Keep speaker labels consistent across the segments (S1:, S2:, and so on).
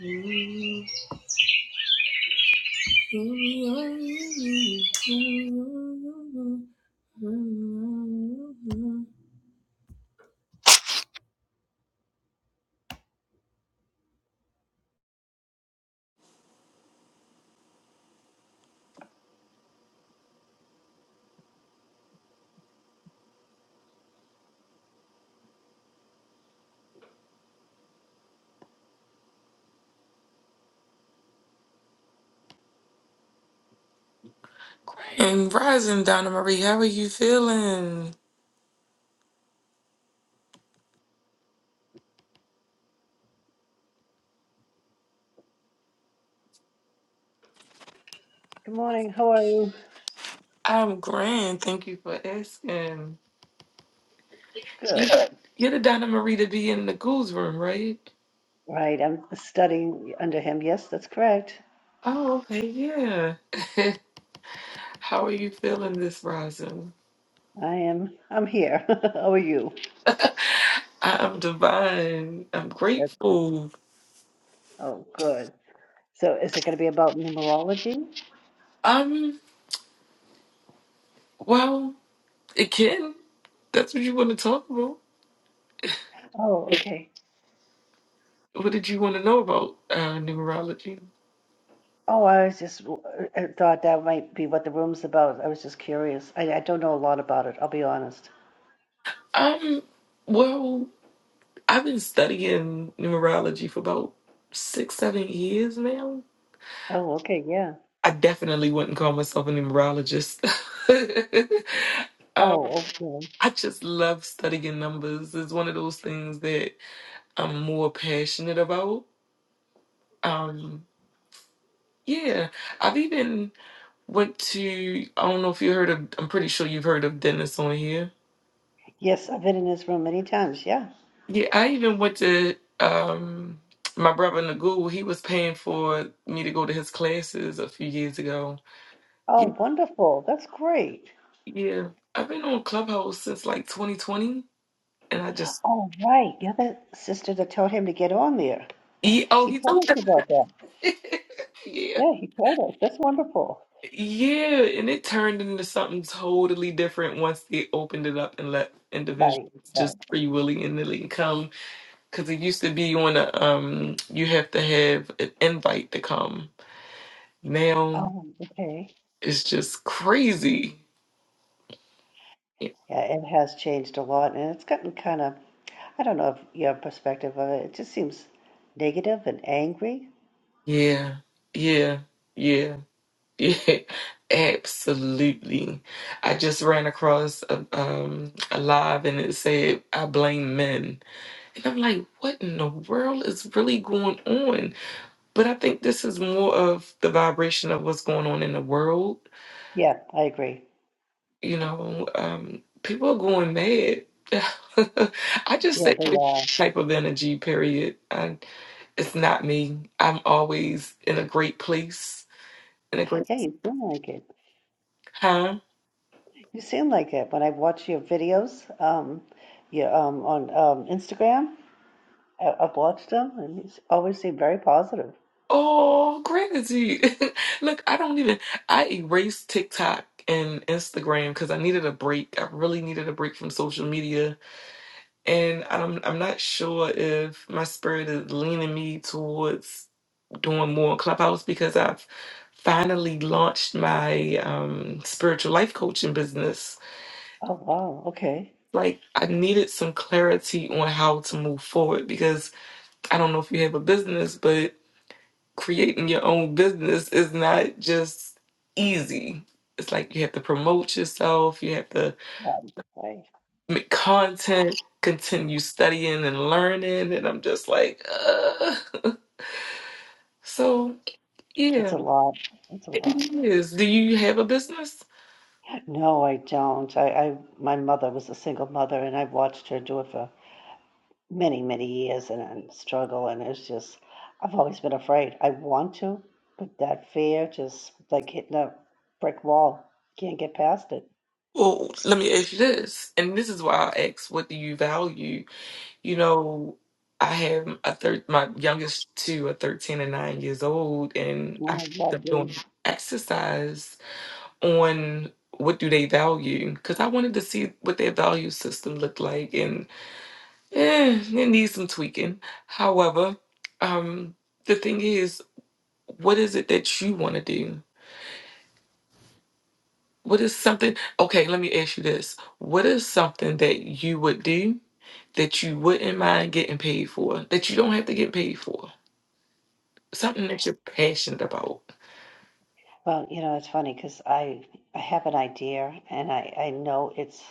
S1: And Rising, Donna Marie, how are you feeling?
S2: Good morning. How are you?
S1: I'm grand. Thank you for asking.
S2: It's
S1: You,
S2: good.
S1: you're the Donna Marie to be in the ghouls room, right?
S2: Right. I'm studying under him. Yes, that's correct.
S1: Oh, okay, yeah. how are you feeling this rising?
S2: I am. I'm here. How are you?
S1: I'm divine. I'm
S2: That's
S1: grateful.
S2: oh, good. So, is it going to be about numerology?
S1: Um, well, it can. That's what you want to talk about.
S2: Oh, okay.
S1: What did you want to know about uh, numerology?
S2: Oh, I was just I thought that might be what the room's about. I was just curious. I, I don't know a lot about it. I'll be honest.
S1: Um, well, I've been studying numerology for about six, seven years now.
S2: Oh, okay. Yeah.
S1: I definitely wouldn't call myself a numerologist. um,
S2: Oh, okay.
S1: I just love studying numbers. It's one of those things that I'm more passionate about. Um, yeah, I've even went to, I don't know if you heard of, I'm pretty sure you've heard of Dennis on here.
S2: Yes, I've been in his room many times. Yeah.
S1: Yeah, I even went to um my brother Nagul, he was paying for me to go to his classes a few years ago. Yeah,
S2: Oh, wonderful. That's great.
S1: yeah. I've been on Clubhouse since like 2020 and I just
S2: Oh, right. You're the sister that told him to get on there.
S1: yeah, oh
S2: He
S1: he told
S2: told us
S1: you.
S2: about that.
S1: Yeah.
S2: Yeah, he told us. That's wonderful.
S1: Yeah, and it turned into something totally different once they opened it up and let individuals
S2: Right, right.
S1: just free willing and nilly come. Because it used to be on a um, you have to have an invite to come. Now
S2: Um, okay.
S1: It's just crazy.
S2: Yeah, it has changed a lot, and it's gotten kind of, I don't know if your perspective of it, it just seems negative and angry.
S1: Yeah, yeah, yeah, yeah. Absolutely. I just ran across a, um, a live and it said, I blame men. And I'm like, what in the world is really going on? But I think this is more of the vibration of what's going on in the world.
S2: Yeah, I agree.
S1: You know, um, people are going mad. I just
S2: Yeah,
S1: think
S2: they are.
S1: this type of energy, period. I, It's not me. I'm always in a great place. In a great
S2: Yeah, you seem like it.
S1: huh?
S2: You seem like it. When I watch your videos, um, you um on um Instagram, I, I've watched them, and you s- always seem very positive.
S1: Oh, gratitude. Look, I don't even I erased TikTok and Instagram because I needed a break. I really needed a break from social media. And I'm I'm not sure if my spirit is leaning me towards doing more on Clubhouse because I've finally launched my um spiritual life coaching business.
S2: Oh wow, okay.
S1: Like I needed some clarity on how to move forward because I don't know if you have a business, but creating your own business is not just easy. It's like you have to promote yourself, you have to
S2: Right, right.
S1: make content, continue studying and learning. And I'm just like, uh. So, yeah,
S2: It's a lot. It's a
S1: it
S2: lot.
S1: is. Do you have a business?
S2: No, I don't. I, I my mother was a single mother, and I've watched her do it for many, many years and, and struggle. And it's just, I've always been afraid. I want to, but that fear just like hitting a brick wall. Can't get past it.
S1: Well, let me ask you this. And this is why I ask, what do you value? You know, I have a thir- my youngest two are 13 and 9 years old, and I
S2: Oh,
S1: keep them
S2: lovely.
S1: doing exercise on what do they value because I wanted to see what their value system looked like, and eh, it needs some tweaking. However, um, the thing is, what is it that you want to do? What is something? Okay, let me ask you this. What is something that you would do that you wouldn't mind getting paid for, that you don't have to get paid for? something that you're passionate about.
S2: Well, you know, it's funny because I I have an idea, and I I know it's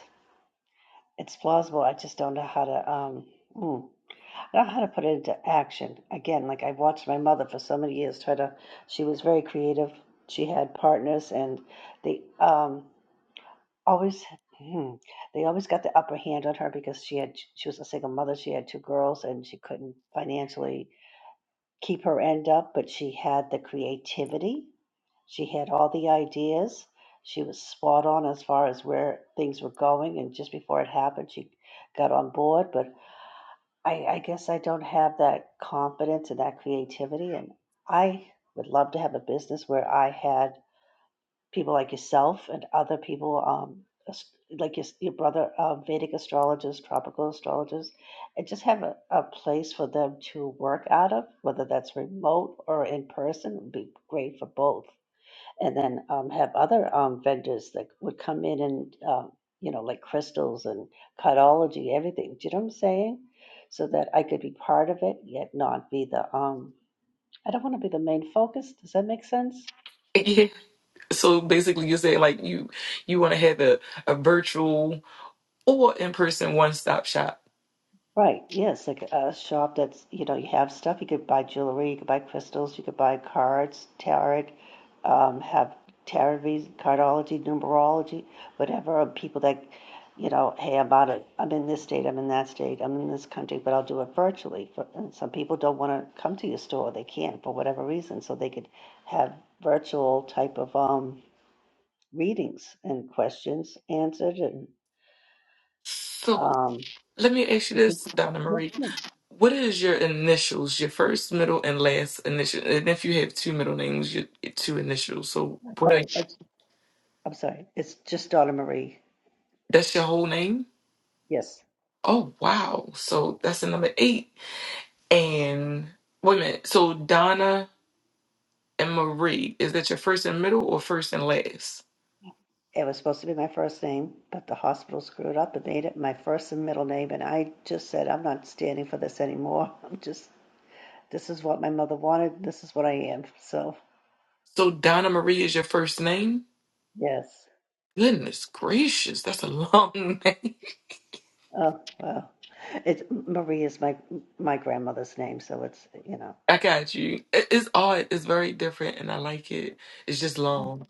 S2: it's plausible. I just don't know how to um. mm, I know how to put it into action. Again, like I've watched my mother for so many years try to, she was very creative. She had partners and they um, always, hmm, they always got the upper hand on her because she had, she was a single mother. She had two girls and she couldn't financially keep her end up, but she had the creativity. She had all the ideas. She was spot on as far as where things were going. And just before it happened, she got on board. But I I guess I don't have that confidence and that creativity, and I would love to have a business where I had people like yourself and other people, um, as- like your, your brother, uh, Vedic astrologers, tropical astrologers, and just have a, a place for them to work out of, whether that's remote or in person, would be great for both and then um, have other um, vendors that would come in and um, you know like crystals and cardiology everything do you know what i'm saying so that i could be part of it yet not be the um i don't want to be the main focus does that make sense
S1: Yeah. So basically, you're saying like you you want to have a, a virtual or in person one stop shop.
S2: Right. Yes, like a shop that's, you know, you have stuff. You could buy jewelry, you could buy crystals, you could buy cards, tarot, um, have tarot reads, cardology, numerology, whatever. Or people that, you know, hey, I'm out of, I'm in this state, I'm in that state, I'm in this country, but I'll do it virtually. For, and some people don't want to come to your store. They can't for whatever reason. So they could have virtual type of um, readings and questions answered and
S1: So
S2: um,
S1: let me ask you
S2: it could-
S1: this, Donna
S2: yeah,
S1: Marie.
S2: sure.
S1: What is your initials, your first, middle, and last initial? And if you have two middle names, your two initials. So what are you?
S2: Oh, I'm sorry, it's just daughter Marie.
S1: that's your whole name?
S2: Yes.
S1: Oh wow. So that's the number eight. And wait a minute. So Donna and Marie, is that your first and middle or first and last?
S2: It was supposed to be my first name, but the hospital screwed up and made it my first and middle name. And I just said, I'm not standing for this anymore. I'm just, this is what my mother wanted. This is what I am. So,
S1: So Donna Marie is your first name?
S2: yes.
S1: Goodness gracious, that's a long name.
S2: Oh, well. It's Marie is my my grandmother's name, so it's, you know.
S1: I got you. It- It's odd. It's very different, and I like it. It's just long.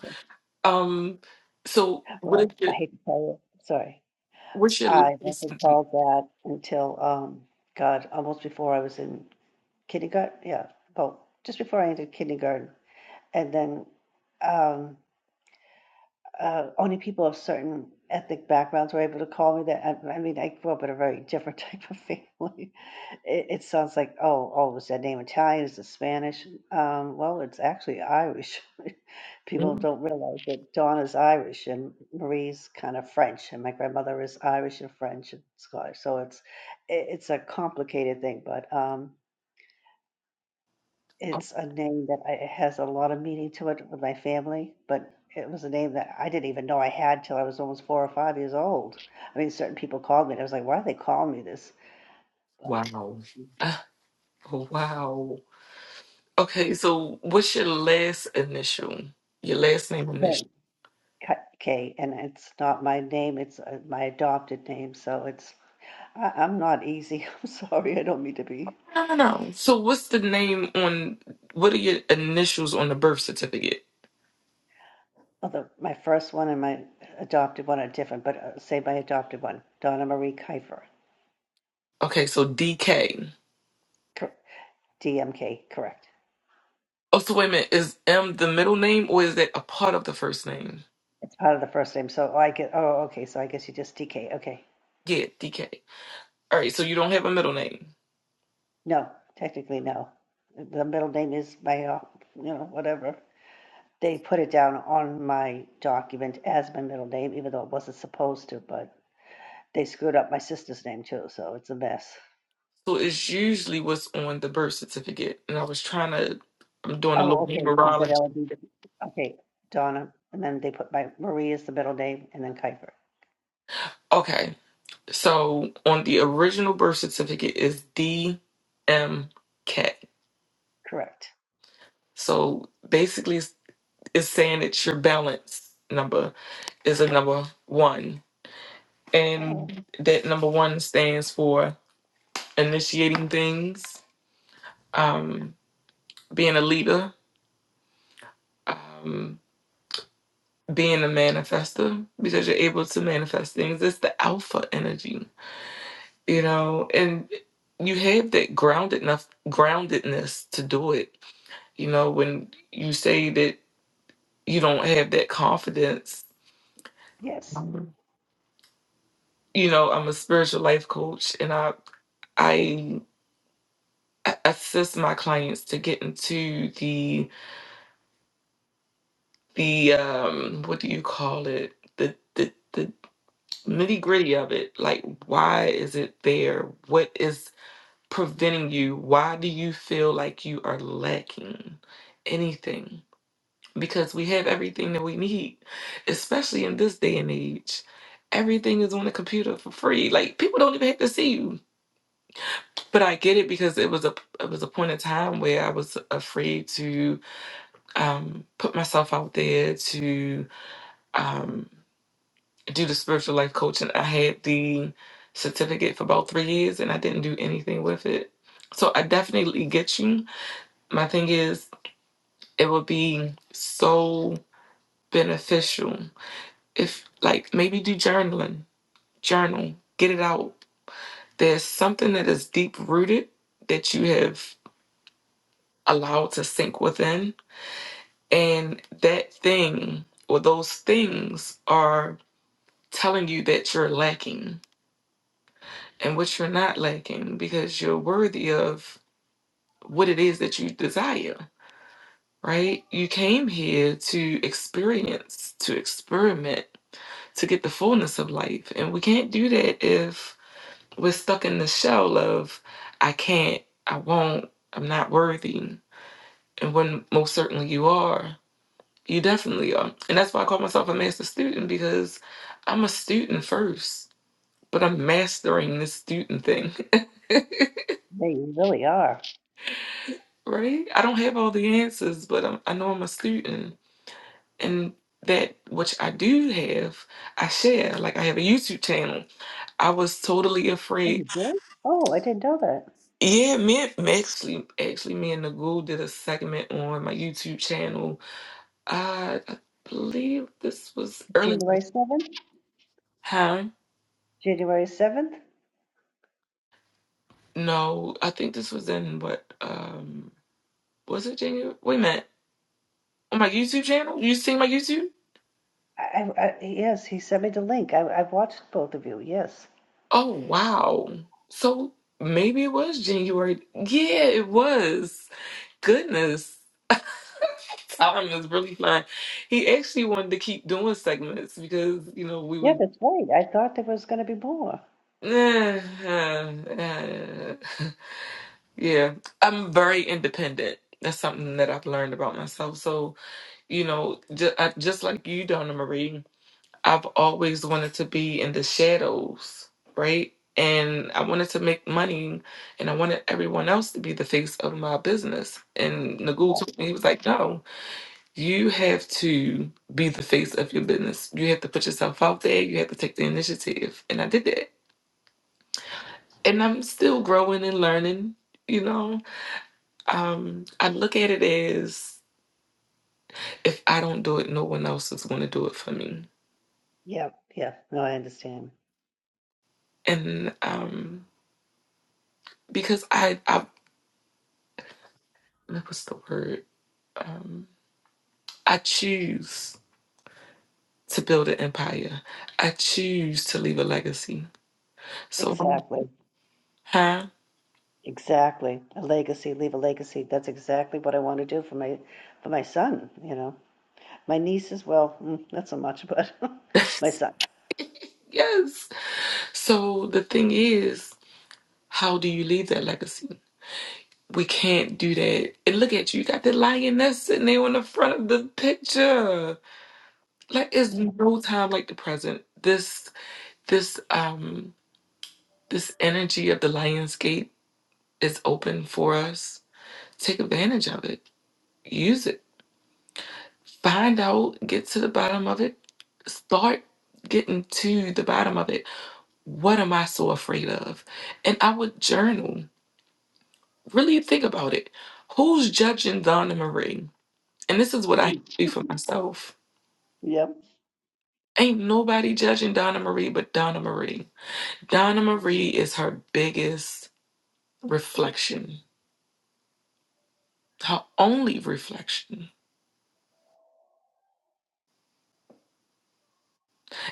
S1: Um. So what is
S2: Well, I
S1: your
S2: hate to tell you, sorry.
S1: what's your
S2: I
S1: last?
S2: wasn't called that until, um, God, almost before I was in kindergarten. Yeah, well, just before I entered kindergarten. and then um, uh, only people of certain ethnic backgrounds were able to call me that. I, I mean, I grew up in a very different type of family. It, it sounds like, oh, oh, is that name Italian? Is it Spanish? Um, well, it's actually Irish. people
S1: Mm,
S2: don't realize that Donna's Irish and Marie's kind of French, and my grandmother is Irish and French and Scottish. So it's it, it's a complicated thing, but. Um,
S1: oh,
S2: It's a name that I it has a lot of meaning to it with my family, but it was a name that I didn't even know I had till I was almost 4 or 5 years old. I mean, certain people called me, and I was like, "Why are they calling me this?" But
S1: wow. Ah, oh, wow. Okay. So what's your last initial? Your last name initial?
S2: K K K, and it's not my name, it's, uh, my adopted name, so it's I I'm not easy. I'm sorry, I don't mean to be.
S1: No, no, no. So what's the name on? What are your initials on the birth certificate?
S2: Although my first one and my adopted one are different, but, uh, say my adopted one, Donna Marie Kiefer,
S1: Okay. So DK.
S2: cor DMK, correct.
S1: Oh, so wait a minute. Is M the middle name or is that a part of the first name?
S2: It's part of the first name. So I get, oh, okay. So I guess you just DK. Okay.
S1: Yeah, DK. All right, so you don't have a middle name.
S2: No, technically, no. The middle name is my, uh, you know, whatever. They put it down on my document as my middle name, even though it wasn't supposed to, but they screwed up my sister's name too. So it's a mess.
S1: So it's usually what's on the birth certificate. And I was trying to, I'm doing a little
S2: Oh, okay. So then
S1: numerology.
S2: it'll be, okay, Donna. And then they put my Marie as the middle name and then Kuiper.
S1: Okay, so on the original birth certificate is DMK.
S2: Correct.
S1: So basically, it's, it's saying it's your balance number is a number one.
S2: Oh,
S1: And that number one stands for initiating things. Um, being a leader, um, being a manifester, because you're able to manifest things. It's the alpha energy, you know, and you have that grounded enough groundedness to do it. You know, when you say that you don't have that confidence,
S2: yes.
S1: um, you know, I'm a spiritual life coach and I I assist my clients to get into the the um what do you call it? the the the. nitty gritty of it. Like, why is it there? What is preventing you? Why do you feel like you are lacking anything? Because we have everything that we need, especially in this day and age. Everything is on the computer for free. Like people don't even have to see you. But I get it because it was a it was a point in time where I was afraid to um, put myself out there to um, do the spiritual life coaching. I had the certificate for about three years and I didn't do anything with it. So I definitely get you. My thing is, it would be so beneficial if, like, maybe do journaling, journal, get it out. There's something that is deep rooted that you have allowed to sink within, and that thing or those things are telling you that you're lacking and what you're not lacking because you're worthy of what it is that you desire, right? You came here to experience, to experiment, to get the fullness of life. And we can't do that if we're stuck in the shell of, I can't, I won't, I'm not worthy. And when most certainly you are, you definitely are. And that's why I call myself a master student because I'm a student first, but I'm mastering this student thing.
S2: They really are.
S1: Right? I don't have all the answers, but I'm, I know I'm a student. And that which I do have, I share. Like I have a YouTube channel. I was totally
S2: Oh,
S1: afraid.
S2: you did? Oh, I didn't know that.
S1: Yeah, me and- actually, actually, me and Nagul did a segment on my YouTube channel. Uh, I believe this was early.
S2: January 7th?
S1: Huh?
S2: January 7th?
S1: No, I think this was in what? Um, was it January? Wait a minute. On my YouTube channel? You seen my YouTube?
S2: I, I, yes, he sent me the link. I, I watched both of you. Yes.
S1: Oh, wow. So maybe it was January. Yeah, it was. Goodness. Time is really flying. He actually wanted to keep doing segments because, you know, we
S2: Yeah,
S1: would.
S2: that's right. I thought there was going to be more.
S1: yeah, I'm very independent. That's something that I've learned about myself. So, you know, just, just like you, Donna Marie. I've always wanted to be in the shadows, right? And I wanted to make money and I wanted everyone else to be the face of my business. And Nagul told me, he was
S2: Right.
S1: like, no, you have to be the face of your business. You have to put yourself out there. You have to take the initiative. And I did that. And I'm still growing and learning, you know? Um, I look at it as if I don't do it, no one else is going to do it for me.
S2: Yeah, yeah. No, I understand.
S1: And um, because I, I, what's the word? Um, I choose to build an empire. I choose to leave a legacy. So, um,
S2: Exactly.
S1: huh?
S2: Exactly. A legacy, leave a legacy. That's exactly what I want to do for my for my son, you know. My nieces, well, mm, not so much, but my son.
S1: yes. So the thing is, how do you leave that legacy? We can't do that. And look at you, you got the lioness sitting there on the front of the picture. Like it's
S2: Yeah.
S1: no time like the present. This this um this energy of the Lionsgate is open for us. Take advantage of it. Use it Find out, get to the bottom of it, start getting to the bottom of it. What am I so afraid of? And I would journal. Really think about it. Who's judging Donna Marie? And this is what I
S2: Me.
S1: do for myself.
S2: Yep.
S1: Ain't nobody judging Donna Marie but Donna Marie. Donna Marie is her biggest reflection, her only reflection.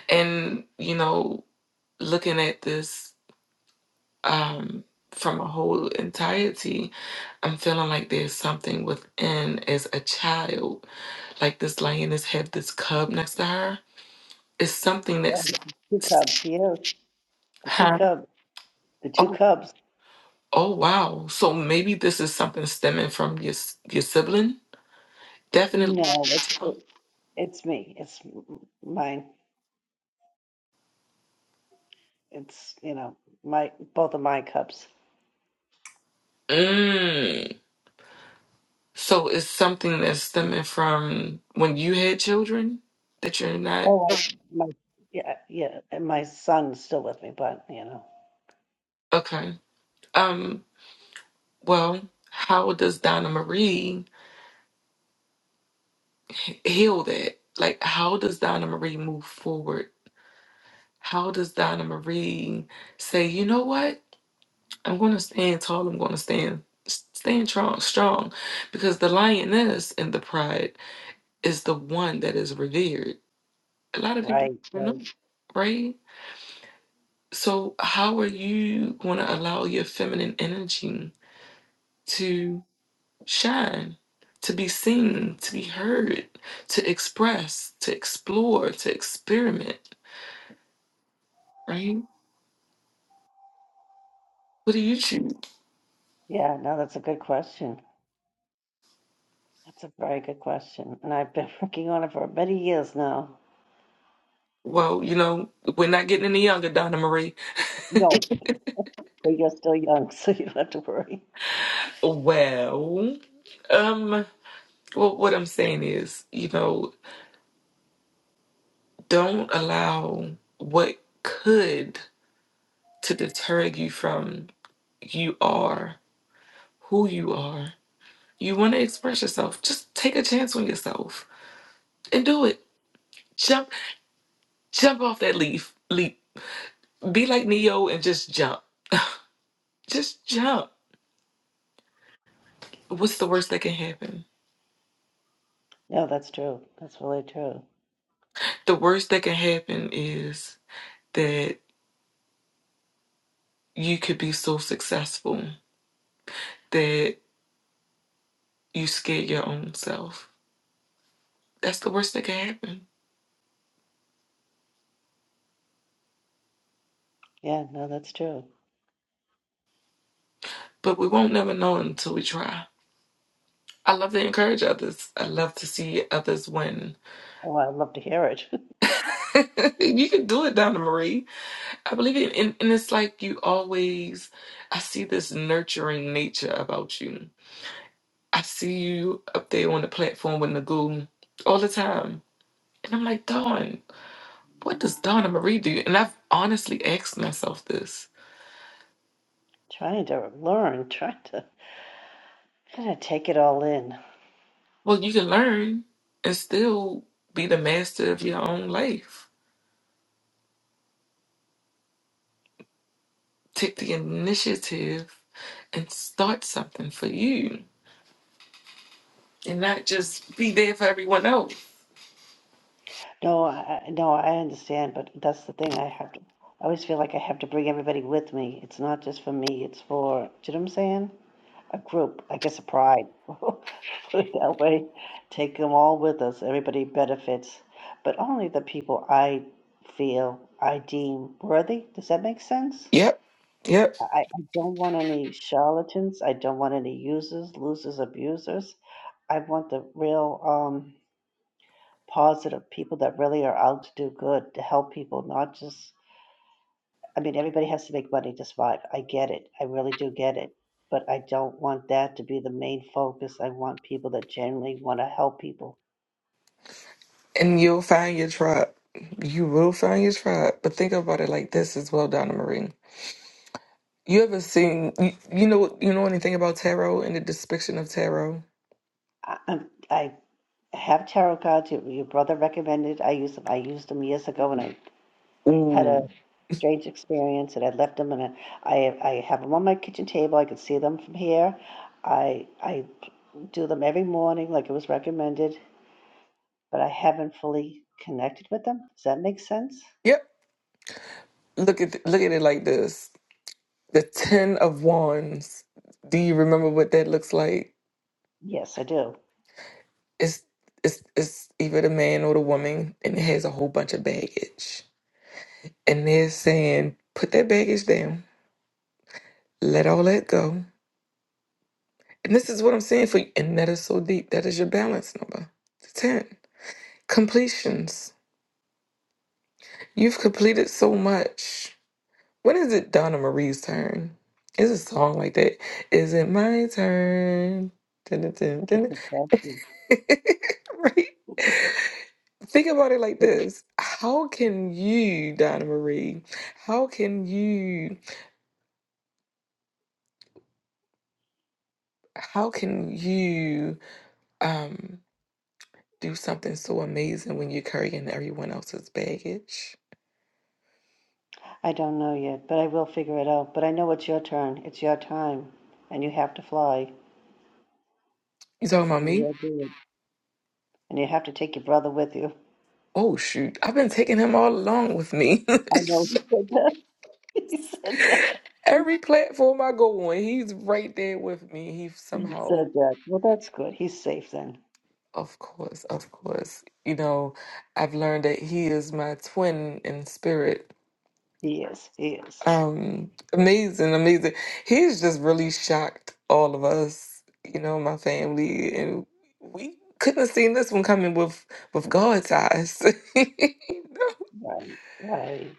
S1: And, you know, looking at this um, from a whole entirety, I'm feeling like there's something within as a child. Like this lioness had this cub next to her. It's something
S2: Oh,
S1: that's,
S2: the Two cubs, yeah. The two
S1: huh?
S2: cubs. The two
S1: Oh,
S2: cubs.
S1: oh wow. So maybe this is something stemming from your s- your sibling. Definitely.
S2: No, it's, it's me. It's mine. It's, you know, my both of my cups.
S1: Mm. So it's something that's stemming from when you had children that you're not
S2: Oh, I, my yeah, yeah, and my son's still with me, but you know,
S1: okay. Um. Well, how does Donna Marie? heal that? Like, how does Donna Marie move forward? How does Donna Marie say, you know what? I'm going to stand tall. I'm going to stand stand strong, strong, because the lioness and the pride is the one that is revered. A lot of people
S2: right,
S1: don't
S2: right.
S1: know, right? So, how are you going to allow your feminine energy to shine, to be seen, to be heard, to express, to explore, to experiment, right? What do you choose?
S2: Yeah, no, that's a good question. That's a very good question, and I've been working on it for many years now.
S1: Well, you know, we're not getting any younger, Donna Marie.
S2: No, but you're still young, so you don't have to worry.
S1: Well, um, well, what I'm saying is, you know, don't allow what could to deter you from you are who you are. You want to express yourself. Just take a chance on yourself and do it. Jump, jump off that leaf, leap. Be like Neo and just jump. Just jump. What's the worst that can happen?
S2: No, that's true. That's really true.
S1: The worst that can happen is that you could be so successful that you scare your own self. That's the worst that can happen.
S2: Yeah, no, that's true.
S1: But we won't never know until we try. I love to encourage others. I love to see others win.
S2: Oh, I love to hear it.
S1: you can do it, Donna Marie. I believe it. And, and it's like you always, I see this nurturing nature about you. I see you up there on the platform with Nagoo all the time. And I'm like, Dawn, what does Donna Marie do? And I've honestly asked myself this
S2: trying to learn, trying to kind of take it all in.
S1: Well, you can learn and still be the master of your own life. Take the initiative and start something for you and not just be there for everyone else.
S2: No, I, I- no, I understand, but that's the thing. I have to, I always feel like I have to bring everybody with me. It's not just for me. It's for, do you know what I'm saying? A group, I guess, a pride. Put it that way. Take them all with us. Everybody benefits, but only the people I feel I deem worthy. Does that make sense?
S1: Yep. Yep.
S2: I, I I don't want any charlatans. I don't want any users, losers, abusers. I want the real. Um, positive people that really are out to do good, to help people, not just, I mean, everybody has to make money to survive. I get it. I really do get it. But I don't want that to be the main focus. I want people that genuinely want to help people.
S1: And you'll find your tribe. You will find your tribe. But think about it like this as well, Donna Marie. You ever seen you, you know you know anything about tarot and the depiction of tarot?
S2: I, I'm, I have tarot cards. Your, your brother recommended. I used them. I used them years ago and I had a
S1: Ooh.
S2: strange experience and I left them and I, I, I have them on my kitchen table. I can see them from here. I, I do them every morning like it was recommended but I haven't fully connected with them. Does that make sense?
S1: Yep. Look at look at it like this. the ten of wands do you remember what that looks like
S2: Yes, I do.
S1: it's it's it's either the man or the woman and it has a whole bunch of baggage and they're saying put that baggage down let all that go and this is what i'm saying for you and that is so deep that is your balance number the ten completions you've completed so much When is it Donna Marie's turn? Is a song like that? Is it my turn? Dun, dun, dun, dun. dun. right? Think about it like this. How can you, Donna Marie, how can you, how can you um do something so amazing when you're carrying everyone else's baggage?
S2: I don't know yet, but I will figure it out. But I know it's your turn. It's your time, and you have to fly.
S1: You talking about
S2: You
S1: me?
S2: will do it, and you have to take your brother with you.
S1: Oh shoot. I've been taking him all along with me.
S2: I know he said that. He said that.
S1: Every platform I go on, he's right there with me. He
S2: He
S1: somehow,
S2: said that. Well, that's good. He's safe then.
S1: of course, of course, you know, I've learned that he is my twin in spirit.
S2: He is. He is.
S1: Um, amazing, amazing. He's just really shocked all of us, you know, my family, and we couldn't have seen this one coming with with God's eyes.
S2: Right. Right.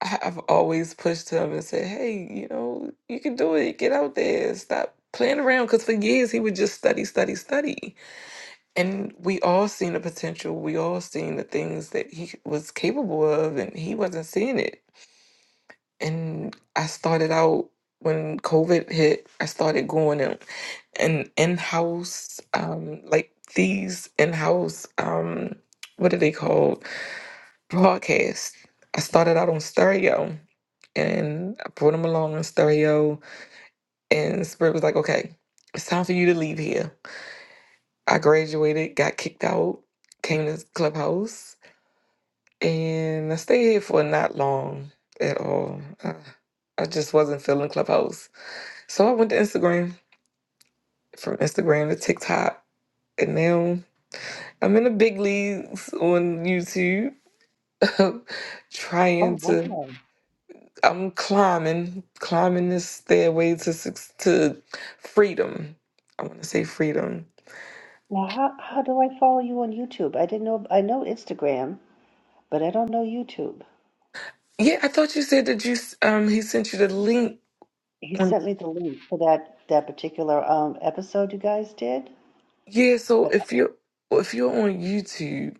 S1: I- I've always pushed him and said, "Hey, you know, you can do it. Get out there. Stop playing around." Because for years he would just study, study, study, and we all seen the potential. We all seen the things that he was capable of, and he wasn't seeing it. And I started out when COVID hit. I started going in an in-house, um, like these in-house, um, what are they called? broadcast. I started out on stereo and I brought him along on stereo. And Spirit was like, okay, it's time for you to leave here. I graduated, got kicked out, came to Clubhouse, and I stayed here for not long at all. I, I just wasn't feeling Clubhouse. So I went to Instagram, from Instagram to TikTok. And now I'm in the big leagues on YouTube, trying
S2: Oh
S1: to.
S2: wow.
S1: I'm climbing, climbing this stairway to suc- to freedom. I want to say freedom.
S2: Now, how how do I follow you on YouTube? I didn't know. I know Instagram, but I don't know YouTube.
S1: Yeah, I thought you said that you s- um he sent you the link.
S2: He
S1: On,
S2: sent me the link for that that particular um episode you guys did.
S1: yeah, so
S2: But
S1: if you're well, if you're on YouTube,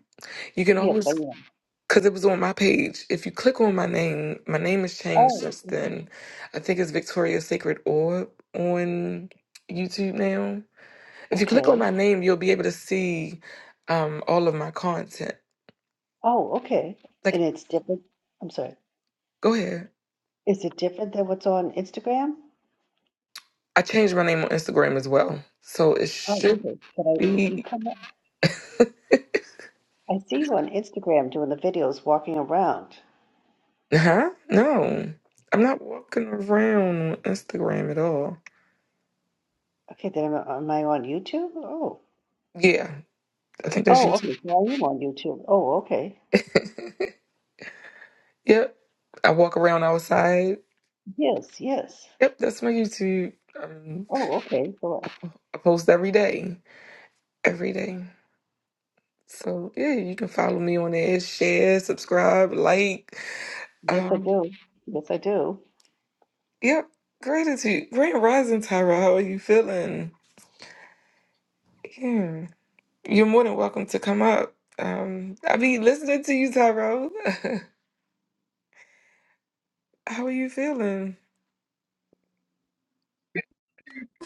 S1: you can
S2: yes, I
S1: always
S2: am.
S1: because it was on my page. If you click on my name, my name has changed
S2: Oh,
S1: since then. I think it's Victoria Sacred Orb on YouTube now. If you click on
S2: okay.
S1: my name, you'll be able to see um all of my content.
S2: Oh, okay. And
S1: Like,
S2: it's different. I'm sorry.
S1: go ahead.
S2: Is it different than what's on Instagram?
S1: I changed my name on Instagram as well. So it
S2: Oh,
S1: should
S2: okay. But I you
S1: be
S2: come up. I see you on Instagram doing the videos, walking around.
S1: huh? No. I'm not walking around on Instagram at all.
S2: Okay, then am, I- am I on YouTube? Oh,
S1: Yeah. I think that's
S2: oh, okay.
S1: YouTube.
S2: So I am on YouTube. Oh, okay.
S1: Yep. I walk around outside.
S2: Yes, yes.
S1: Yep, that's my YouTube. Um
S2: Oh, okay. Well,
S1: I post every day. Every day. So yeah, you can follow me on there. Share, subscribe, like.
S2: yes, I
S1: Um
S2: do. Yes, I do.
S1: yep. Gratitude. Great rising, Tyra. How are you feeling? Yeah. You're more than welcome to come up. Um, I be listening to you, Tyrone. How are you feeling?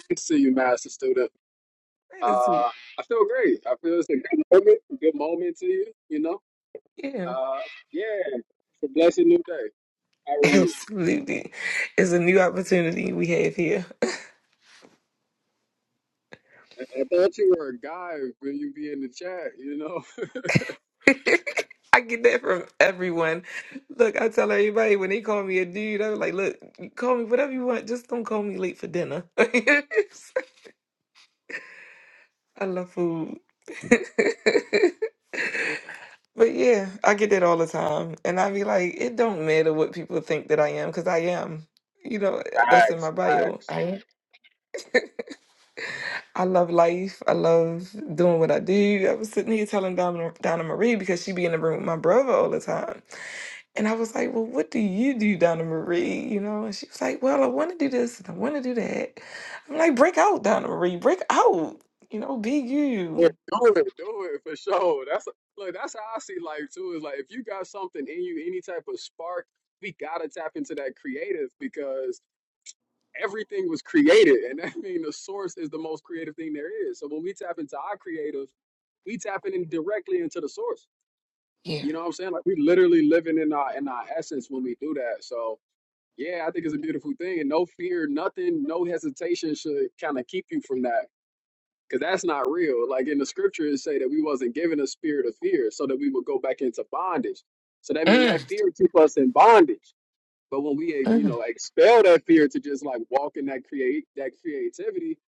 S3: Good to see you, master student. Uh,
S1: Great to see you.
S3: I feel great. I feel it's a good moment, good moment to you, you know?
S1: Yeah,
S3: Uh, yeah, it's a blessed new day. How are you?
S1: absolutely. It's a new opportunity we have here.
S3: I, I thought you were a guy when you be in the chat, you know?
S1: I get that from everyone. Look, I tell everybody when they call me a dude, I'm like, look, you call me whatever you want, just don't call me late for dinner. I love food. But yeah, I get that all the time. And I be like, it don't matter what people think that I am, because I am. You know, eh, that's in my
S3: Facts,
S1: bio.
S3: facts.
S1: I am. I love life. I love doing what I do. I was sitting here telling Donna, Donna Marie because she be in the room with my brother all the time. And I was like, Well, what do you do, Donna Marie? You know, and she was like, Well, I want to do this and I want to do that. I'm like, Break out, Donna Marie. Break out. You know, be
S3: Yeah,
S1: you.
S3: do it, do it for sure. That's look, that's how I see life too. Is like if you got something in you, any type of spark, we gotta tap into that creative because everything was created. And I mean, the source is the most creative thing there is. So when we tap into our creative, we tapping in directly into the source.
S1: Yeah.
S3: You know what I'm saying? Like we literally living in our in our essence when we do that. So yeah, I think it's a beautiful thing, and no fear, nothing, no hesitation should kind of keep you from that, because that's not real. Like in the scriptures say that we wasn't given a spirit of fear, so that we would go back into bondage. So that mean that
S1: Mm.
S3: fear keep us in bondage. But when we, you know, expel that fear to just like walk in that create that creativity,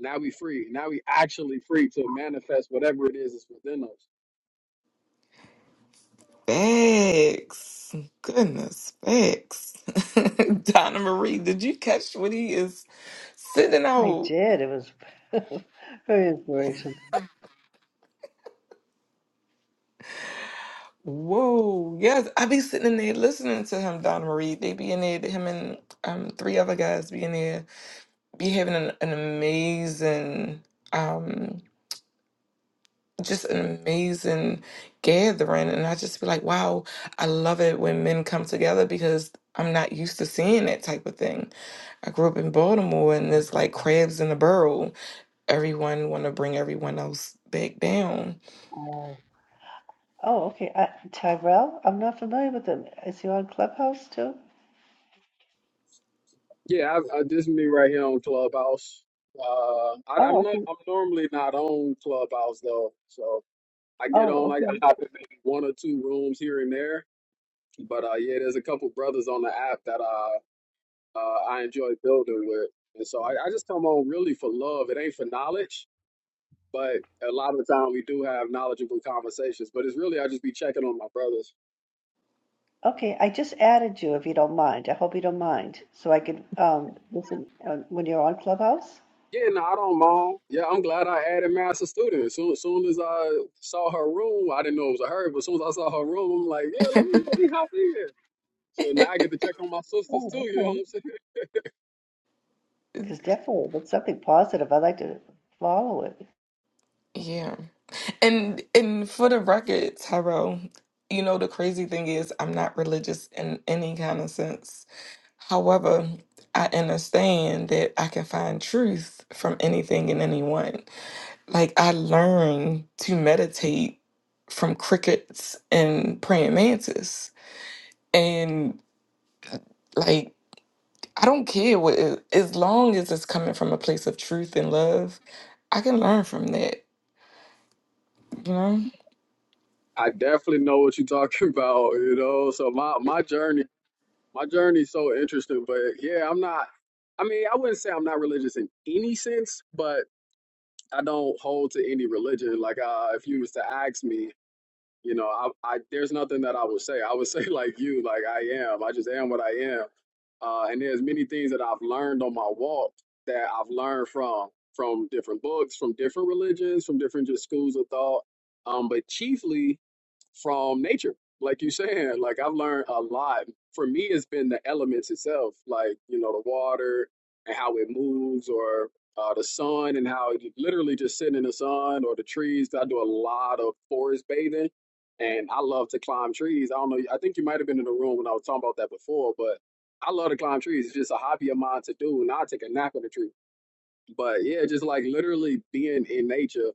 S3: now we free. Now we actually free to manifest whatever it is that's within us.
S1: Facts. Goodness, facts. Donna Marie, did you catch what he is sitting
S2: I
S1: out?
S2: did. It was very inspirational.
S1: Whoa. Yes, I be sitting in there listening to him, Donna Marie. They be in there, him and um three other guys be in there, be having an, an amazing um just an amazing gathering and I just be like, wow, I love it when men come together because I'm not used to seeing that type of thing. I grew up in Baltimore and
S2: Mm.
S1: it's like crabs in a barrel. Everyone want to bring everyone else back down.
S2: Oh, oh, okay. I, Tyrell, I'm not familiar with him. Is he on Clubhouse too?
S3: Yeah, I, I, this is me right here on Clubhouse. Uh, I, I'm
S2: Oh,
S3: not.
S2: okay.
S3: I'm normally not on Clubhouse though, so I get on.
S2: Oh,
S3: I, I
S2: okay.
S3: hop in maybe one or two rooms here and there. But uh, yeah, there's a couple brothers on the app that uh, uh, I enjoy building with, and so I, I just come on really for love. It ain't for knowledge but a lot of the time we do have knowledgeable conversations. But it's really I just be checking on my brothers.
S2: Okay, I just added you if you don't mind. I hope you don't mind, so I can um listen uh, when you're on Clubhouse.
S3: Yeah, no, I don't mind. Yeah, I'm glad I added master student. As soon, soon as I saw her room, I didn't know it was her, but as soon as I saw her room, I'm like, yeah, let me let me hop in. So now I get to check on my sisters too.
S2: Oh,
S3: You know what
S2: okay.
S3: I'm saying?
S2: Because definitely, if it's something positive, I like to follow it.
S1: Yeah. And and for the record, Tyrell, you know the crazy thing is I'm not religious in any kind of sense. However, I understand that I can find truth from anything and anyone. Like I learned to meditate from crickets and praying mantis. And like I don't care what it, as long as it's coming from a place of truth and love, I can learn from that, you know?
S3: I definitely know what you're talking about. You know, so my my journey my journey's so interesting. But yeah, I'm not. I mean, I wouldn't say I'm not religious in any sense, but I don't hold to any religion. Like, uh, if you was to ask me, you know, I, I there's nothing that I would say. I would say like you, like I am. I just am what I am. Uh, and there's many things that I've learned on my walk that I've learned from from different books, from different religions, from different just schools of thought. Um, but chiefly from nature. Like you saying, like I've learned a lot. For me, it's been the elements itself, like you know the water and how it moves, or uh, the sun and how it literally just sitting in the sun, or the trees. I do a lot of forest bathing, and I love to climb trees. I don't know. I think you might have been in the room when I was talking about that before, but I love to climb trees. It's just a hobby of mine to do, and I take a nap in a tree but yeah, just like literally being in nature,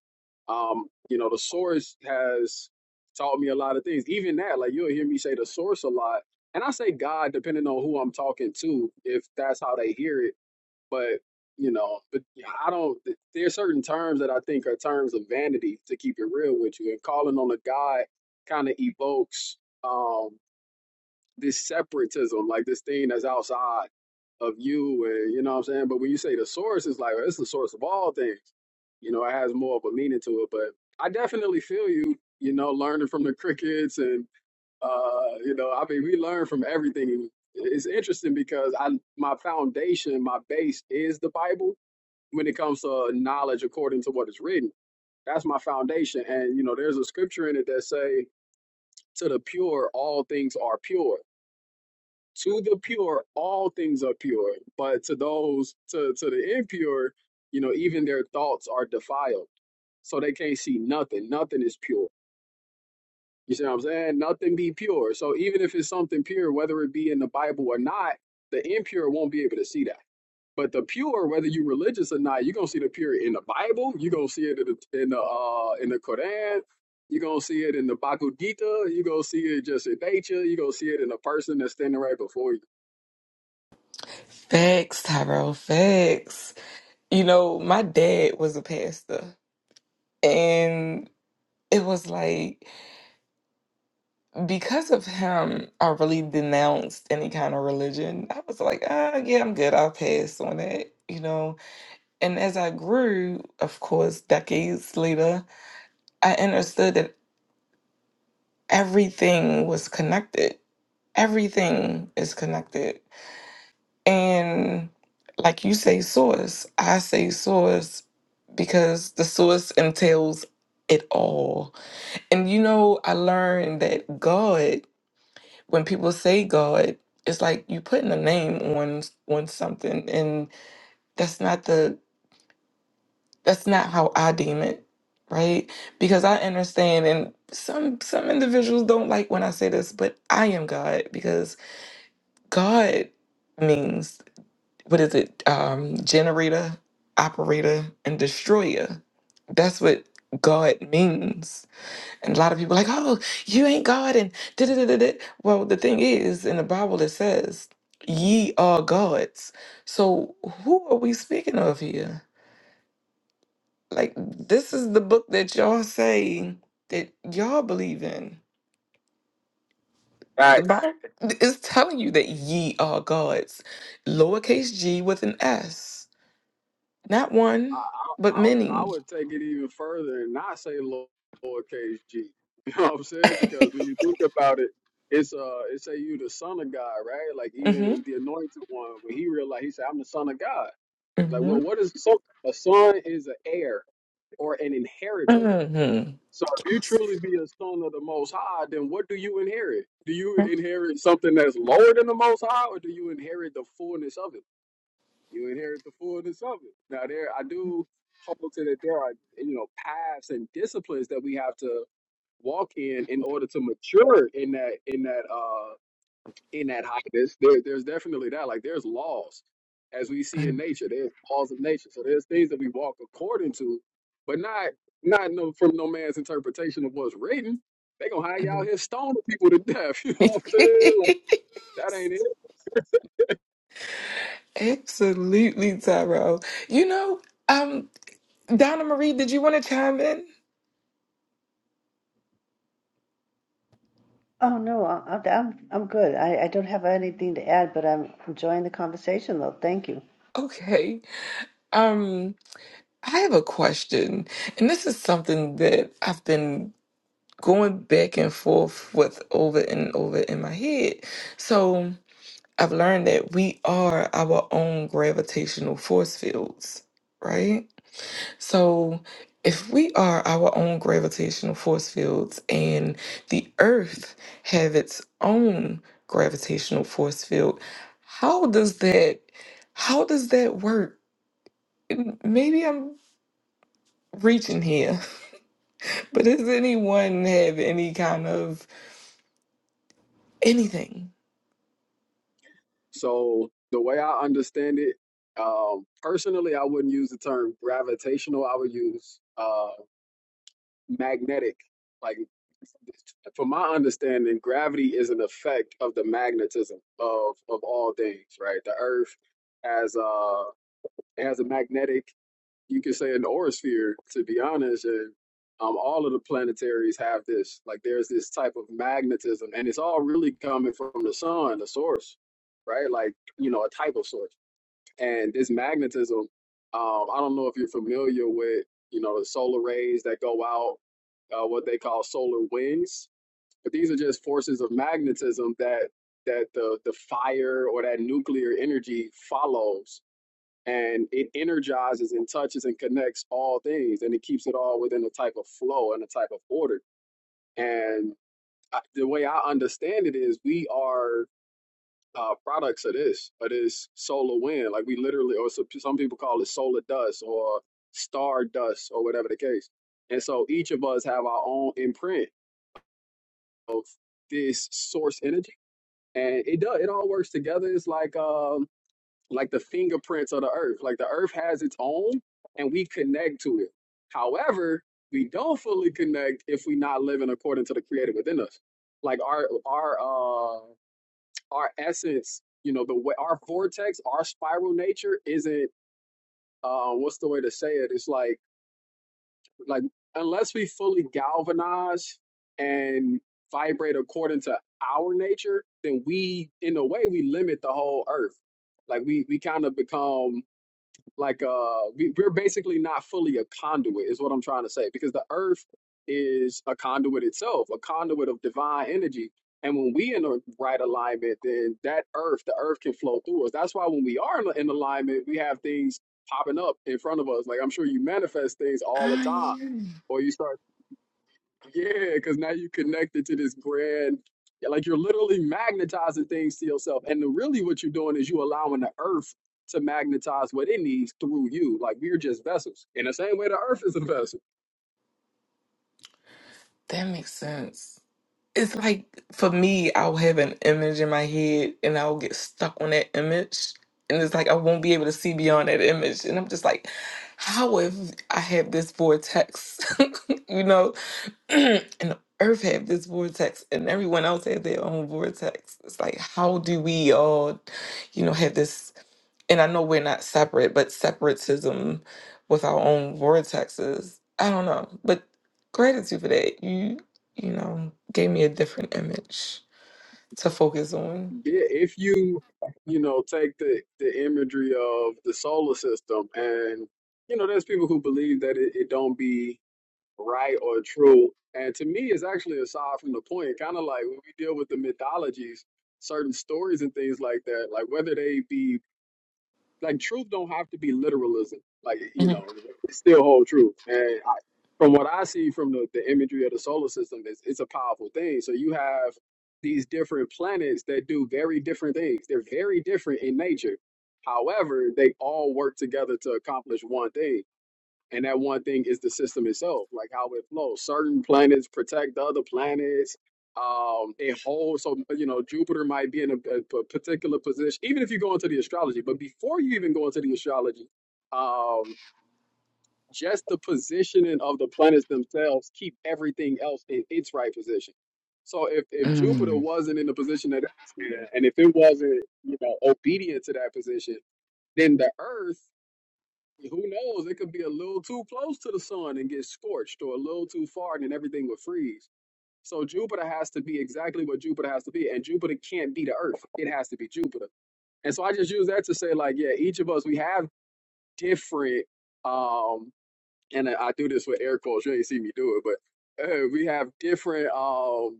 S3: um, you know, the source has taught me a lot of things. Even that, like you'll hear me say the source a lot, and I say God depending on who I'm talking to, if that's how they hear it. But you know, but I don't. There's certain terms that I think are terms of vanity. To keep it real with you, and calling on a God kind of evokes um this separatism, like this thing that's outside of you and you know what I'm saying? But when you say the source, it's like it's the source of all things. You know, it has more of a meaning to it. But I definitely feel you, you know, learning from the crickets and uh, you know, I mean we learn from everything. It's interesting because I my foundation, my base is the Bible when it comes to uh, knowledge according to what is written. That's my foundation. And you know, there's a scripture in it that say to the pure all things are pure to the pure all things are pure but to those to to the impure you know even their thoughts are defiled so they can't see nothing nothing is pure you see what i'm saying nothing be pure so even if it's something pure whether it be in the bible or not the impure won't be able to see that but the pure whether you are religious or not you're gonna see the pure in the bible you're gonna see it in the in the, uh, in the quran you're gonna see it in the Bhagavad Gita. You're gonna see it just in nature. You're gonna see it in the person that's standing right before you.
S1: Facts, Tyrell, facts. You know, my dad was a pastor and it was like because of him, I really denounced any kind of religion. I was like, ah, yeah, I'm good. I'll pass on that, you know. And as I grew, of course, decades later, I understood that everything was connected everything is connected. And like you say, source, I say source because the source entails it all. And you know, I learned that God, when people say God, it's like you putting a name on on something and that's not the that's not how I deem it, right? Because I understand and some some individuals don't like when I say this, but I am God because God means. what is it um generator operator and destroyer that's what god means and a lot of people are like oh you ain't god and da da da da well the thing is in the bible it says ye are gods so who are we speaking of here like this is the book that y'all say that y'all believe in the
S3: Facts.
S1: bible is telling you that ye are gods lowercase g with an s not
S3: I,
S1: one
S3: I,
S1: but
S3: I I
S1: many
S3: would take it even further and not say low- lowercase g. You know what I'm saying? Because when you think about it, it's uh, it say you the son of God, right? Like
S1: hmm
S3: even the anointed one, when he realized, he said, "I'm the son of God." Like,
S1: hmm
S3: well, what is a son? A son is an heir or an inheritor.
S1: hmm
S3: So if you truly be a son of the Most High, then what do you inherit? Do you inherit something that's lower than the Most High, or do you inherit the fullness of it? you inherit the fullness of it. Now, there, I do hold to that there are, you know, paths and disciplines that we have to walk in in order to mature in that in that uh in that highness. There, there's definitely that. Like, there's laws as we see in nature. There's laws of nature. So there's things that we walk according to, but not not no, from no man's interpretation of what's written. They gonna hang out here stoning people to death. You know what I'm saying? Like, that ain't it.
S1: Absolutely, Tyrell. You know, um, Donna Marie, did you want to chime in?
S2: Oh no, I, I- I'm I'm good. I, I don't have anything to add, but I'm enjoying the conversation though. Thank you.
S1: Okay. Um, I have a question, and this is something that I've been going back and forth with over and over in my head. So I've learned that we are our own gravitational force fields, right? So, if we are our own gravitational force fields and the earth have its own gravitational force field, how does that how does that work? And Maybe I'm reaching here, but does anyone have any kind of anything?
S3: So the way I understand it, um, personally, I wouldn't use the term gravitational. I would use uh, magnetic. Like, from my understanding, gravity is an effect of the magnetism of of all things. Right, the Earth has a has a magnetic. You could say an orosphere, to be honest, and um, all of the planetaries have this. Like, there's this type of magnetism, and it's all really coming from the sun, the source, right? Like, you know, a type of source and this magnetism um, i don't know if you're familiar with you know the solar rays that go out uh, what they call solar winds but these are just forces of magnetism that that the the fire or that nuclear energy follows and it energizes and touches and connects all things and it keeps it all within a type of flow and a type of order and I, the way i understand it is we are uh, products of this, of this solar wind. Like we literally, or some, some people call it solar dust or star dust or whatever the case. And so each of us have our own imprint of this source energy, and it does. It all works together. It's like um, like the fingerprints of the earth. Like the earth has its own, and we connect to it. However, we don't fully connect if we're not living according to the creator within us. Like our our uh our essence, you know, the way our vortex, our spiral nature isn't uh what's the way to say it? It's like like unless we fully galvanize and vibrate according to our nature, then we in a way we limit the whole earth. Like we we kind of become like uh we, we're basically not fully a conduit is what i'm trying to say because the earth is a conduit itself a conduit of divine energy and when we in the right alignment then that earth the earth can flow through us that's why when we are in, in alignment we have things popping up in front of us like i'm sure you manifest things all
S1: Uh,
S3: the time
S1: yeah,
S3: or you start yeah, because now you connected to this grand, yeah, like you're literally magnetizing things to yourself. And the, really, what you're doing is you allowing the earth to magnetize what it needs through you. Like we're just vessels. In the same way, the earth is a vessel.
S1: that makes sense. It's like for me, I'll have an image in my head and I'll get stuck on that image. And it's like I won't be able to see beyond that image. And I'm just like, how if I have this vortex, you know, and the earth have this vortex and everyone else has their own vortex. It's like, how do we all, you know, have this? and I know we're not separate, but separatism with our own vortexes. I don't know, but gratitude for that. You, you know, gave me a different image to focus on.
S3: Yeah, if you, you know, take the the imagery of the solar system, and you know, there's people who believe that it, it don't be. right or true. And to me, it's actually aside from the point, kind of like when we deal with the mythologies, certain stories and things like that, like whether they be like truth don't have to be literalism. Like, you
S1: Mhm.
S3: know, it's still hold true. And I, from what I see from the, the imagery of the solar system, it's, it's a powerful thing. So you have these different planets that do very different things. They're very different in nature. However, they all work together to accomplish one thing. And that one thing is the system itself, like how it flows. Certain planets protect the other planets. Um, it holds, so you know, Jupiter might be in a, a p- particular position, even if you go into the astrology. But before you even go into the astrology, um, just the positioning of the planets themselves keep everything else in its right position. So if, if Jupiter
S1: Mm.
S3: wasn't in the position that it's in, and if it wasn't, you know, obedient to that position, then the Earth who knows? It could be a little too close to the sun and get scorched, or a little too far and then everything would freeze. So Jupiter has to be exactly what Jupiter has to be, and Jupiter can't be the Earth. It has to be Jupiter. And so I just use that to say, like, yeah, each of us we have different, um, and I I do this with air quotes. You ain't see me do it, but uh, we have different um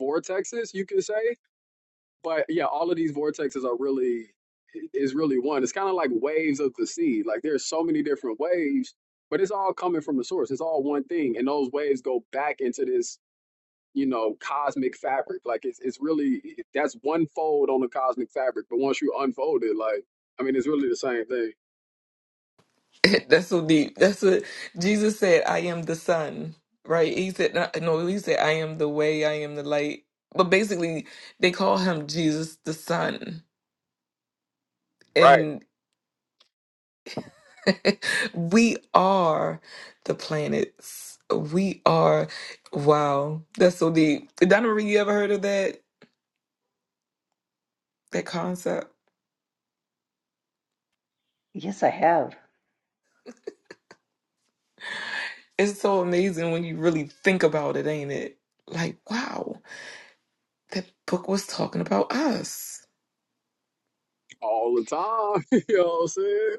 S3: vortexes, you could say, but yeah, all of these vortexes are really is really one. It's kind of like waves of the sea. Like there's so many different waves, but it's all coming from the source. It's all one thing, and those waves go back into this you know cosmic fabric. Like it's it's really that's one fold on the cosmic fabric. But once you unfold it, like I mean, it's really the same thing
S1: That's so deep. That's what Jesus said. I am the sun, right? He said, not- no, he said, I am the way, I am the light. But basically, they call him Jesus the sun.
S3: Right.
S1: we are the planets. We are. Wow, that's so deep. Donna Marie, you ever heard of that that concept?
S2: Yes, I have.
S1: It's so amazing when you really think about it, ain't it? Like, wow, that book was talking about us.
S3: all the time. you know what I'm saying?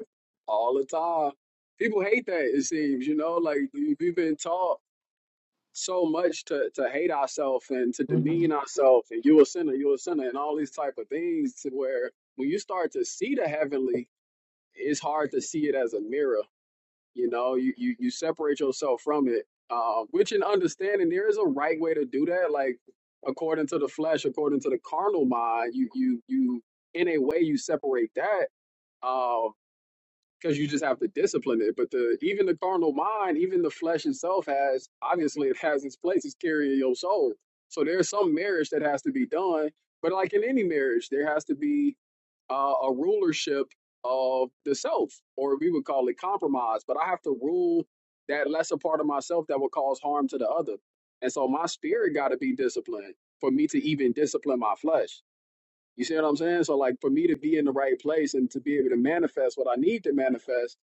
S3: All the time. People hate that. It seems you know like we've been taught. so much to to hate ourselves and to
S1: hmm
S3: demean ourselves and you a sinner, you a sinner, and all these type of things to where when you start to see the heavenly, it's hard to see it as a mirror. You know, you you, you separate yourself from it. Uh, which in understanding there is a right way to do that. Like according to the flesh, according to the carnal mind, you you you in a way you separate that. Uh, because you just have to discipline it. But the even the carnal mind, even the flesh itself has obviously it has its place. It's carrying your soul. So there's some marriage that has to be done. But like in any marriage, there has to be uh, a rulership of the self, or we would call it compromise. But I have to rule that lesser part of myself that will cause harm to the other. And so my spirit got to be disciplined for me to even discipline my flesh. You see what I'm saying? So like for me to be in the right place and to be able to manifest what I need to manifest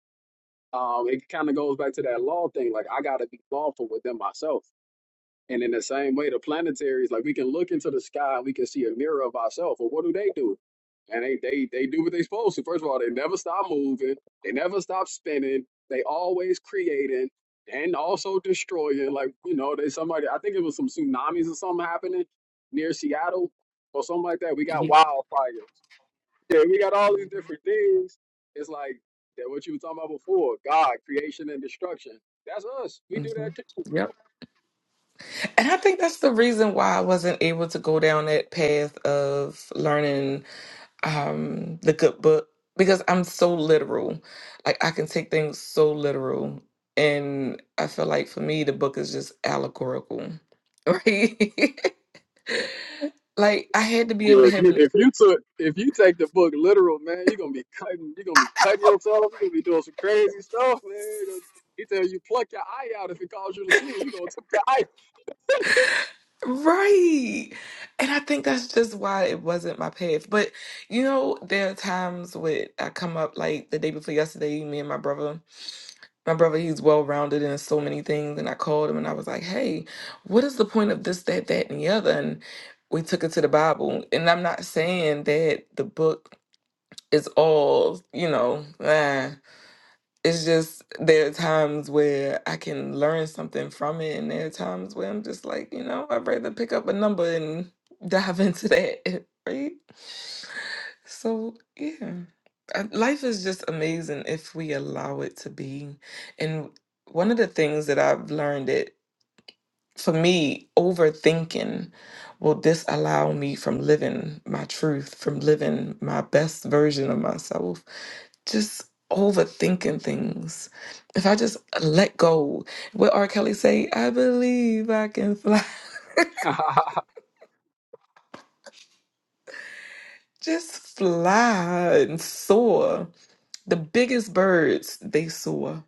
S3: um, it kind of goes back to that law thing. Like I gotta be lawful within myself. And in the same way, the planetaries, like we can look into the sky and we can see a mirror of ourselves. Well, what do they do? And they they they do what they supposed to. First of all, they never stop moving. They never stop spinning. They always creating and also destroying. Like you know, they somebody. I think it was some tsunamis or something happening near Seattle or something like that. We got
S1: hmm
S3: wildfires yeah, we got all these different things. It's like that what you were talking about before, God, creation and destruction. That's us. We do that too.
S1: Yep. And I think that's the reason why I wasn't able to go down that path of learning um the good book because I'm so literal. Like I can take things so literal and I feel like for me the book is just allegorical. Right? like I had to be able
S3: Yeah,
S1: to
S3: if
S1: have
S3: you
S1: an
S3: if you took if you take the book literal, man, you're gonna be cutting you're gonna be cutting yourself, you're gonna be doing some crazy stuff, man. He tells you pluck your eye out if it caused you to sin, you gonna take
S1: right. And I think that's just why it wasn't my path. But you know, there are times when I come up like the day before yesterday, me and my brother my brother he's well rounded in so many things and i called him and i was like hey what is the point of this that that and the other and we took it to the bible and i'm not saying that the book is all you know eh it's just there are times where I can learn something from it, and there are times where I'm just like, you know, I'd rather pick up a number and dive into that, right? So yeah, Uh, life is just amazing if we allow it to be. And one of the things that I've learned that for me, overthinking will disallow me from living my truth, from living my best version of myself just overthinking things. If I just let go, what R. Kelly say, I believe I can fly.
S3: your eye.
S1: Just fly and soar. The biggest birds, they soar,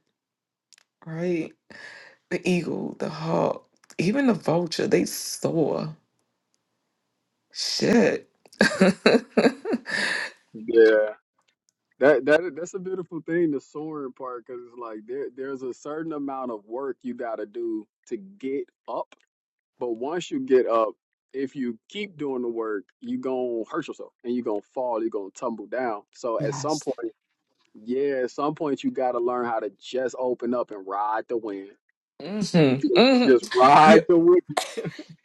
S1: right? The eagle, the hawk, even the vulture, they soar. Shit.
S3: yeah. That, that that's a beautiful thing, the soaring part, because it's like there there's a certain amount of work you gotta do to get up But once you get up, if you keep doing the work, you gonna hurt yourself and you're gonna fall, you're gonna tumble down. So at some
S1: Yes.
S3: point, yeah, at some point you gotta learn how to just open up and ride the wind.
S1: Mhm,
S3: Just
S1: mhm.
S3: ride the wind.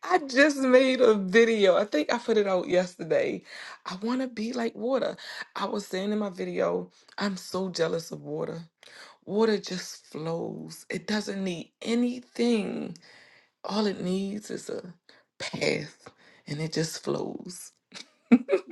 S1: I just made a video. I think I put it out yesterday. I want to be like water. I was saying in my video, I'm so jealous of water. Water just flows, it doesn't need anything. All it needs is a path and it just flows.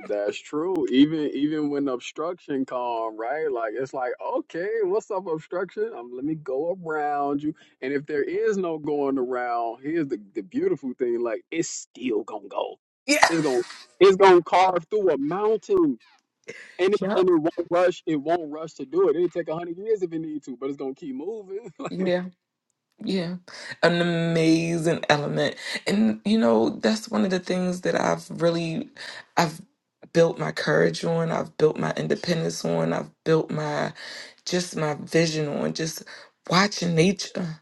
S3: That's true. Even even when obstruction come, right? Like it's like, okay, what's up, obstruction? Um, let me go around you. And if there is no going around, here's the, the beautiful thing, like it's still gonna go.
S1: Yeah.
S3: It's gonna it's gonna carve through a mountain And it,
S1: Yep.
S3: and it won't rush. It won't rush to do it. It'll take a hundred years if it need to, but it's gonna keep moving. like
S1: Yeah. Yeah, an amazing element. And you know, that's one of the things that I've really I've built my courage on, I've built my independence on, I've built my just my vision on just watching nature.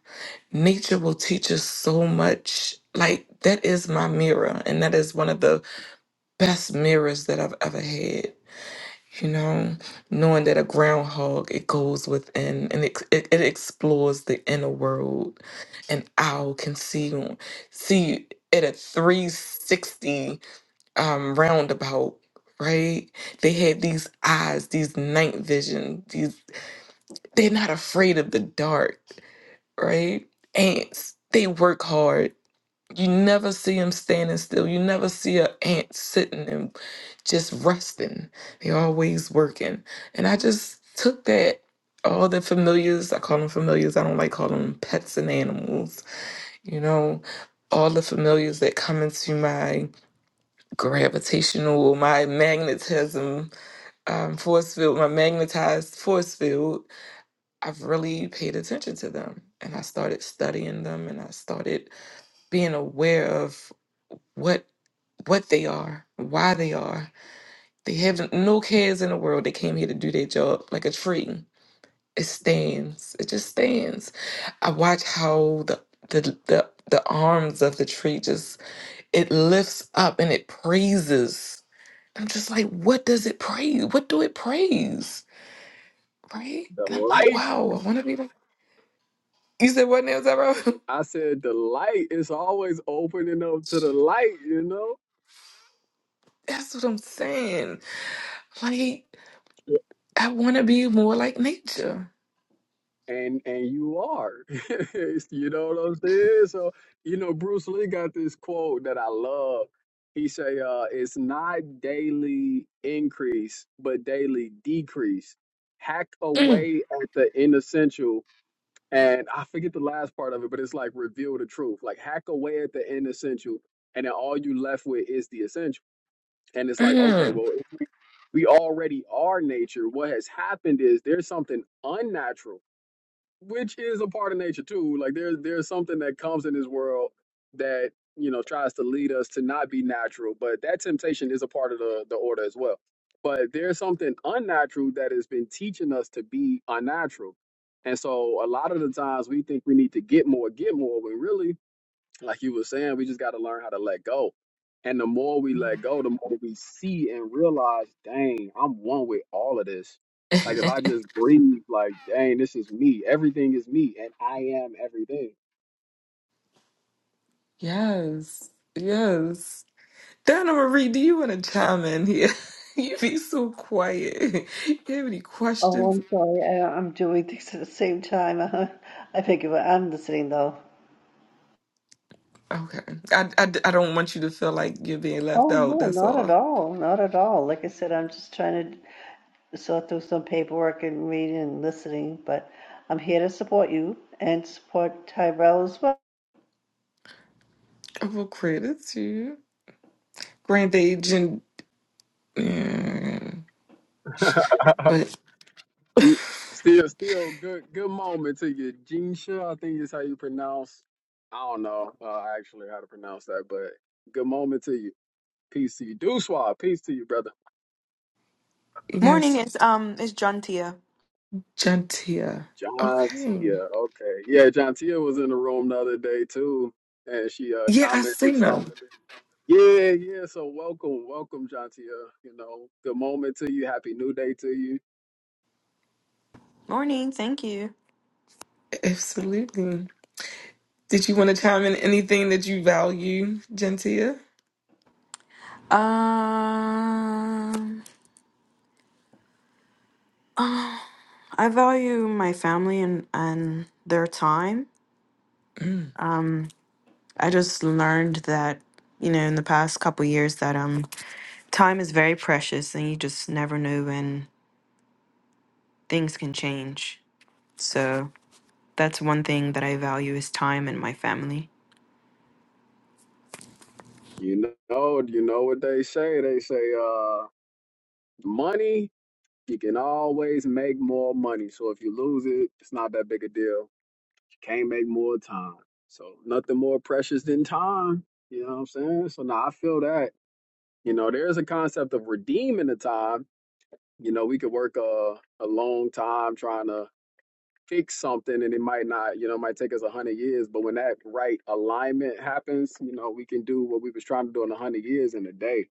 S1: Nature will teach us so much. Like that is my mirror, and that is one of the best mirrors that I've ever had you know, knowing that a groundhog it goes within and it, it, it explores the inner world. An owl can see on- see at a 360 um, roundabout, right? They have these eyes, these night vision, these they're not afraid of the dark, right? Ants, they work hard you never see them standing still. You never see a ant sitting and just resting. They're always working. And I just took that, all the familiars, I call them familiars, I don't like calling them pets and animals, you know, all the familiars that come into my gravitational, my magnetism um, force field, my magnetized force field, I've really paid attention to them. And I started studying them and I started being aware of what what they are, why they are. They have no cares in the world. They came here to do their job like a tree. It stands. It just stands. I watch how the the the, the arms of the tree just it lifts up and it praises. I'm just like, what does it praise? What do it praise? Right?
S3: That
S1: And I'm like,
S3: light.
S1: wow, I wanna be like you said what now, Zara?
S3: I said the light is always opening up to the light, you know.
S1: That's what I'm saying. Like, I wanna be more like nature.
S3: And and you are, you know what I'm saying. So you know Bruce Lee got this quote that I love. He say, uh, "It's not daily increase, but daily decrease. Hack
S1: Mm,
S3: away at the inessential." and I forget the last part of it, but it's like reveal the truth, like hack away at the inessential, and then all you left with is the essential. And it's like, okay,
S1: mm.
S3: well, we already are nature. What has happened is there's something unnatural which is a part of nature too. Like there's there's something that comes in this world that you know tries to lead us to not be natural, but that temptation is a part of the the order as well. But there's something unnatural that has been teaching us to be unnatural, and so a lot of the times we think we need to get more, get more, when really like you were saying, we just got to learn how to let go. And the more we let go, the more we see and realize, dang, I'm one with all of this. Like if I just breathe, like, dang, this is me. Everything is me, and I am everything.
S1: Yes, yes. Donna Marie, do you want to chime in here? You be so quiet. You have any
S2: Oh,
S1: questions?
S2: I'm sorry. I, I'm doing things at the same time. I think if I'm listening though.
S1: Okay. I, I, I don't want you to feel like you're being left
S2: Oh
S1: out.
S2: no,
S1: That's
S2: not at
S1: all.
S2: all. Not at all. Like I said, I'm just trying to sort through some paperwork and reading and listening, but I'm here to support you and support Tyrell as well.
S1: Well, credits to you. Grand Age and. Yeah. But
S3: You- still, still, good, good moment to you, Jinsha. I think is how you pronounce. I don't know uh, actually how to pronounce that, but good moment to you. Peace to you, Duswa. Peace to you, brother.
S4: Morning
S1: yes,
S4: is um is Jantia.
S1: Gentia.
S3: John
S1: Okay.
S3: Tia. Okay. Yeah, John Tia was in the room the other day too, and she uh
S1: Yeah, I see
S3: commented something.
S1: them
S3: Yeah, yeah. So welcome, welcome, John Tia. You know, good moment to you. Happy new day to you.
S4: Morning, thank you.
S1: Absolutely. Did you want to chime in anything that you value, Gentia?
S4: Um, I value my family and and their time. I just learned that you know in the past couple years that um time is very precious and you just never know when things can change. So that's one thing that I value is time and my family.
S3: You know, you know what they say. They say uh money, you can always make more money. So if you lose it, it's not that big a deal. You can't make more time. So nothing more precious than time. You know what I'm saying? So now I feel that. You know, there is a concept of redeeming the time You know, we could work a, a long time trying to fix something and it might not, you know, it might take us a hundred years, but when that right alignment happens, you know, we can do what we was trying to do in a hundred years in a day.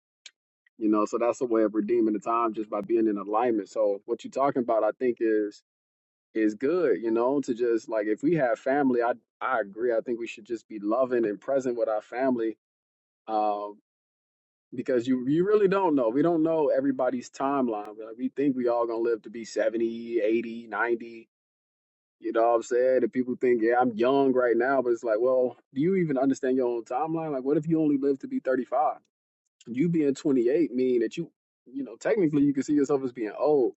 S3: You know, so that's a way of redeeming the time just by being in alignment. So what you're talking about, I think is is good, you know, to just like if we have family, I I agree. I think we should just be loving and present with our family Um because you you really don't know. We don't know everybody's timeline. We- Like we think we all gonna live to be 70, 80, 90. You know what I'm saying? And people think, yeah, I'm young right now, but it's like, well, do you even understand your own timeline? Like, what if you only live to be 35? You being 28 mean that you, you know, technically you can see yourself as being old.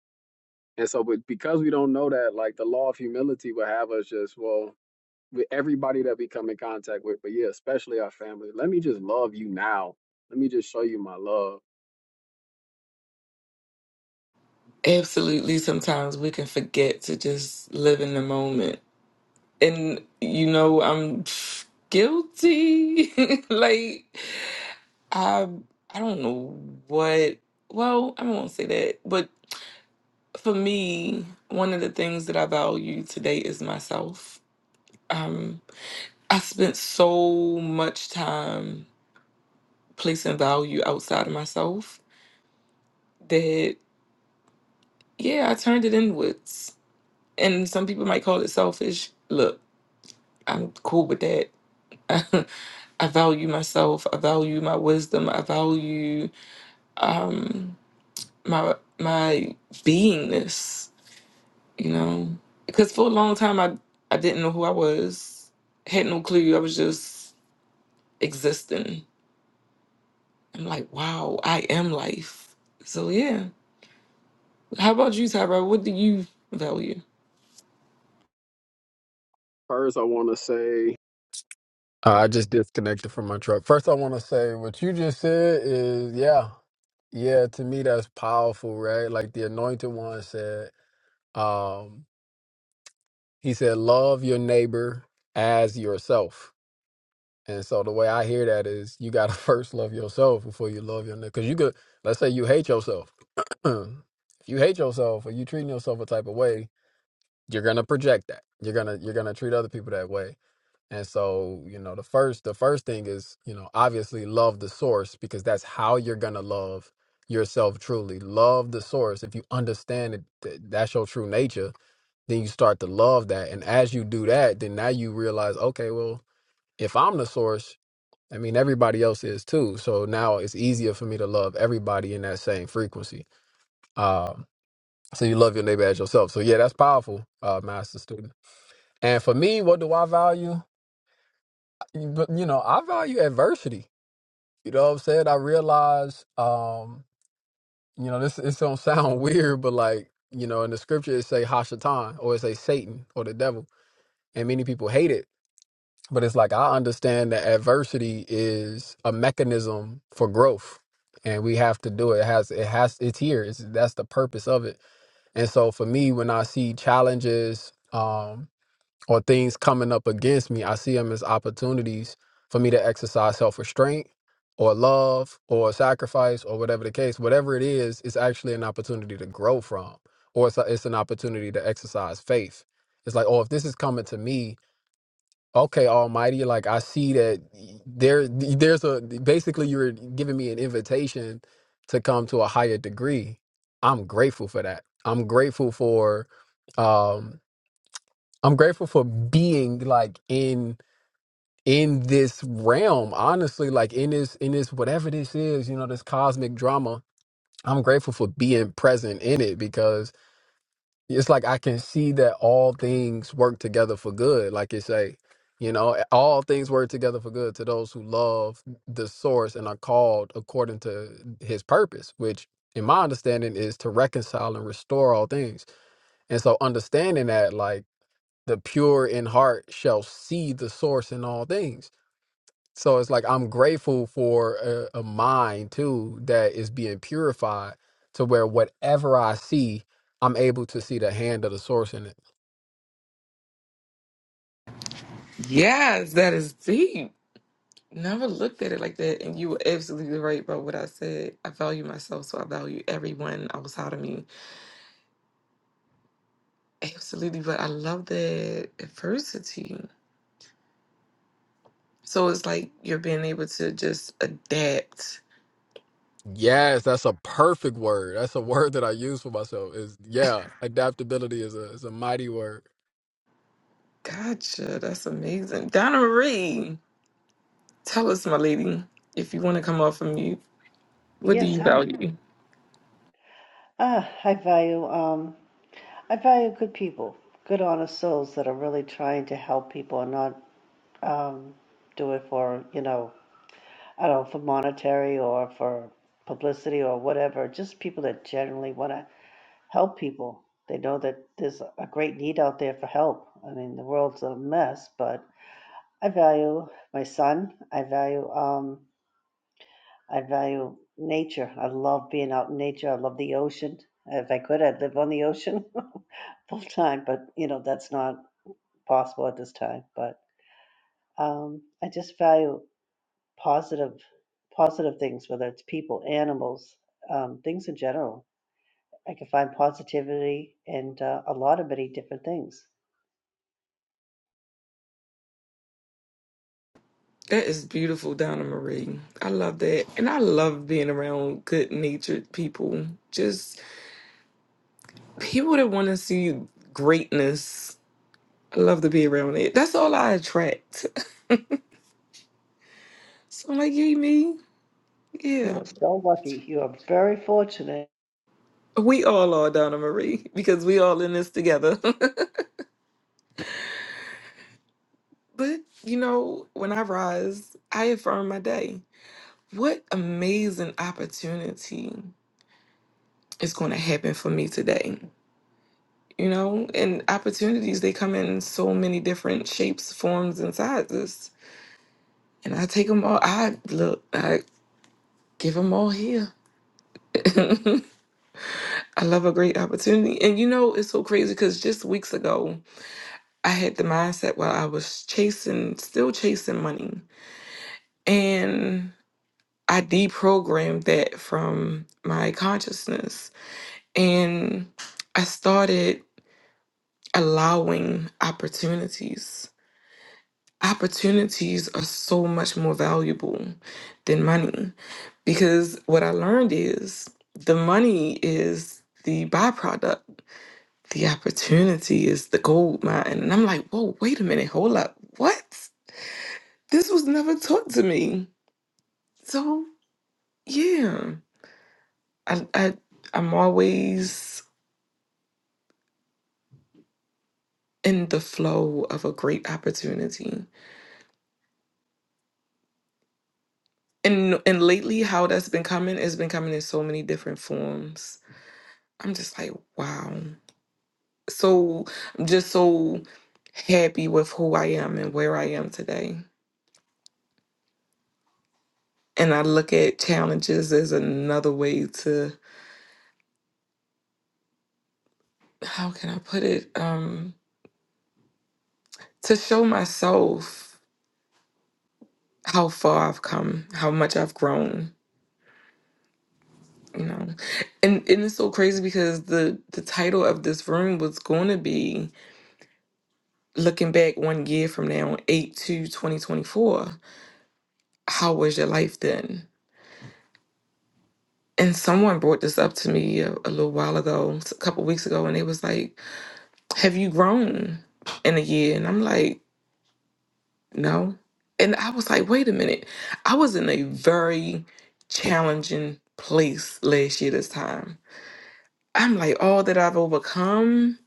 S3: And so, but because we don't know that, like the law of humility will have us just, well, with everybody that we come in contact with, but yeah, especially our family. Let me just love you now. Let me just show you my love
S1: Absolutely. Sometimes we can forget to just live in the moment. And, you know, I'm guilty. like, I, I don't know what, well, I won't say that. But for me, one of the things that I value today is myself. Um, I spent so much time placing value outside of myself that, yeah, I turned it inwards. And some people might call it selfish. Look. I'm cool with that. I value myself. I value my wisdom. I value um, my my beingness. You know, because for a long time I I didn't know who I was. Had no clue. I was just existing. I'm like, wow, I am life. So yeah. How about you, Tyra? What do you value?
S3: First, I want to say uh, I just disconnected from my truck. First, I want to say what you just said is yeah, yeah. To me, that's powerful, right? Like the Anointed One said, um, he said, "Love your neighbor as yourself." And so the way I hear that is, you gotta first love yourself before you love your neighbor. Because you could, let's say, you hate yourself. if you hate yourself or you treating yourself a type of way, you're gonna project that. You're gonna you're gonna treat other people that way. And so, you know, the first the first thing is, you know, obviously love the source because that's how you're gonna love yourself truly. Love the source. If you understand it, th- that's your true nature, then you start to love that. And as you do that, then now you realize, okay, well, if I'm the source, I mean everybody else is too. So now it's easier for me to love everybody in that same frequency. Um, so you love your neighbor as yourself. So yeah, that's powerful, uh, master student. And for me, what do I value? You- but you know, I value adversity. You know what I'm saying? I realize, um, you know, this it's gonna sound weird, but like, you know, in the scripture it say Hashatan or it say Satan or the devil. And many people hate it. But it's like I understand that adversity is a mechanism for growth. And we have to do it. It has it has it's here. It's that's the purpose of it. And so for me, when I see challenges, um, or things coming up against me, I see them as opportunities for me to exercise self restraint or love or sacrifice or whatever the case, whatever it is, it's actually an opportunity to grow from, or it's, a, it's an opportunity to exercise faith. It's like, oh, if this is coming to me, okay, Almighty, like I see that there, there's a basically you're giving me an invitation to come to a higher degree. I'm grateful for that. I'm grateful for. Um, I'm grateful for being like in in this realm, honestly, like in this in this whatever this is, you know, this cosmic drama. I'm grateful for being present in it because it's like I can see that all things work together for good, like you say. You know, all things work together for good to those who love the source and are called according to his purpose, which in my understanding is to reconcile and restore all things. And so understanding that like the pure in heart shall see the source in all things. So it's like I'm grateful for a, a mind too that is being purified to where whatever I see, I'm able to see the hand of the source in it.
S1: Yes, that is deep. Never looked at it like that, and you were absolutely right about what I said. I value myself, so I value everyone outside of me. Absolutely, but I love that adversity. So it's like you're being able to just adapt.
S3: Yes, that's a perfect word. That's a word that I use for myself. Is yeah, adaptability is a is a mighty word.
S1: Gotcha, that's amazing. Donna Marie, tell us, my lady, if you want to come off of mute, what do
S2: Yes,
S1: you
S2: hi.
S1: value?
S2: Ah, I value um I value good people, good honest souls that are really trying to help people and not um do it for, you know, I don't know, for monetary or for publicity or whatever, just people that generally want to help people. They know that there's a great need out there for help. I mean, the world's a mess, but I value my son. I value um I value nature. I love being out in nature. I love the ocean. If I could, I'd live on the ocean full time, but you know, that's not possible at this time. But um I just value positive positive things, whether it's people, animals, um, things in general. I can find positivity and uh, a lot of many different things.
S1: That is beautiful, Donna Marie. I love that. And I love being around good natured people, just people that want to see greatness I love to be around it. That's all I attract. So I'm like, you me.
S2: You
S1: Yeah.
S2: are so lucky. You are very fortunate.
S1: We all are Donna Marie because we all in this together. but you know, when I rise, I affirm my day. What amazing opportunity is gonna happen for me today. You know, and opportunities they come in so many different shapes, forms, and sizes. And I take them all. I look, I give them all here. I love a great opportunity. And you know, it's so crazy because just weeks ago, I had the mindset while I was chasing, still chasing money. And I deprogrammed that from my consciousness. And I started allowing opportunities. Opportunities are so much more valuable than money because what I learned is the money is the byproduct the opportunity is the gold mine. And I'm like, whoa, wait a minute, hold up. What? This was never taught to me. So yeah. I, I I'm always in the flow of a great opportunity. And and lately how that's been coming has been coming in so many different forms. I'm just like, wow. So I'm just so happy with who I am and where I am today. And I look at challenges as another way to how can I put it? Um, to show myself how far I've come, how much I've grown, you know. And and it's so crazy because the the title of this room was going to be looking back one year from now, eight to twenty twenty four. How was your life then? And someone brought this up to me a, a little while ago, a couple weeks ago, and it was like, "Have you grown in a year?" And I'm like, No. And I was like, wait a minute. I was in a very challenging place last year this time. I'm like, all that I've overcome,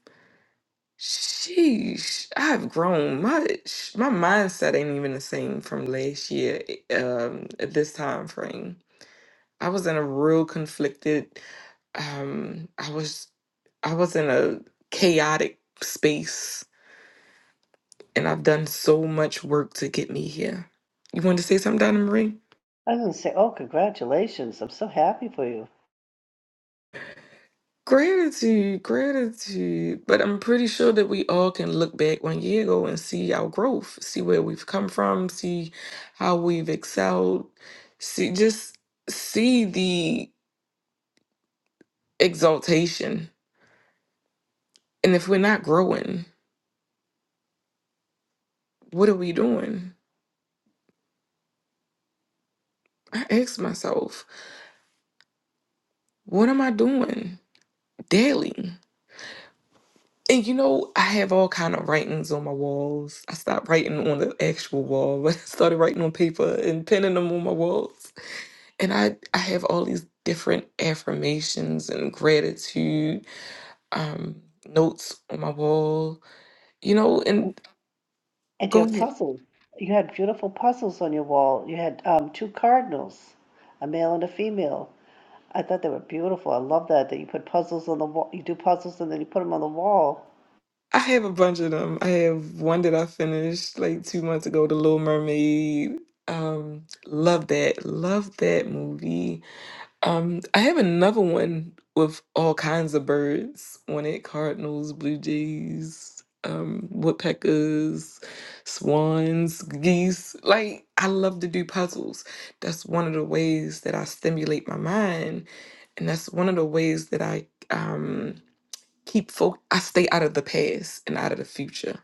S1: sheesh, I've grown much. My mindset ain't even the same from last year eh, um, at this time frame. I was in a real conflicted, um, I was I was in a chaotic space and I've done so much work to get me here. You wanted to say something, Donna Marie?
S2: I'm going to say, oh, congratulations. I'm so happy for you.
S1: Gratitude, gratitude. But I'm pretty sure that we all can look back one year ago and see our growth, see where we've come from, see how we've excelled, see just see the exaltation. And if we're not growing, what are we doing? I ask myself, what am I doing daily? And you know, I have all kind of writings on my walls. I stopped writing on the actual wall, but I started writing on paper and pinning them on my walls and I I have all these different affirmations and gratitude um, notes on my wall, you know. And
S2: And
S1: go
S2: your
S1: ahead,
S2: puzzle. You had beautiful puzzles on your wall. You had um, two cardinals, a male and a female. I thought they were beautiful. I love that, that you put puzzles on the wall. You do puzzles and then you put them on the wall.
S1: I have a bunch of them. I have one that I finished like two months ago, The Little Mermaid. Um, love that, love that movie Um, I have another one with all kinds of birds on it: cardinals, blue jays, um, woodpeckers, swans, geese. Like I love to do puzzles. That's one of the ways that I stimulate my mind, and that's one of the ways that I um, keep fo- I stay out of the past and out of the future.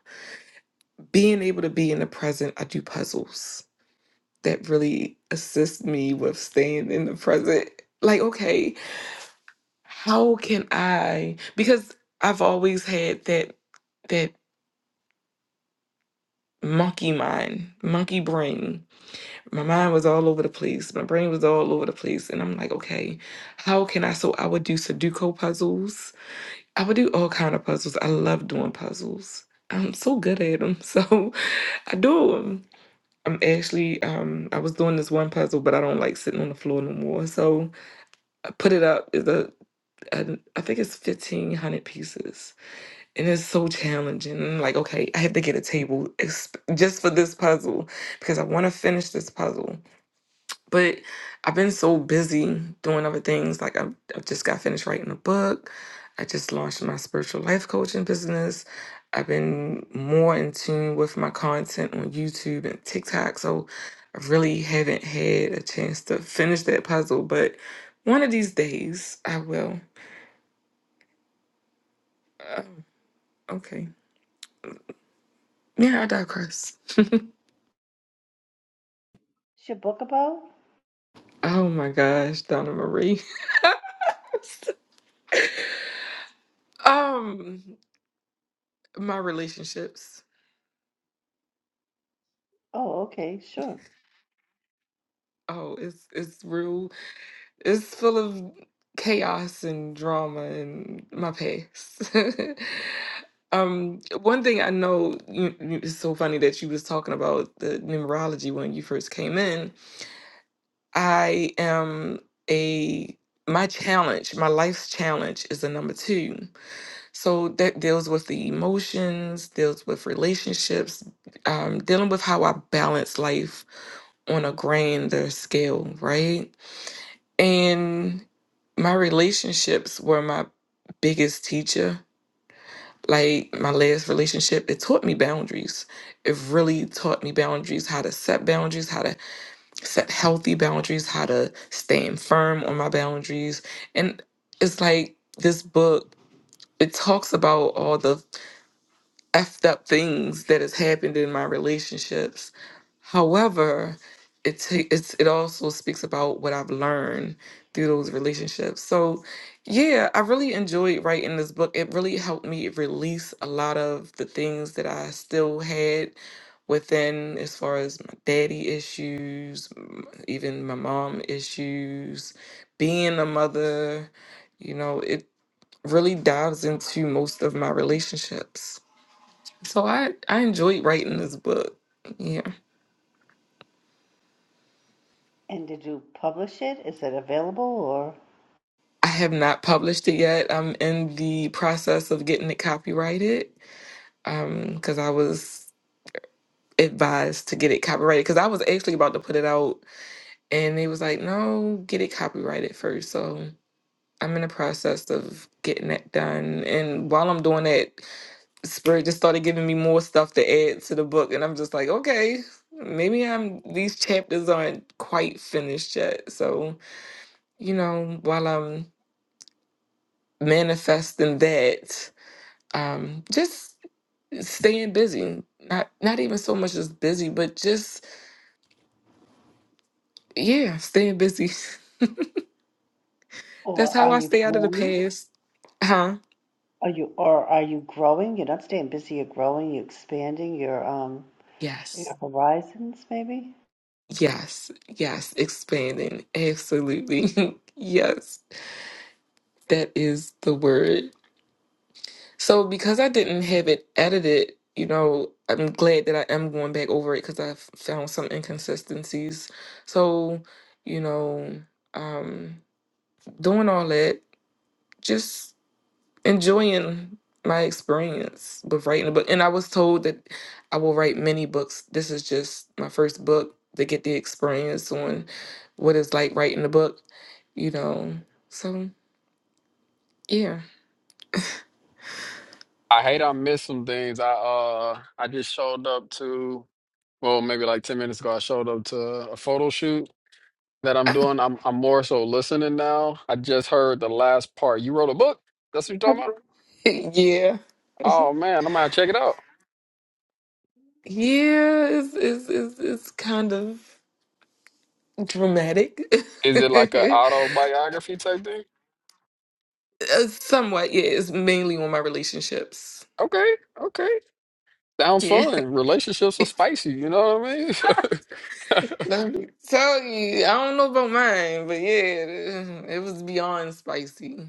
S1: Being able to be in the present, I do puzzles that really assist me with staying in the present. Like okay how can I? Because I've always had that that monkey mind, monkey brain. My mind was all over the place. My brain was all over the place, and I'm like, okay, how can I? So I would do Sudoku puzzles. I would do all kind of puzzles. I love doing puzzles. I'm so good at them, so I do them. I'm actually, um, I was doing this one puzzle, but I don't like sitting on the floor no more. So I put it up. It's a, I I think it's 1,500 pieces And it's so challenging. And I'm like, okay, I have to get a table exp- just for this puzzle because I want to finish this puzzle. But I've been so busy doing other things. Like, I've, I've just got finished writing a book. I just launched my spiritual life coaching business. I've been more in tune with my content on YouTube and TikTok. So I really haven't had a chance to finish that puzzle. But one of these days, I will. Uh, okay. Yeah, I digress.
S2: What's your book about?
S1: Oh my gosh, Donna Marie. Um, my relationships.
S2: Oh, okay, sure.
S1: Oh, it's it's real. It's full of chaos and drama and my past. um, one thing I know you, you- it's so funny that you was talking about the numerology when you first came in. I am a my challenge, my life's challenge is a number two. So that deals with the emotions, deals with relationships, um, dealing with how I balance life on a grander scale, right? And my relationships were my biggest teacher. Like my last relationship, it taught me boundaries. It really taught me boundaries, how to set boundaries, how to set healthy boundaries, how to stand firm on my boundaries. And it's like this book, it talks about all the effed up things that has happened in my relationships. However, it ta- it's it also speaks about what I've learned through those relationships. So, yeah, I really enjoyed writing this book. It really helped me release a lot of the things that I still had within, as far as my daddy issues, m- even my mom issues, being a mother. You know, it really dives into most of my relationships. So I I enjoyed writing this book. Yeah.
S2: And did you publish it? Is it available or
S1: I have not published it yet. I'm in the process of getting it copyrighted. Um, because I was advised to get it copyrighted because I was actually about to put it out and they was like, no, get it copyrighted first." So I'm in the process of getting that done. And while I'm doing that, Spirit just started giving me more stuff to add to the book. And I'm just like, okay, maybe I'm these chapters aren't quite finished yet. So you know, while I'm manifesting that, um, just staying busy. Not not even so much as busy, but just yeah, staying busy. That's
S2: or
S1: how
S2: are
S1: I
S2: you
S1: stay out of the
S2: growing?
S1: past. Huh?
S2: Are you or are you growing? You're not staying busy, you're growing, you're expanding your um your
S1: Yes.
S2: horizons maybe?
S1: Yes. Yes. Expanding. Absolutely. yes. That is the word. So because I didn't have it edited, you know, I'm glad that I am going back over it because I f- found some inconsistencies. So, you know, um, doing all that, just enjoying my experience with writing a book. And I was told that I will write many books. This is just my first book to get the experience on what it's like writing a book, you know. So, yeah.
S3: I hate I missed some things. I uh I just showed up to well maybe like ten minutes ago. I showed up to a photo shoot that I'm doing. I'm I'm more so listening now. I just heard the last part. You wrote a book? That's what you're talking about?
S1: yeah.
S3: Oh,
S1: Yeah, it's it's it's, it's kind of dramatic.
S3: is it like an autobiography type thing?
S1: Uh, Somewhat, yeah. It's mainly on my relationships.
S3: Okay, okay. Sounds
S1: Yeah.
S3: fun. Relationships are spicy, you know what I mean?
S1: Let me tell you, I don't know about mine, but yeah, it was beyond spicy.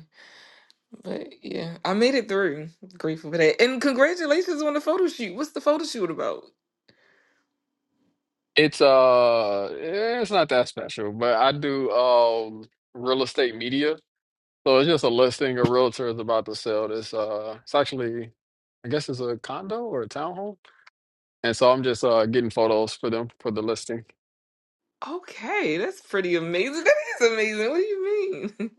S1: But yeah, I made it through. Grateful for that. And congratulations on the photo shoot. What's the photo shoot about?
S3: It's uh eh, it's not that special, but I do um real estate media. So it's just a listing a realtor is about to sell this uh it's actually I guess it's a condo or a townhome. And so I'm just uh getting photos for them for the listing.
S1: Okay, that's pretty amazing. That is amazing. What do you mean?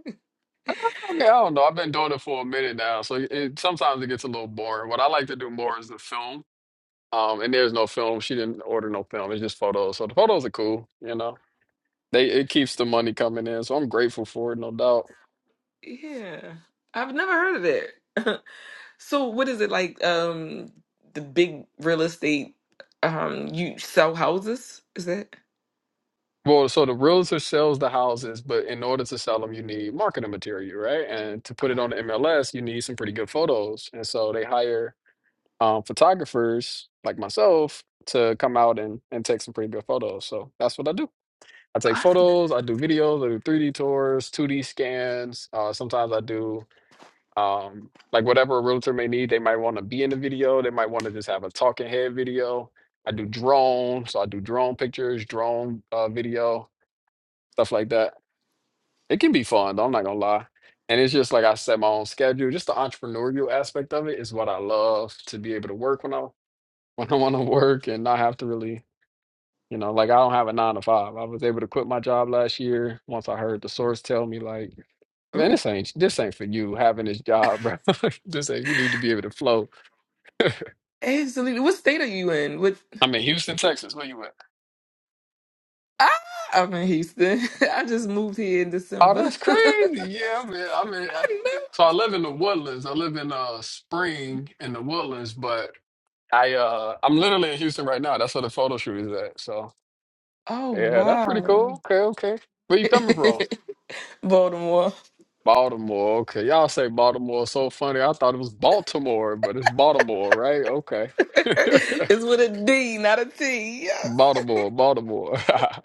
S3: I mean, I don't know. I've been doing it for a minute now, so it, it- sometimes it gets a little boring. What I like to do more is the film. Um, and there's no film. She didn't order no film. It's just photos. So the photos are cool, you know. They it keeps the money coming in, so I'm grateful for it, no doubt.
S1: yeah. I've never heard of it. So what is it like um the big real estate um you sell houses? Is that
S3: Well, so the realtor sells the houses, but in order to sell them, you need marketing material, right? And to put it on the MLS, you need some pretty good photos. And so they hire um, photographers like myself to come out and, and take some pretty good photos. So that's what I do. I take photos, I do videos, I do 3D tours, 2D scans. Uh, sometimes I do um, like whatever a realtor may need. They might want to be in the video, they might want to just have a talking head video. I do drone, so I do drone pictures, drone uh, video, stuff like that. It can be fun, though, I'm not gonna lie. And it's just like I set my own schedule. Just the entrepreneurial aspect of it is what I love to be able to work when I when I want to work and not have to really you know, like I don't have a nine to five. I was able to quit my job last year once I heard the source tell me, like, man,
S1: oh
S3: this ain't this ain't for you having this job, bro. This ain't you need to be able to flow.
S1: absolutely what state are you in? What
S3: I'm in Houston, Texas. Where you at?
S1: ah I'm in Houston. I just moved here in
S3: Oh,
S1: December.
S3: that's
S1: I
S3: crazy. Yeah, I'm in. I'm in. I-
S1: know.
S3: So I live in the Woodlands. I live in uh Spring in the Woodlands, but I uh I'm literally in Houston right now. That's where the photo shoot is at. So
S1: Oh
S3: yeah, that's pretty
S1: wow.
S3: cool. Okay, okay. Where you coming from?
S1: Baltimore.
S3: Baltimore. Okay. Y'all say Baltimore so funny. I thought it was Baltimore, but it's Baltimore, right? Okay.
S1: it's with a D, not a T. Yes.
S3: Baltimore, Baltimore.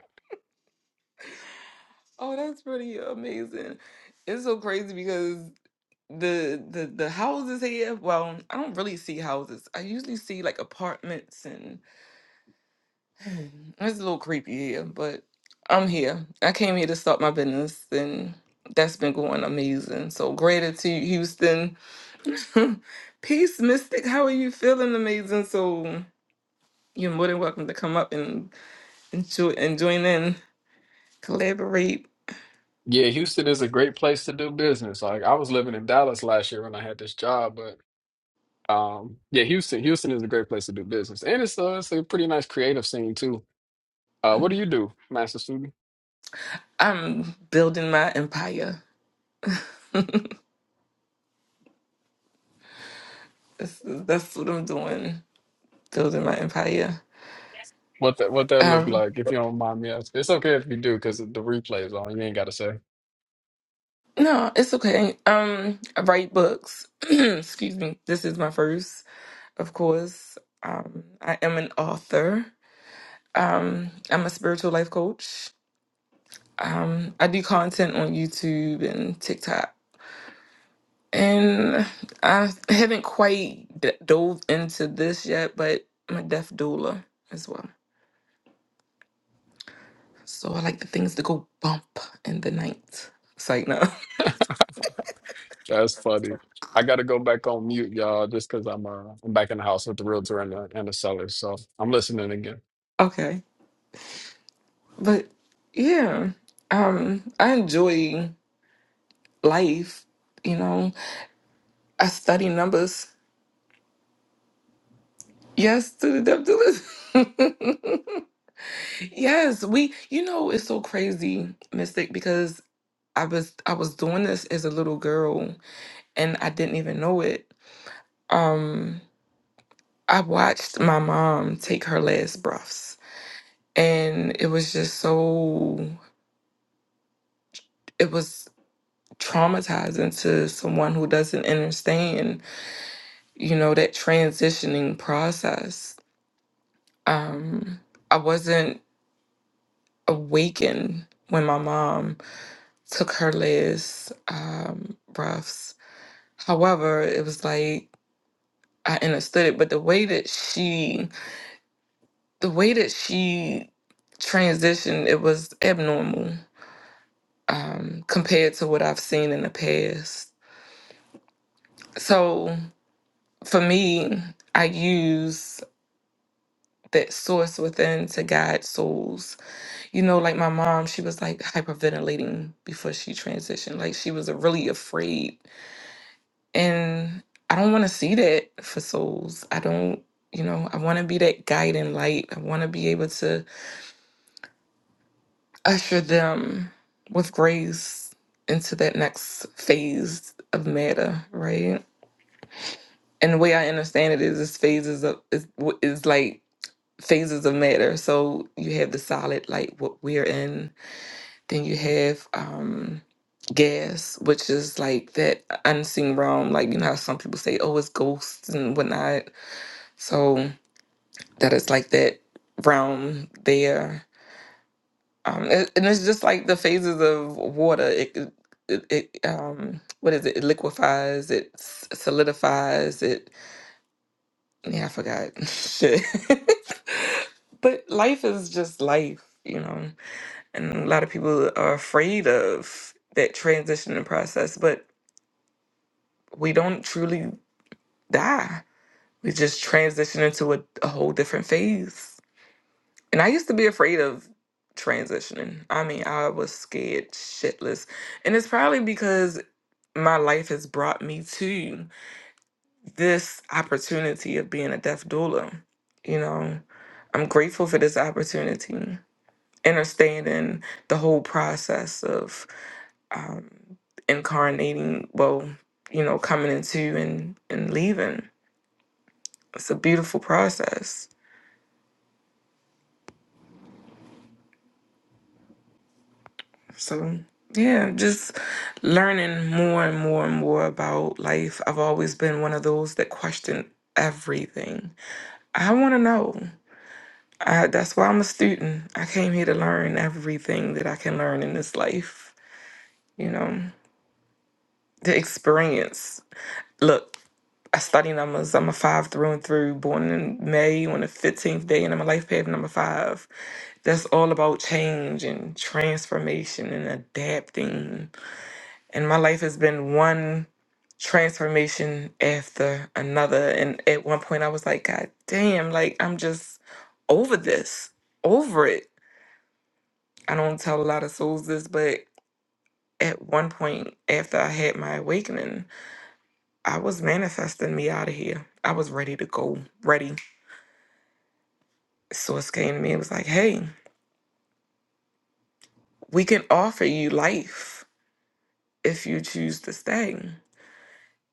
S1: Oh, that's pretty amazing. It's so crazy because. the the the houses here well i don't really see houses i usually see like apartments and Mhm. it's a little creepy here but i'm here i came here to start my business and that's been going amazing so gratitude houston peace mystic how are you feeling amazing so you're more than welcome to come up and and, jo- and join in collaborate
S3: Yeah, Houston is a great place to do business. Like I was living in Dallas last year when I had this job, but um yeah, Houston, Houston is a great place to do business. And it's uh, it's a pretty nice creative scene too. Uh what do you do, master student?
S1: i'm building my empire that's, that's what i'm doing building my empire
S3: What that what that look
S1: Um,
S3: like if you don't mind me asking. It's okay if you do because the replay is on. You ain't gotta say.
S1: No, it's okay. Um, I write books. Excuse me. This is my first, of course. Um, I am an author. Um, I'm a spiritual life coach. Um, I do content on YouTube and TikTok. And I haven't quite d- dove into this yet, but I'm a deaf doula as well. So I like the things that go bump in the night. It's like, no.
S3: That's funny. I got to go back on mute, y'all, just because I'm uh, I'm back in the house with the realtor and the and the seller. So I'm listening again.
S1: okay. But yeah, um, I enjoy. life. You know, I study numbers. Yes, to the depth of it. yes, we. You know, it's so crazy, Mystic, because I was I was doing this as a little girl, and I didn't even know it. Um, I watched my mom take her last breaths, and it was just so. It was traumatizing to someone who doesn't understand, you know, that transitioning process. Um, I wasn't awaken when my mom took her last um, breaths. However, it was like I understood it, but the way that she, the way that she transitioned, it was abnormal um, compared to what I've seen in the past. So for me, I use that source within to guide souls. You know, like my mom, she was like hyperventilating before she transitioned. Like she was really afraid And I don't want to see that for souls. I don't, you know, I want to be that guiding light. I want to be able to usher them with grace into that next phase of matter, right? And the way I understand it is, it's phases of is, w- is like phases of matter. So you have the solid, like what we're in. Then you have um gas, which is like that unseen realm. Like you know how some people say, "Oh, it's ghosts and whatnot." So that it's like that realm there. Um, and and it's just like the phases of water. It, it, it it, um, what is it? It liquefies. It s- solidifies. It yeah, I forgot shit. but life is just life, you know. And a lot of people are afraid of that transitioning process, but we don't truly die. We just transition into a, a whole different phase And I used to be afraid of transitioning. I mean, I was scared shitless. And it's probably because my life has brought me to this opportunity of being a deaf doula. You know, I'm grateful for this opportunity. Understanding the whole process of incarnating, well, you know, coming into and, and leaving. It's a beautiful process. So yeah, just learning more and more and more about life. I've always been one of those that question everything. I want to know. I, that's why I'm a student. I came here to learn everything that I can learn in this life. You know, the experience. Look, I study numbers. I'm a five through and through. Born in May on the 15th day, and I'm a life path number five. That's all about change and transformation and adapting and my life has been one transformation after another and at one point i was like god damn like i'm just over this over it i don't tell a lot of souls this but at one point after i had my awakening i was manifesting me out of here i was ready to go ready source came to me and was like hey we can offer you life if you choose to stay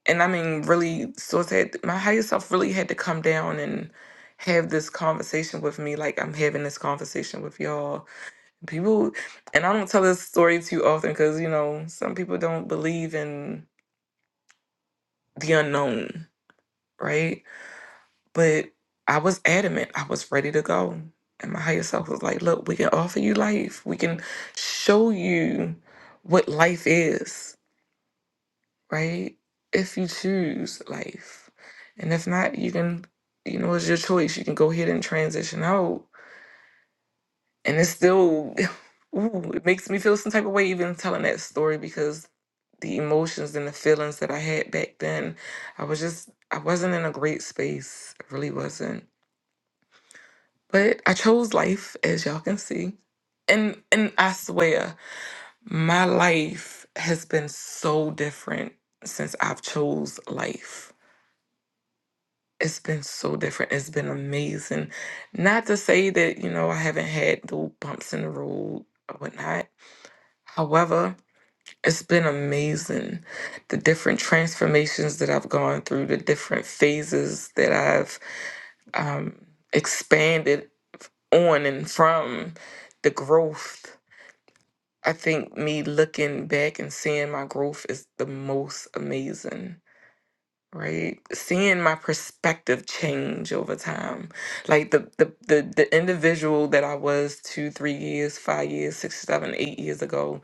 S1: and I mean, really, source had my higher self really had to come down and have this conversation with me, like I'm having this conversation with y'all. People, and I don't tell this story too often because you know some people don't believe in the unknown, right? But I was adamant. I was ready to go, and my higher self was like, "Look, we can offer you life. We can show you what life is." right? If you choose life. And if not, you can, you know, it's your choice. You can go ahead and transition out. And it's still, ooh, it makes me feel some type of way even telling that story because the emotions and the feelings that I had back then, I was just, I wasn't in a great space. I really wasn't. But I chose life, as y'all can see. And and I swear, my life has been so different since I've chose life it's been so different. It's been amazing. Not to say that, you know, I haven't had the bumps in the road or whatnot. However, it's been amazing. The different transformations that I've gone through, the different phases that I've um, expanded on and from, the growth. I think me looking back and seeing my growth is the most amazing. right seeing my perspective change over time like the, the the the individual that i was two three years five years six seven eight years ago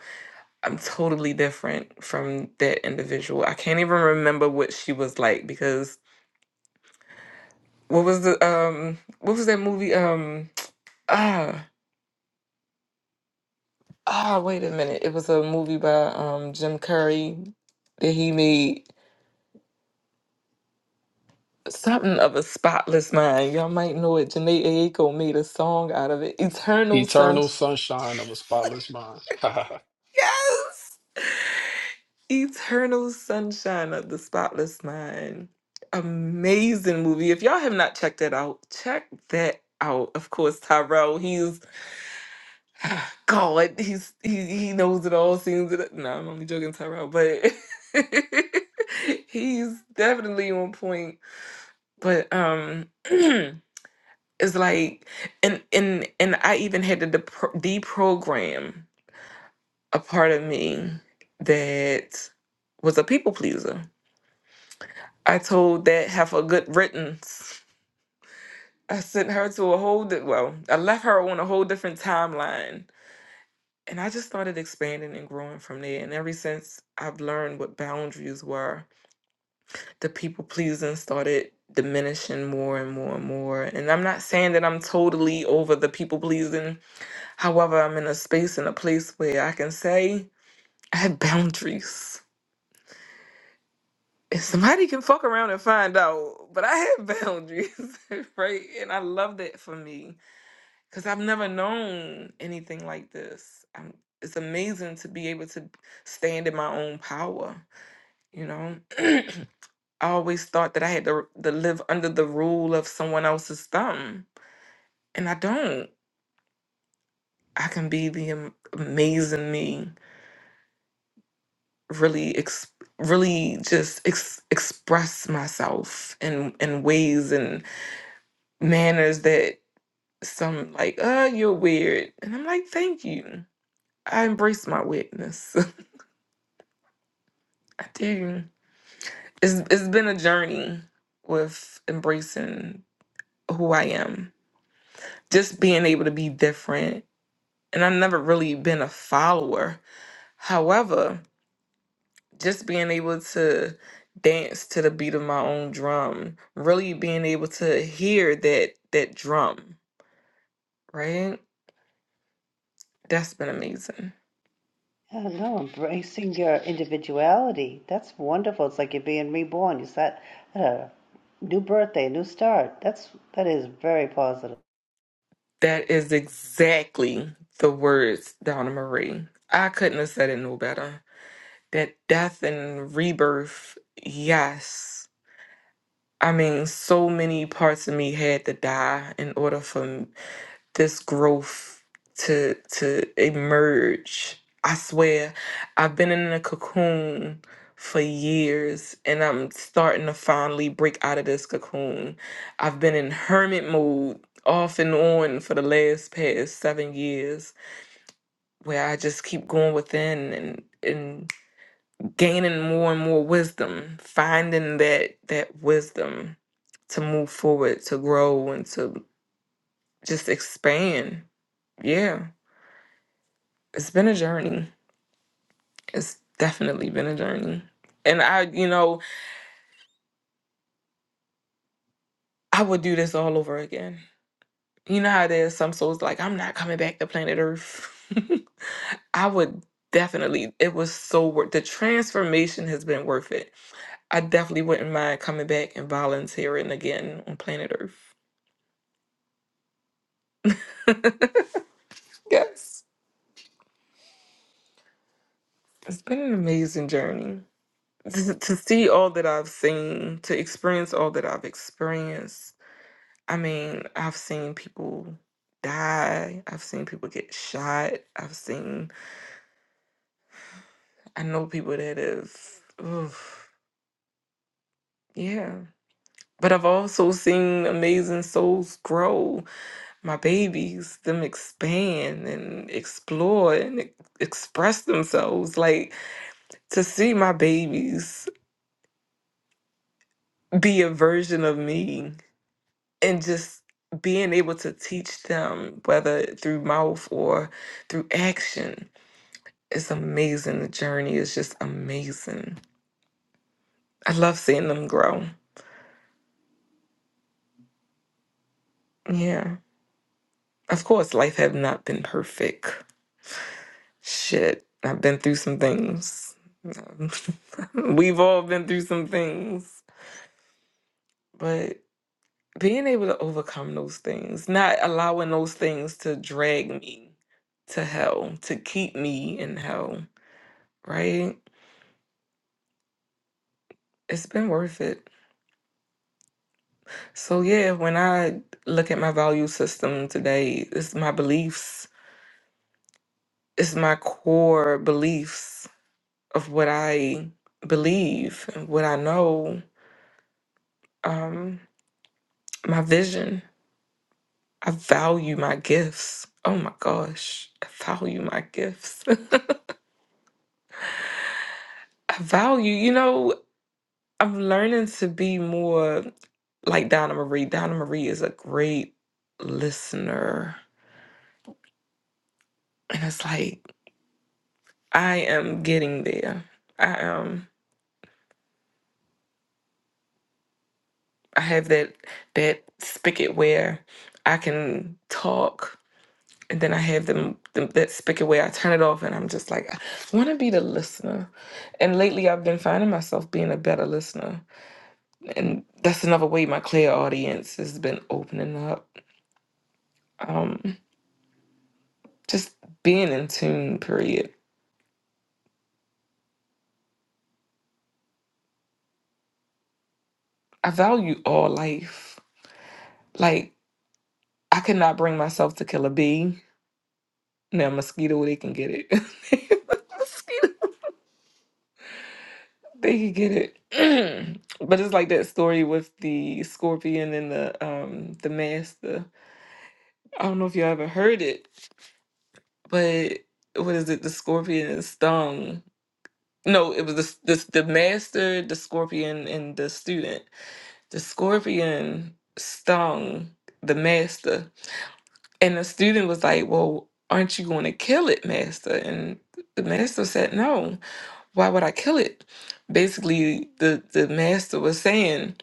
S1: i'm totally different from that individual i can't even remember what she was like because what was the um what was that movie um ah ah wait a minute it was a movie by um jim curry that he made Something of a spotless mind. Y'all might know it. Janae Aiko made a song out of it. Eternal
S3: Eternal
S1: sunshine.
S3: sunshine of a spotless mind. what
S1: Yes! Eternal sunshine of the spotless mind. Amazing movie. If y'all have not checked that out, check that out. Of course, Tyrell, he's God. He's he, he knows it all, seems it. No, I'm only joking, Tyrell, but he's definitely on point. But um It's like, and and and I even had to depro- deprogram a part of me that was a people pleaser. I told that half a good riddance. I sent her to a whole di- well, I left her on a whole different timeline, and I just started expanding and growing from there. And ever since I've learned what boundaries were, the people pleasing started diminishing more and more and more. And I'm not saying that I'm totally over the people pleasing However, I'm in a space and a place where I can say I have boundaries. And somebody can fuck around and find out, but I have boundaries, right? And I love that for me because I've never known anything like this. i it's amazing to be able to stand in my own power, you know? I always thought that I had to, to live under the rule of someone else's thumb, and I don't. I can be the am- amazing me really ex- really just ex- express myself in in ways and manners that some like uh you're weird and i'm like thank you i embrace my weirdness i do it's it's been a journey with embracing who i am just being able to be different and i've never really been a follower however just being able to dance to the beat of my own drum, really being able to hear that that drum, right? That's been amazing.
S2: Yeah, no, embracing your individuality. That's wonderful. It's like you're being reborn. You set at a new birthday, new start. That's that is very positive.
S1: That is exactly the words, Donna Marie. I couldn't have said it no better. That death and rebirth, yes. I mean, so many parts of me had to die in order for this growth to to emerge. I swear, I've been in a cocoon for years and I'm starting to finally break out of this cocoon. I've been in hermit mode off and on for the last past 7 years where I just keep going within and and gaining more and more wisdom, finding that that wisdom to move forward, to grow and to just expand. Yeah. it's been a journey. It's definitely been a journey. And I, you know, I would do this all over again. You know how there's some souls like, I'm not coming back to planet Earth. I would definitely, it was so worth the transformation has been worth it. I definitely wouldn't mind coming back and volunteering again on planet Earth. Yes. It's been an amazing journey. To, to see all that I've seen, to experience all that I've experienced, I mean, I've seen people die. I've seen people get shot. I've seen, I know people that have, oof, yeah. But I've also seen amazing souls grow, my babies, them expand and explore and e- express themselves. Like to see my babies be a version of me and just being able to teach them, whether through mouth or through action It's amazing. The journey is just amazing. I love seeing them grow. Yeah. Of course, life have not been perfect. Shit. I've been through some things. Um, We've all been through some things. But being able to overcome those things, not allowing those things to drag me to hell, to keep me in hell, right? It's been worth it. So yeah, when I look at my value system today, it's my beliefs it's my core beliefs of what I believe and what I know, um, my vision. I value my gifts. Oh my gosh, I value my gifts. I value, you know, I'm learning to be more like Donna Marie. Donna Marie is a great listener. And it's like, I am getting there. I am. I have that that spigot where I can talk and then I have them, them that spigot where I turn it off, and I'm just like, I want to be the listener. And lately, I've been finding myself being a better listener, and that's another way my clear audience has been opening up. Um, just being in tune. Period. I value all life. Like I could not bring myself to kill a bee. Now mosquito, they can get it. mosquito, they can get it. but it's like that story with the scorpion and the um the master I don't know if y'all ever heard it, but what is it? The scorpion is stung. No, it was the, the the master, the scorpion, and the student. The scorpion stung the master, and the student was like, "Well, aren't you going to kill it, master?" And the master said, "No. Why would I kill it?" Basically, the the master was saying.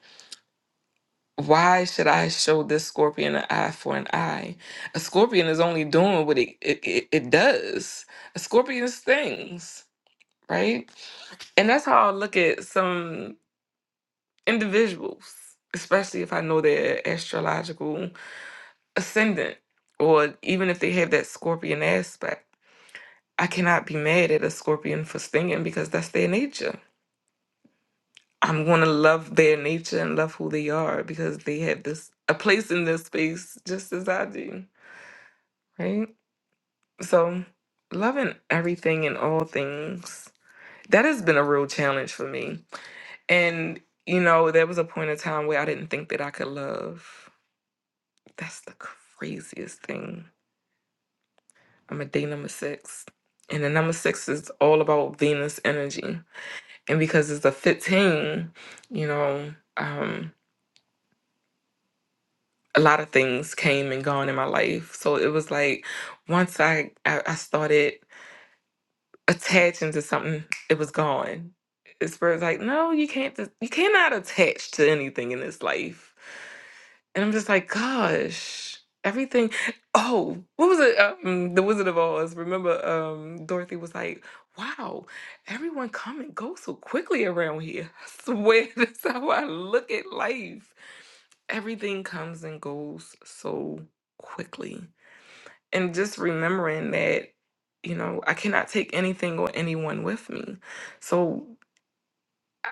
S1: Why should I show this scorpion an eye for an eye? A scorpion is only doing what it it, it, it does. A scorpion's things, right? And that's how I look at some individuals, especially if I know their astrological ascendant, or even if they have that scorpion aspect. I cannot be mad at a scorpion for stinging because that's their nature. I'm going to love their nature and love who they are because they have this a place in this space just as I do, right? So, loving everything and all things, that has been a real challenge for me. And, you know, there was a point in time where I didn't think that I could love. That's the craziest thing. I'm a day number six. And the number six is all about Venus energy. And because it's a 15, you know, um, a lot of things came and gone in my life. So it was like once I, I, I started attaching to something, it was gone. The spirit's like, no, you can't. You cannot attach to anything in this life. And I'm just like, gosh, everything. Oh, what was it? Um, the Wizard of Oz. Remember, um, Dorothy was like, wow, everyone come and go so quickly around here. I swear, that's how I look at life. Everything comes and goes so quickly and just remembering that you know i cannot take anything or anyone with me so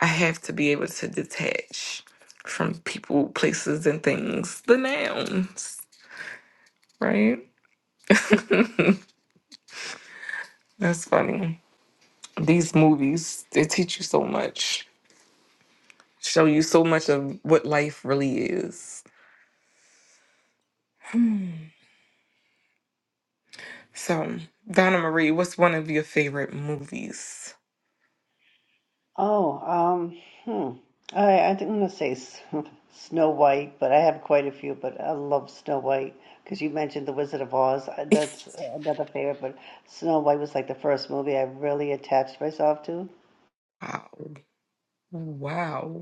S1: i have to be able to detach from people places and things the nouns right that's funny these movies they teach you so much show you so much of what life really is Hmm. so donna marie what's one of your favorite movies
S2: Oh, um, hmm. I, I'm going to say S- Snow White, but I have quite a few, but I love Snow White because you mentioned The Wizard of Oz. I- That's another favorite, but Snow White was like the first movie I really attached myself to.
S1: wow wow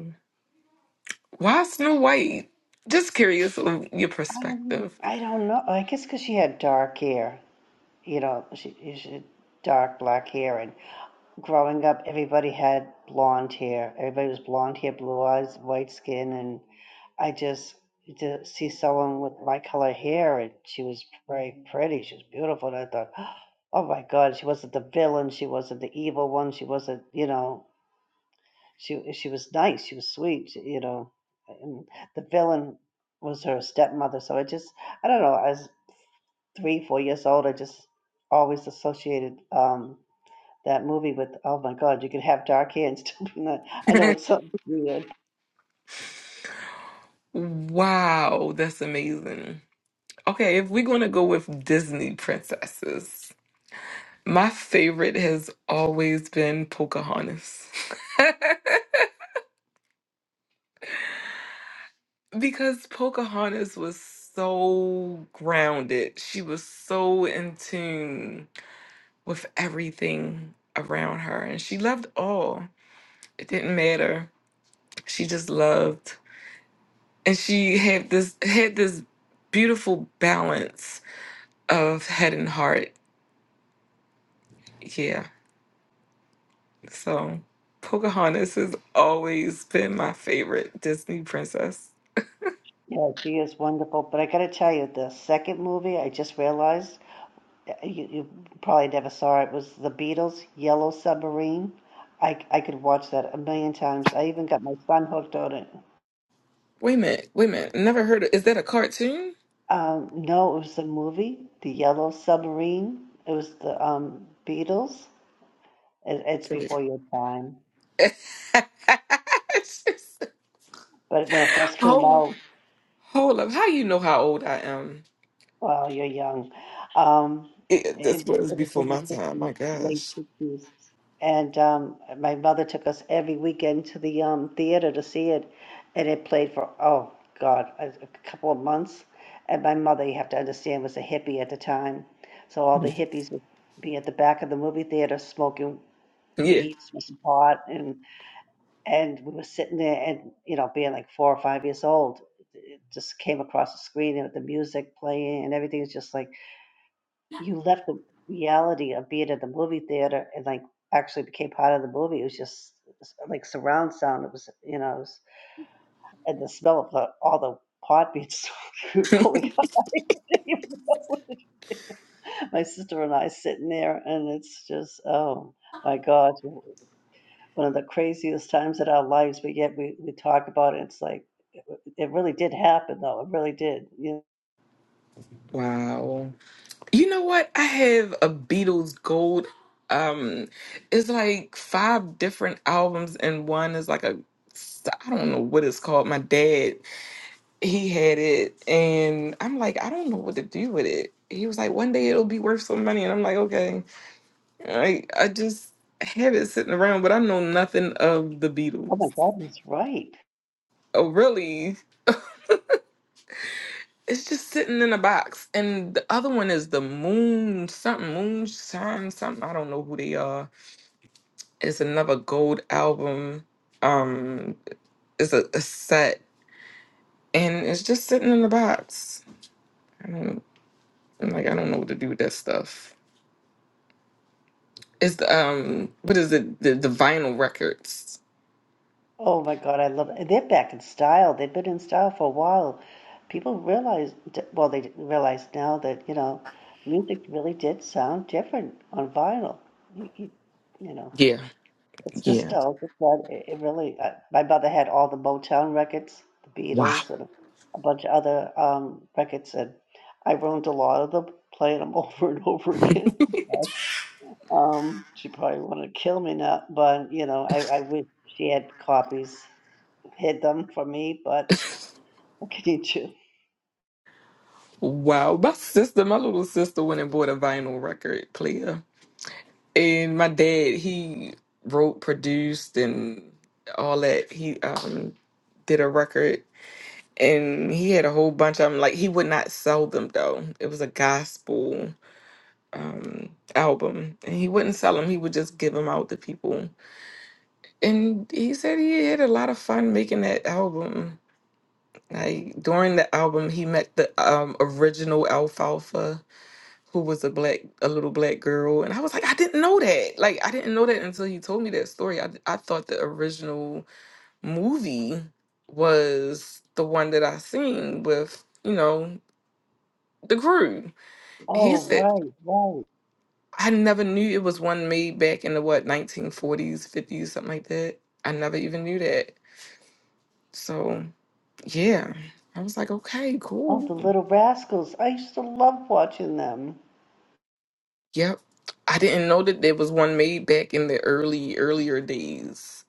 S1: Why Snow White? Just curious of your
S2: Um,
S1: perspective.
S2: I don't know. I guess because she had dark hair, you know, she, she had dark black hair, growing up, everybody had blonde hair. Everybody was blonde hair, blue eyes, white skin, and I just to see someone with my color hair, and she was very pretty. She was beautiful, and I thought, oh my God, she wasn't the villain. She wasn't the evil one. She wasn't, you know, she she was nice. She was sweet. she- You know, and the villain was her stepmother. So I just, I don't know, I was three, four years old, I just always associated. um that movie with, oh my God, you could have dark hair and still be not. I know it's something weird.
S1: Wow, that's amazing. Okay, if we're going to go with Disney princesses, my favorite has always been Pocahontas. because Pocahontas was so grounded. She was so in tune with everything around her and she loved all. It didn't matter. She just loved and she had this had this beautiful balance of head and heart. Yeah, so Pocahontas has always been my favorite Disney princess.
S2: Yeah, she is wonderful. But I got to tell you, the second movie I just realized uh, you, you probably never saw it was The Beatles' Yellow Submarine. I I could watch that a million times. I even got my son hooked on it.
S1: Wait a minute, wait a minute. Never heard of. Is that a cartoon?
S2: Um, no, it was the movie, The Yellow Submarine. It was the um, Beatles. It, it's
S1: Correct.
S2: before your time. But when it first came
S1: hold,
S2: out,
S1: hold up. How you know how old I am?
S2: Wow, you're young. Um,
S1: It,
S2: it,
S1: this
S2: it
S1: was
S2: was
S1: before
S2: in the
S1: my time. My
S2: 50s, late
S1: gosh.
S2: 50s. And um, my mother took us every weekend to the um, theater to see it. And it played for, oh God, a, a couple of months. And my mother, you have to understand, was a hippie at the time. So all the
S1: Mm-hmm.
S2: hippies would be at the back of the movie theater smoking
S1: Yeah.
S2: weed, smoking pot. And, and we were sitting there and, you know, being like four or five years old, it just came across the screen and with the music playing and everything is just like, you left the reality of being at the movie theater and like actually became part of the movie. It was just s- like surround sound. It was, you know, it was, and the smell of the, all the pot being through really high. My sister and I sitting there, and it's just, oh my God, one of the craziest times in our lives. But yet we, we talk about it. It's like, it, it really did happen, though. It really did. You know,
S1: Wow. You know what? I have a Beatles gold. Um, it's like five different albums, and one is like a I don't know what it's called. My dad he had it, and I'm like, I don't know what to do with it. He was like, one day it'll be worth some money, and I'm like, okay. I I just have it sitting around, but I know nothing of the
S2: oh
S1: Beatles.
S2: my God, he's right.
S1: Oh, really? It's just sitting in a box, and the other one is the Moon something, Moonshine something. I don't know who they are It's another gold album. Um, it's a, a set, and it's just sitting in the box. I don't I'm like. I don't know what to do with that stuff. It's the um, what is it? The the vinyl records.
S2: Oh my God, I love it. They're back in style. They've been in style for a while. People realize, well, they didn't realize now that, you know, music really did sound different on vinyl. You, you, you know,
S1: Yeah,
S2: it's
S1: yeah.
S2: nostalgic, but it, it really, uh, my mother had all the Motown records, the
S1: Wow,
S2: Beatles, and a bunch of other um, records, and I ruined a lot of them, playing them over and over again. Um, she probably wanted to kill me now, but, you know, I, I wish she had copies had them for me, but what can you do?
S1: wow. My sister, my little sister, went and bought a vinyl record player, and my dad he wrote, produced, and all that. He um did a record and he had a whole bunch of them. Like he would not sell them though. It was a gospel um album, and he wouldn't sell them. He would just give them out to people. And he said he had a lot of fun making that album. Like during the album, he met the um original Alfalfa, who was a black, a little black girl, and I was like, I didn't know that. Like I didn't know that until he told me that story. I I thought the original movie was the one that I seen with you know the groove. He Yeah.
S2: Oh,
S1: said,
S2: right, right.
S1: I never knew it was one made back in the what, 1940s, 50s, something like that. I never even knew that. So, yeah, I was like, okay,
S2: Oh,
S1: cool.
S2: the Little Rascals. I used to love watching them.
S1: Yep. I didn't know that there was one made back in the early, earlier days.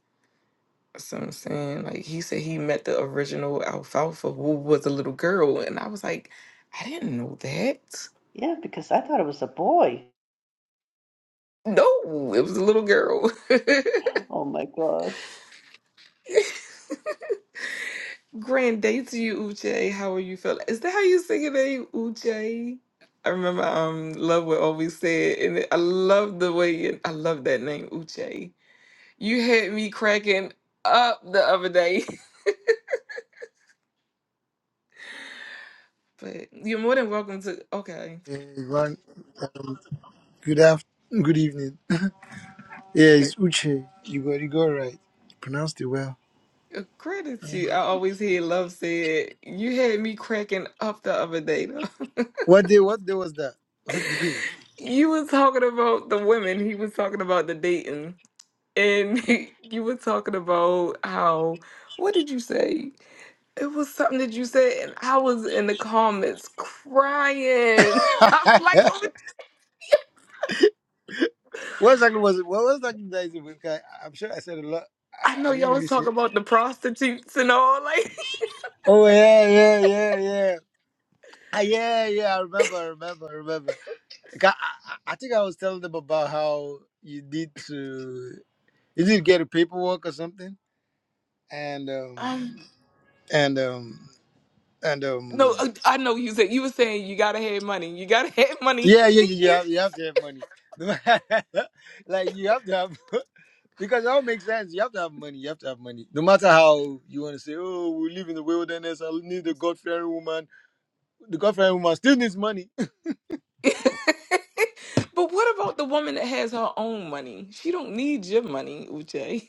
S1: So I'm saying, like, he said he met the original alfalfa who was a little girl. And I was like, I didn't know that.
S2: Yeah, because I thought it was a boy.
S1: No, it was a little girl.
S2: Oh my gosh.
S1: Grand day to you, Uche. How are you feeling? Is that how you sing your name, Uche? I remember um Love would always say it, and it- I love the way it, I love that name, Uche. You had me cracking up the other day. but you're more than welcome to okay.
S5: Hey, One, um, good after, good evening. Yeah,
S1: Th-
S5: it's Uche. You got you got it right. You pronounced it well.
S1: uh, Gratitude. I always hear Love say it. You had me cracking up the other day though.
S5: What day? What day was that? What day?
S1: you were talking about the women, he was talking about the dating. And you were talking about how what did you say? It was something that you said, and I was in the comments crying. I'm like, "Oh,
S5: what exactly was it? What was that? that is it? Because I- I'm sure I said a lot.
S1: I
S5: I,
S1: know
S5: I didn't
S1: y'all was
S5: really say.
S1: talking about the prostitutes and all. Like,
S5: Oh yeah, yeah, yeah, yeah. Ah, yeah, yeah, I remember, I remember, I remember. Like, I, I, I think I was telling them about how you need to, you need to get a paperwork or something, and um,
S1: um,
S5: and um, and
S1: no,
S5: um.
S1: uh, I know you said you were saying you gotta have money. You gotta have money.
S5: Yeah, yeah, yeah. You have, you have to have money. like you have to have because it all makes sense. You have to have money. You have to have money. No matter how you want to say, oh, we live in the wilderness. I need a God fearing woman. The God fearing woman still needs money.
S1: but what about the woman that has her own money? She don't need your money, Uche.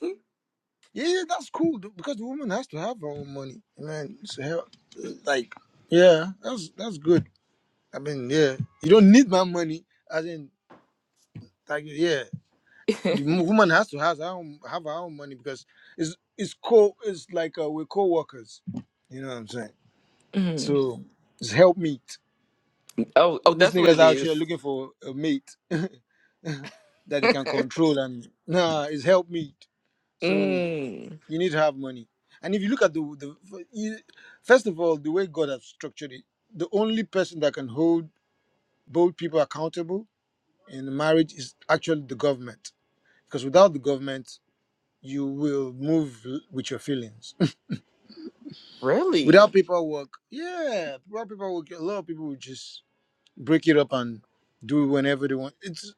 S5: Yeah, yeah, that's cool th- because the woman has to have her own money. Man, so hell, like, yeah, that's that's good. I mean, yeah, you don't need my money. As in, like, yeah. the m- woman has to has her own, have her own money because it's it's co it's like uh, we're co-workers you know what i'm saying
S1: Mm.
S5: so it's help meet
S1: Oh, oh,
S5: these
S1: that's what
S5: niggas
S1: it
S5: out here
S1: is.
S5: looking for a mate that they can control and nah it's help meet so
S1: mm.
S5: you need to have money and if you look at the, the you, first of all the way god has structured it the only person that can hold both people accountable in marriage is actually the government because without the government you will move l- with your feelings. Without
S1: Really?
S5: paperwork, yeah, without paperwork, a lot of people will just break it up and do it whenever they want. It's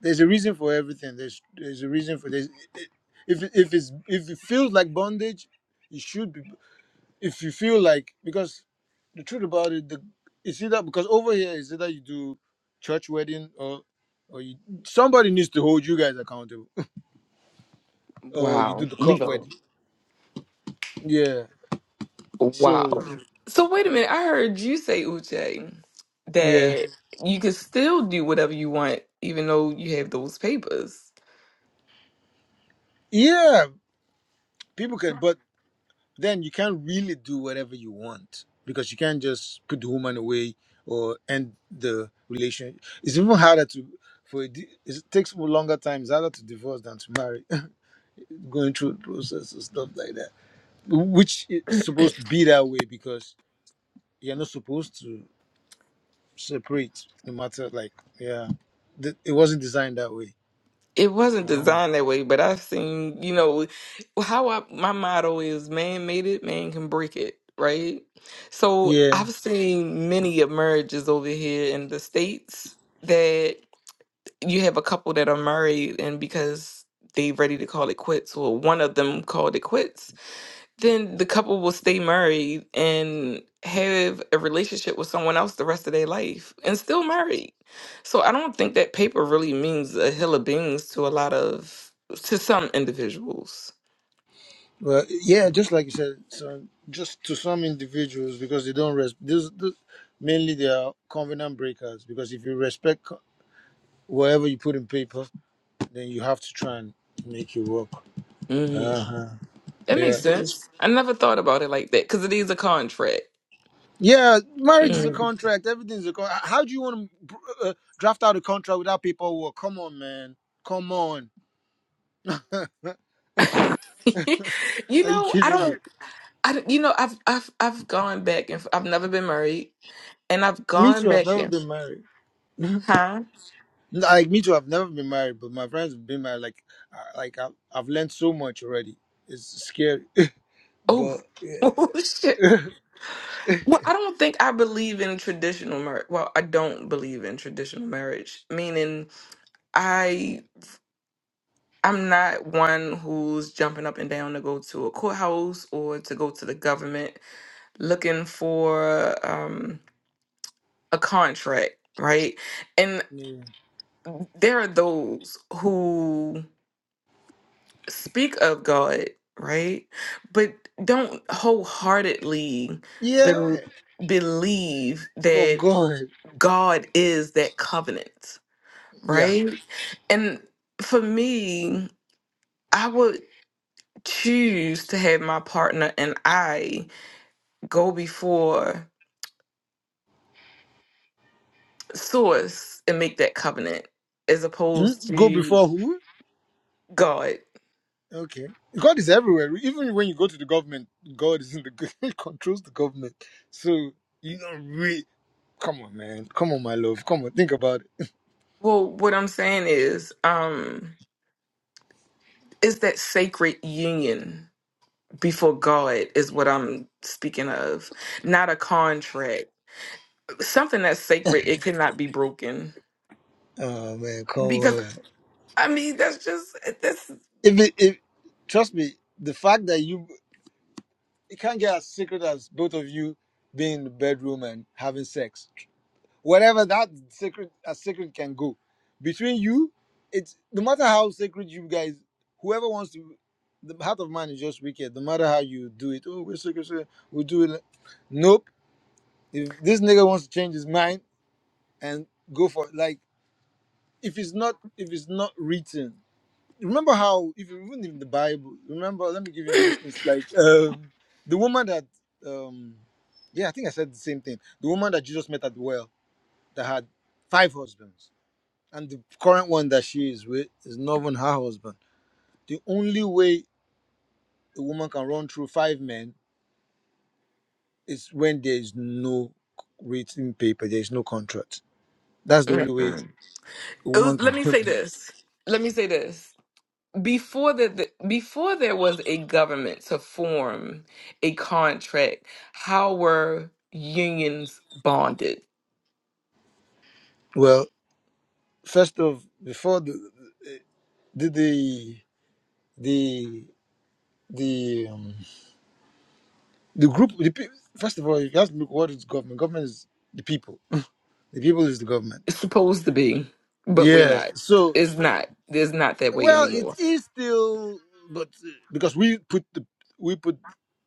S5: there's a reason for everything. There's there's a reason for this. If it- if it's if it feels like bondage, it should be. If you feel like because the truth about it, the it's either because over here is either you do church wedding or or you, somebody needs to hold you guys accountable or you do
S1: Wow.
S5: the court wedding. Yeah.
S1: Wow.
S5: So
S1: So wait a minute. I heard you say, Uche,
S5: yeah.
S1: that you can still do whatever you want, even though you have those papers.
S5: Yeah, people can, but then you can't really do whatever you want because you can't just put the woman away or end the relation. It's even harder to for a di- it takes more longer time. It's harder to divorce than to marry. Going through the process and stuff like that, which is supposed to be that way because you're not supposed to separate. No matter like yeah, Th- it wasn't designed that way.
S1: It wasn't
S5: Wow.
S1: designed that way, but I've seen, you know, how I, my motto is man made it, man can break it, right? So
S5: Yeah.
S1: I've seen many of marriages over here in the States that you have a couple that are married, and because they ready to call it quits, or one of them called it quits, then the couple will stay married and have a relationship with someone else the rest of their life and still married. So I don't think that paper really means a hill of beans to a lot of to some individuals.
S5: Well, yeah, just like you said, so just to some individuals because they don't res This, this, mainly they are covenant breakers because if you respect co- whatever you put in paper, then you have to try and make it work. Uh
S1: Mm.
S5: huh.
S1: That
S5: Yeah.
S1: makes
S5: it's-
S1: sense. I never thought about it like that because it is a contract.
S5: Yeah. Marriage is a
S1: Mm.
S5: contract. Everything's a contract. How do you want to uh, draft out a contract without paperwork? Come on, man. Come on.
S1: you
S5: Are you
S1: know, I
S5: kidding me?
S1: don't. I don't- you know, I've I've I've gone back and f- I've never been married, and I've
S5: Me
S1: gone
S5: too. I've
S1: back
S5: never
S1: and
S5: been married.
S1: huh?
S5: Like me too. I've never been married, but my friends have been married. Like, I- like I've I've learned so much already. It's scary,
S1: Oh,
S5: but yeah,
S1: oh shit. Well, I don't think I believe in traditional marriage. Well, I don't believe in traditional marriage, meaning I I'm not one who's jumping up and down to go to a courthouse or to go to the government looking for um, a contract, right? And
S5: yeah,
S1: there are those who speak of God, right, but don't wholeheartedly
S5: Yeah,
S1: bel believe
S5: of
S1: that
S5: God,
S1: God is that covenant
S5: yeah.
S1: right? And for me, I would choose to have my partner and I go before source and make that covenant as opposed
S5: Hmm? Go
S1: to
S5: before who?
S1: God.
S5: Okay, God is everywhere. Even when you go to the government, God is in the g- controls the government. So you don't really come on, man. Come on, my love. Come on, think about it.
S1: Well, what I'm saying is, um, is that sacred union before God is what I'm speaking of, not a contract. Something that's sacred, it cannot be broken.
S5: Oh man, come
S1: Because
S5: on.
S1: I mean, that's just
S5: If it, if trust me, the fact that you it can't get as secret as both of you being in the bedroom and having sex. Whatever that secret as secret can go. Between you, it's no matter how sacred you guys, whoever wants to the heart of man is just wicked. No matter how you do it, oh we're secret, secret, we'll do it. Nope. If this nigga wants to change his mind and go for like if it's not if it's not written remember how if you even in the bible remember let me give you an instance like um the woman that um yeah i think i said the same thing the woman that jesus met at the well that had five husbands and the current one that she is with is not even her husband the only way a woman can run through five men is when there is no written paper there is no contract that's the only way
S1: that's.
S5: a
S1: it
S5: woman
S1: was,
S5: can
S1: let me
S5: run
S1: say this. Let me say this. Before the, the before there was a government to form a contract, how were unions bonded?
S5: well first of before the the the the, the um, The group, the, pe- first of all, you have to look what is government. Government is the people. The people is the government.
S1: It's supposed to be, but we're
S5: Yeah.
S1: not.
S5: So,
S1: It's not. It's not that way
S5: well, it
S1: anymore.
S5: is still, but uh, because we put the we put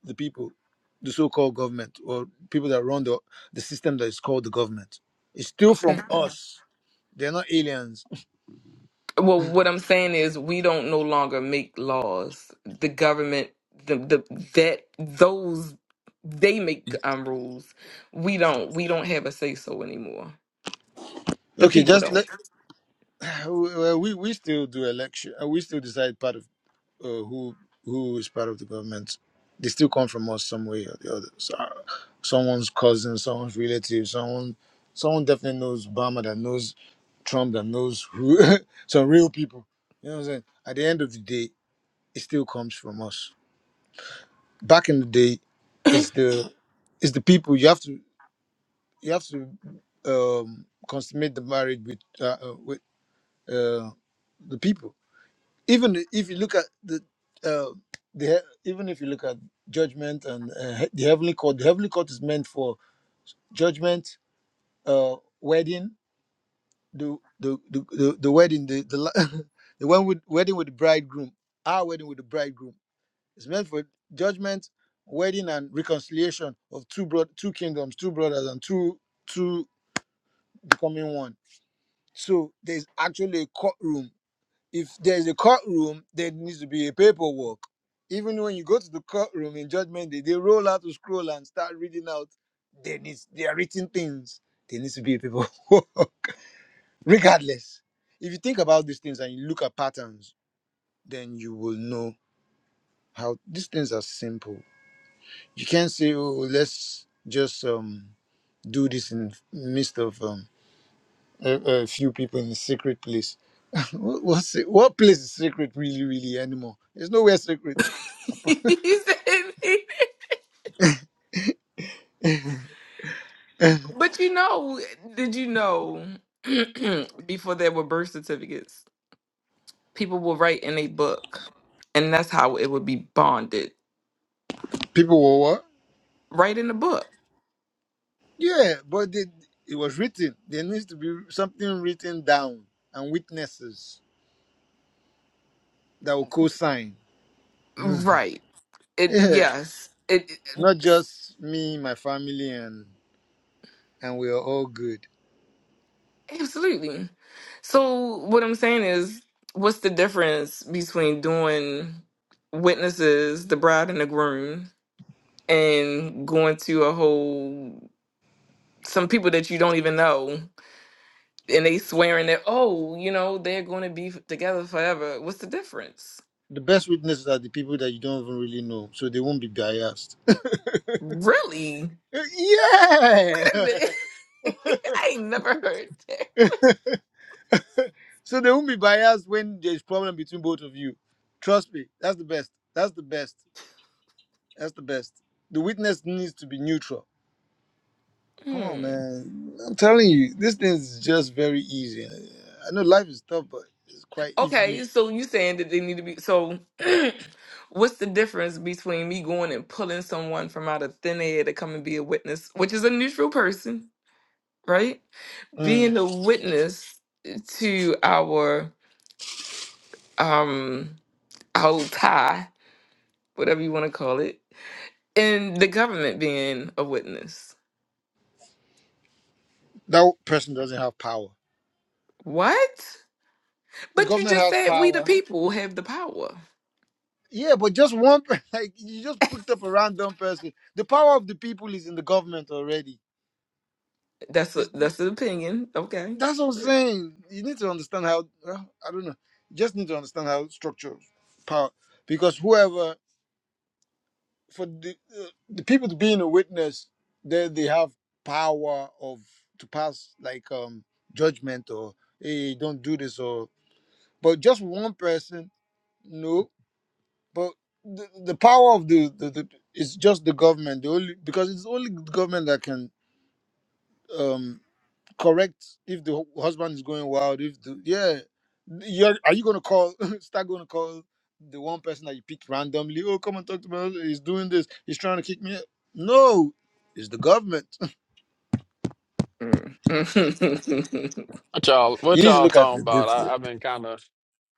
S5: the people, the so-called government or people that run the the system that is called the government. It's still from
S1: Okay.
S5: us. They're not aliens.
S1: Well, what I'm saying is we don't no longer make laws. The government, the the that those they make um rules. We don't. We don't have a say so anymore. The
S5: Okay,
S1: people
S5: just
S1: don't.
S5: let. Well, we we still do election. uh, We still decide part of. uh, who who is part of the government, they still come from us some way or the other. So, uh, someone's cousin, someone's relative, someone someone definitely knows Obama that knows Trump that knows who some real people. You know what I'm saying? At the end of the day, it still comes from us. Back in the day, it's the it's the people you have to you have to um consummate the marriage with uh, uh, with uh, the people. even if you look at the uh, the he- even if you look at judgment and uh, he- the heavenly court, the heavenly court is meant for judgment, uh, wedding, the the the, the, the wedding, the the, la- the one with wedding with the bridegroom, our wedding with the bridegroom. It's meant for judgment, wedding, and reconciliation of two bro- two kingdoms, two brothers, and two two becoming one. So there's actually a courtroom if there's a courtroom, there needs to be a paperwork. Even when you go to the courtroom in judgment day, they roll out a scroll and start reading out. There needs there are written things. There needs to be a paperwork. Regardless, if you think about these things and you look at patterns, then you will know how these things are simple. You can't say, "Oh, let's just um do this in midst of um." A, a few people in a secret place. What's it? What place is secret really, really anymore? There's nowhere secret
S1: He said- but you know, did you know before there were birth certificates, people will write in a book, and that's how it would be bonded.
S5: People were what?
S1: Write in a book,
S5: Yeah, but they, it was written. There needs to be something written down and witnesses that will co-sign.
S1: right? It
S5: yeah,
S1: yes, it,
S5: not
S1: it-
S5: just me, my family, and and we are all good.
S1: absolutely. So what I'm saying is, what's the difference between doing witnesses, the bride and the groom, and going to a whole some people that you don't even know and they swearing that oh you know they're going to be f- together forever what's the difference
S5: The best witnesses are the people that you don't even really know, so they won't be biased.
S1: really
S5: Uh, Yeah.
S1: wait a minute i ain't never heard that
S5: so they won't be biased when there's problem between both of you. Trust me, that's the best. That's the best. That's the best. The witness needs to be neutral Come on,
S1: hmm.
S5: man. I'm telling you, this thing is just very easy. I know life is tough, but it's quite if you
S1: okay so you saying that they need to be so what's the difference between me going and pulling someone from out of thin air to come and be a witness which is a neutral person right
S5: mm,
S1: being a witness to our um our tie whatever you want to call it and the government being a witness.
S5: that person doesn't have power.
S1: What?
S5: The
S1: But you
S5: government
S1: just
S5: has
S1: said we the
S5: power.
S1: people have the power.
S5: Yeah, but just one per- like you just picked up a random person. The power of the people is in the government already.
S1: That's a
S5: It's,
S1: that's an opinion. Okay.
S5: that's what I'm saying. You need to understand how well, I don't know. You just need to understand how structure power because whoever for the, uh, the people to being a witness they they have power of to pass like um judgment or hey don't do this or but just one person no but the, the power of the, the, the it's just the government the only because it's only the government that can um correct if the hu- husband is going wild if the yeah you're are you going to call start going to call the one person that you picked randomly oh come and talk to my husband he's doing this he's trying to kick me out." no it's the government
S1: Mm.
S3: y'all
S5: you
S3: what
S5: need to
S3: y'all
S5: look at
S3: talking
S5: it
S3: about?
S5: this
S3: I, I've been kind of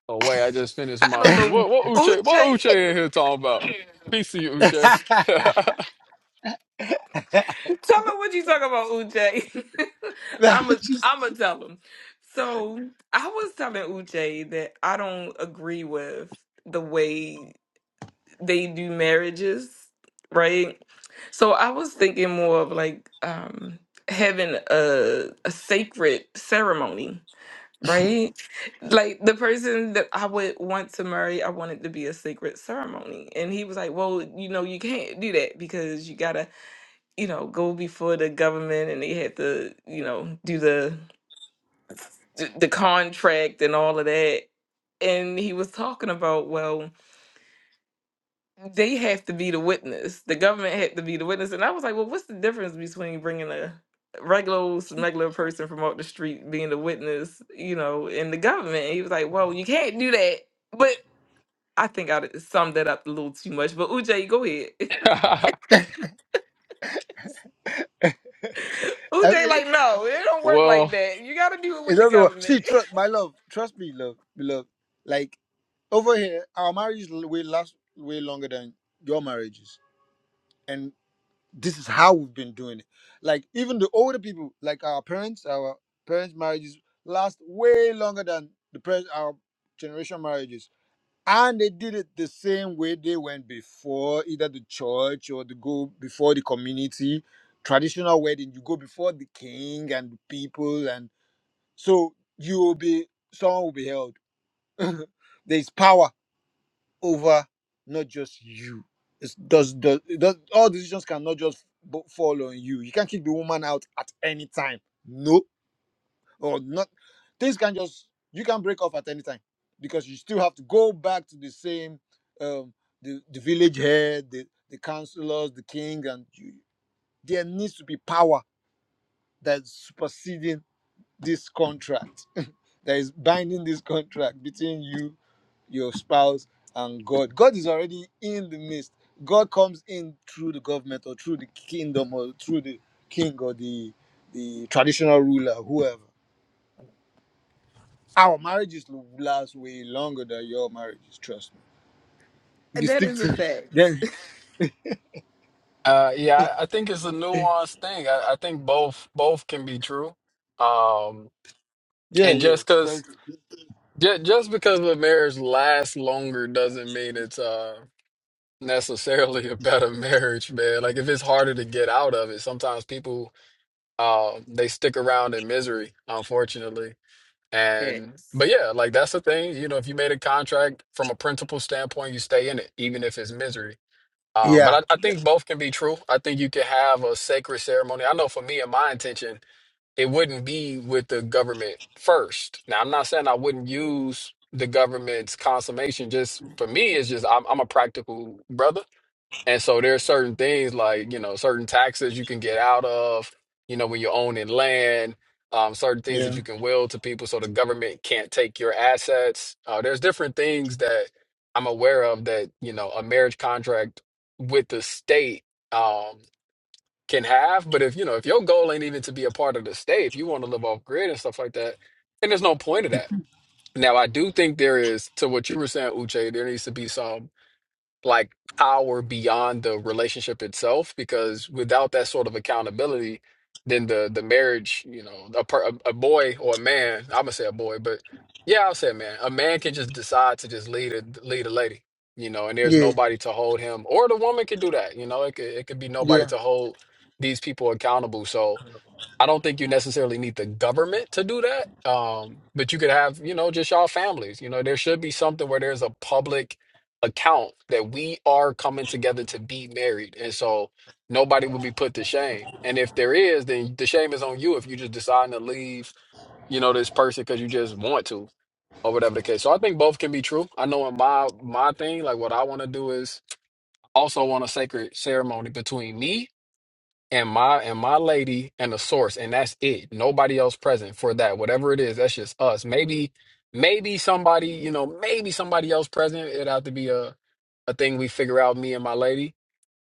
S3: away. I just finished
S1: I
S3: my
S1: don't
S3: shoot.
S1: know.
S3: What what Uche what Uche
S1: Uche,
S3: in here talking about? Peace to you, Uche.
S5: way
S1: tell me what you talking about, Uche.
S5: Nah,
S1: I'm a
S5: just-
S1: I'm gonna tell him. So I was telling Uche that I don't agree with the way. they do marriages, right? So I was thinking more of like um having a a sacred ceremony, right? Like the person that I would want to marry, I wanted to be a sacred ceremony. And he was like, Well, you know, you can't do that because you gotta, you know, go before the government and they had to, you know, do the the the contract and all of that. And he was talking about, well, they have to be the witness. The government had to be the witness. And I was like, well, what's the difference between bringing a regular old smuggler person from off the street being the witness, you know, in the government? And he was like, well, you can't do that. But I think I d- summed that up a little too much. But Uj, go ahead. Uj,
S5: I mean,
S1: like, no, it don't work like
S3: well,
S1: that. You got to do it
S5: it
S1: with the
S5: doesn't work
S1: government.
S5: see trust my love trust me love beloved like over here our marriage l- way last way longer than your marriages And. this is how we've been doing it. Like even the older people, like our parents, our parents' marriages last way longer than the pres our generation marriages, and they did it the same way they went before, either the church or the go before the community. Traditional wedding, you go before the king and the people, and so you will be someone will be held. There's power over not just you. It's does does does all decisions cannot just bo- fall on you. You can't kick the woman out at any time. No, or not. Things can just you can break off at any time because you still have to go back to the same um the, the village head, the, the councillors, the king, and you, there needs to be power that's superseding this contract that is binding this contract between you your spouse and God. God is already in the midst. God comes in through the government or through the kingdom or through the king or the the traditional ruler, whoever. Our marriages will last way longer than your marriages, trust me. If you
S1: that
S5: stick
S1: is a
S5: to
S1: fact.
S5: then
S3: uh, yeah, I I think it's a nuanced thing. I, I think both both can be true. Um,
S5: yeah,
S3: and
S5: yeah.
S3: just because
S5: fair-
S3: Ju- Just because a marriage lasts longer doesn't mean it's uh necessarily a better marriage, man. Like if it's harder to get out of it, sometimes people uh they stick around in misery, unfortunately. And but
S1: Facts.
S3: yeah, like that's the thing. You know, if you made a contract from a principal standpoint, you stay in it, even if it's misery. Um, but
S5: Yeah.
S3: I, I think both can be true. I think you can have a sacred ceremony. I know for me and my intention it wouldn't be with the government first. Now, I'm not saying I wouldn't use the government's consummation. Just for me, it's just I'm, I'm a practical brother. And so there are certain things like, you know, certain taxes you can get out of, you know, when you're owning land, um, certain things that
S5: Yeah.
S3: you can will to people so the government can't take your assets. Uh, there's different things that I'm aware of that, you know, a marriage contract with the state. um can have. But if you know, if your goal ain't even to be a part of the state, if you want to live off grid and stuff like that, then there's no point of that. Now, I do think there is to what you were saying, Uche. There needs to be some like power beyond the relationship itself because without that sort of accountability then the the marriage you know a, per, a, a boy or a man i'm gonna say a boy but yeah i'll say a man a man can just decide to just lead a lead a lady you know and there's
S5: Yeah.
S3: nobody to hold him or the woman can do that you know it could, it could be nobody
S5: Yeah.
S3: to hold these people accountable so I don't think you necessarily need the government to do that. Um, but you could have, you know, just y'all families. You know, there should be something where there's a public account that we are coming together to be married. And so nobody will be put to shame. And if there is, then the shame is on you if you just decide to leave, you know, this person because you just want to or whatever the case. So I think both can be true. I know in my my thing, like what I want to do is also want a sacred ceremony between me and my and my lady and the source and that's it nobody else present for that whatever it is that's just us maybe maybe somebody you know maybe somebody else present it'd have to be a a thing we figure out me and my lady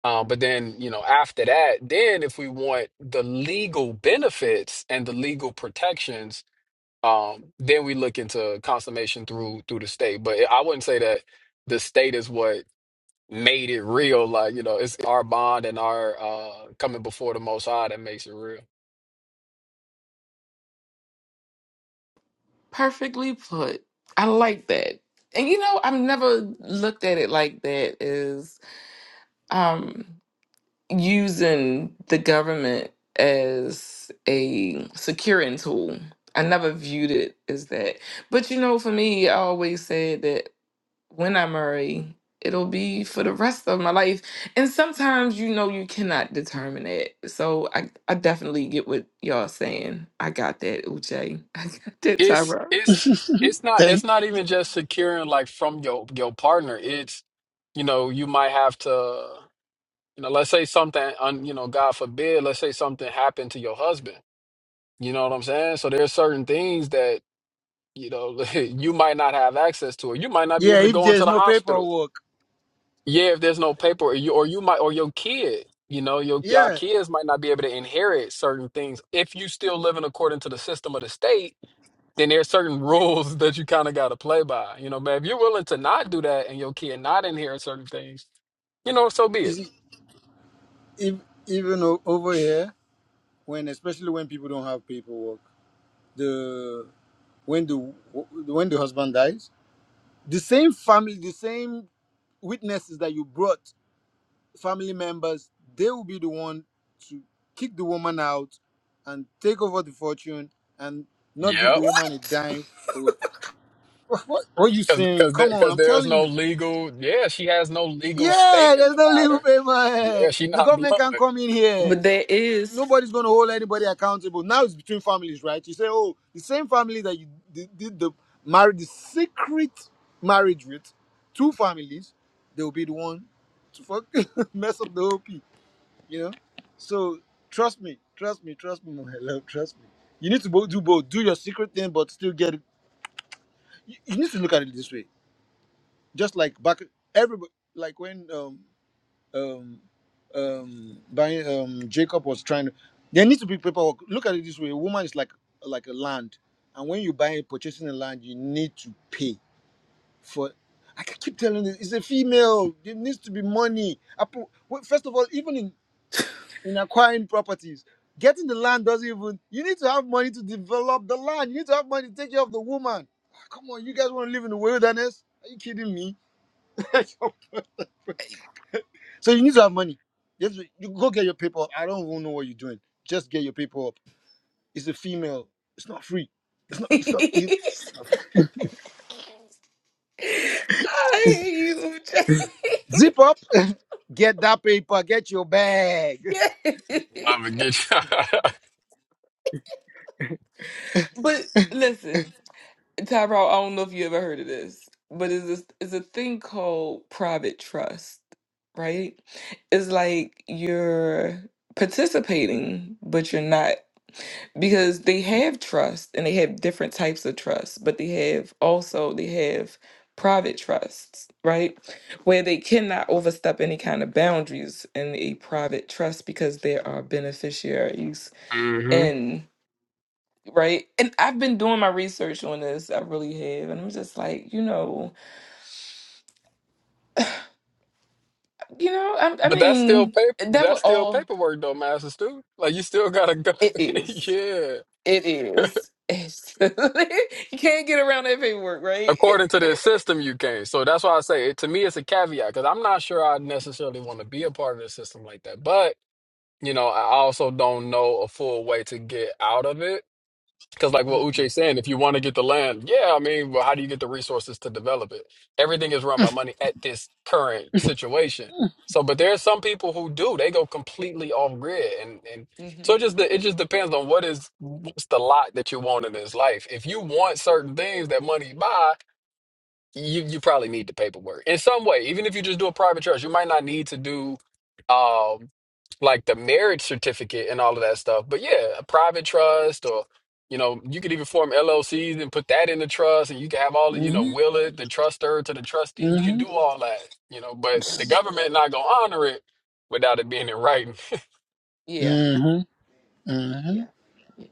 S3: um but then you know after that then if we want the legal benefits and the legal protections um then we look into consummation through through the state but i wouldn't say that the state is what made it real. Like, you know, it's our bond and our uh coming before the most high that makes it real.
S1: Perfectly put. I like that. And you know, I've never looked at it like that. Is um using the government as a securing tool. I never viewed it as that. But you know, for me, I always said that when I marry, it'll be for the rest of my life. And sometimes you know you cannot determine it. So I, I definitely get what y'all saying. I got that, Uche. I got that,
S3: It's
S1: Tyra.
S3: it's it's not it's
S5: Thank
S3: not even just securing like from your your partner. It's you know, you might have to you know, let's say something un, you know, God forbid, let's say something happened to your husband. You know what I'm saying? So there's certain things that, you know, you might not have access to or you might not be
S5: yeah,
S3: able to
S5: if
S3: go into
S5: there's
S3: the
S5: no
S3: hospital
S5: paperwork.
S3: Yeah, if there's no paper, or you or you might or your kid, you know, your y'all
S5: Yeah.
S3: kids might not be able to inherit certain things. If you still living according to the system of the state, then there's certain rules that you kind of got to play by. You know, man, if you're willing to not do that and your kid not inherit certain things, you know, so be
S5: You
S3: it.
S5: see, if even o- over here, when especially when people don't have paperwork. the. when the when the husband dies the same family the same witnesses that you brought family members they will be the one to kick the woman out and take over the fortune and not give
S3: Yep.
S5: the woman a
S1: What?
S5: dime or th- what, what what are you
S3: Because
S5: saying
S3: because there,
S5: come on
S3: 'cause
S5: i'm
S3: there's
S5: telling
S3: no
S5: you
S3: legal. Yeah, she has no legal
S5: yeah
S3: stake in
S5: there's
S3: the
S5: no legal
S3: matter. Yeah,
S5: paper
S3: she
S5: the
S3: not
S5: government
S3: blood.
S5: can't come in here
S1: But there is
S5: nobody's going to hold anybody accountable. Now it's between families, right? You say, oh, the same family that you did, did the married, the secret marriage with, two families, they'll be the one to fuck mess up the whole P, you know? So trust me, trust me, trust me, my love, trust me. You need to both do both. Do your secret thing, but still get it. You, you need to look at it this way. Just like back, everybody, like when um, um um by um Jacob was trying to there needs to be paperwork. Look at it this way. A woman is like like a land. And when you buy purchasing a land, you need to pay for I can keep telling this, it's a female. There needs to be money. I pro- well, First of all, even in, in acquiring properties, getting the land doesn't even you need to have money to develop the land. You need to have money to take care of the woman. Ah, Come on, you guys want to live in the wilderness? Are you kidding me? So you need to have money. Just you go get your paper. up. I don't even know what you're doing. Just get your paper up. It's a female. It's not free.
S1: I
S5: It's not you.
S1: hate you, Uche.
S5: Zip up. get that paper. Get your bag.
S3: Mama
S1: Yes.
S3: get you.
S1: But listen, Tyrell, I don't know if you ever heard of this, but it's this it's a thing called private trust, right? It's like you're participating, but you're not because they have trust and they have different types of trust, but they have also they have private trusts, right? Where they cannot overstep any kind of boundaries in a private trust because there are beneficiaries right? And I've been doing my research on this. I really have, and I'm just like, you know, you know, I, I
S3: But that's still
S1: mean,
S3: paper. But
S1: that
S3: that's
S1: would
S3: still
S1: all
S3: paperwork, though, Master Stu. Like you still gotta go.
S1: it is.
S3: yeah.
S1: It is. It's- you can't get around that paperwork, right?
S3: According to the system, you can. So that's why I say it, to me, it's a caveat because I'm not sure I necessarily want to be a part of the system like that. But you know, I also don't know a full way to get out of it. Because, like what
S5: Mm-mm.
S3: Uche's saying, if you want to get the land, yeah, I mean, well, how do you get the resources to develop it? Everything is run by money at this current situation. So, but there are some people who do; they go completely off grid, and and
S1: hmm
S3: so it just de- it just depends on what is what's the lot that you want in this life. If you want certain things that money buy, you you probably need the paperwork in some way. Even if you just do a private trust, you might not need to do. um, like the marriage certificate and all of that stuff. But yeah, a private trust or you know, you could even form LLCs and put that in the trust and you can have all the, you know,
S5: Mm-hmm.
S3: will it, the truster to the trustee. You can
S5: Mm-hmm.
S3: do all that, you know, but the government not gonna honor it without it being in writing.
S1: Yeah.
S5: Mm-hmm. Mm-hmm.
S1: Yeah. Yeah.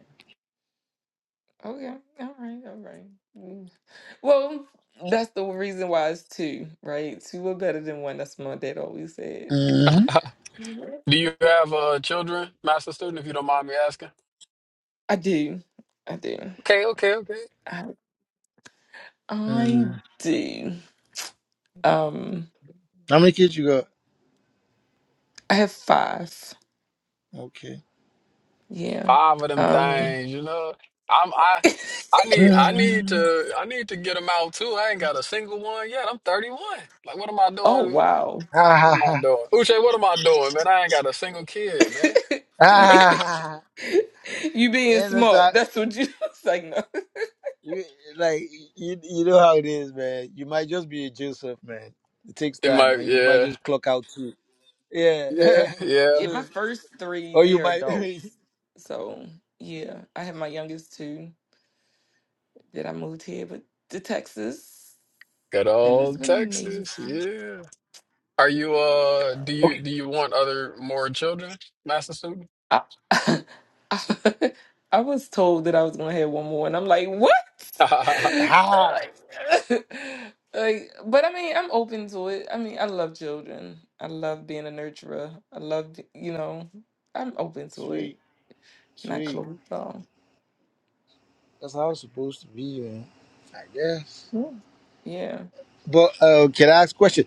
S1: Okay. All right. All right. Mm. Well, that's the reason why it's two, right? Two are better than one. That's what my dad always said.
S5: Mm-hmm.
S1: Mhm.
S3: do you have uh children, master student, if you don't mind me asking?
S1: I do. I do.
S3: Okay, okay, okay.
S1: I, I
S5: Mm-hmm.
S1: do. Um.
S5: How many kids you got?
S1: I have five.
S5: Okay.
S1: Yeah.
S3: Five of them
S1: Um.
S3: things, you know. I'm I I need I need
S5: Mm.
S3: to I need to get them out too. I ain't got a single one yet. I'm 31. Like what am I
S1: Oh
S3: doing?
S1: wow.
S5: Ah,
S3: What
S5: ha,
S3: am I
S5: ha.
S3: doing? Uche, what am I doing, man? I ain't got a single kid, man.
S1: you
S5: Ah, ha, ha.
S1: being
S5: And it's, uh,
S1: smart. That's what you it's like. No.
S5: you like you you know how it is, man. You might just be a Joseph, man. It takes
S3: It
S5: time,
S3: might,
S5: and you might
S3: yeah,
S5: just clock out too.
S3: yeah,
S5: Yeah.
S3: yeah.
S1: Yeah, my
S5: so,
S1: first three,
S5: or you
S1: they're
S5: might.
S1: adults. So yeah, I have my youngest two that I moved here with to Texas,
S3: Good
S1: and
S5: Mm.
S1: it's
S3: old
S1: been amazing.
S3: Texas, yeah. Are you,
S1: Yeah,
S3: uh, do you,
S5: Okay.
S3: do you want other, more children, master student?
S1: I, I, was told that I was gonna have one more, and I'm like, what?
S5: Ha!
S1: like, like, but I mean, I'm open to it. I mean, I love children. I love being a nurturer. I love, be- you know, I'm open to it.
S5: Sweet,
S1: Not
S5: sweet.
S1: closed off.
S5: That's how it's supposed to be, man. I guess.
S1: Yeah. Yeah.
S5: But uh, can I ask a question?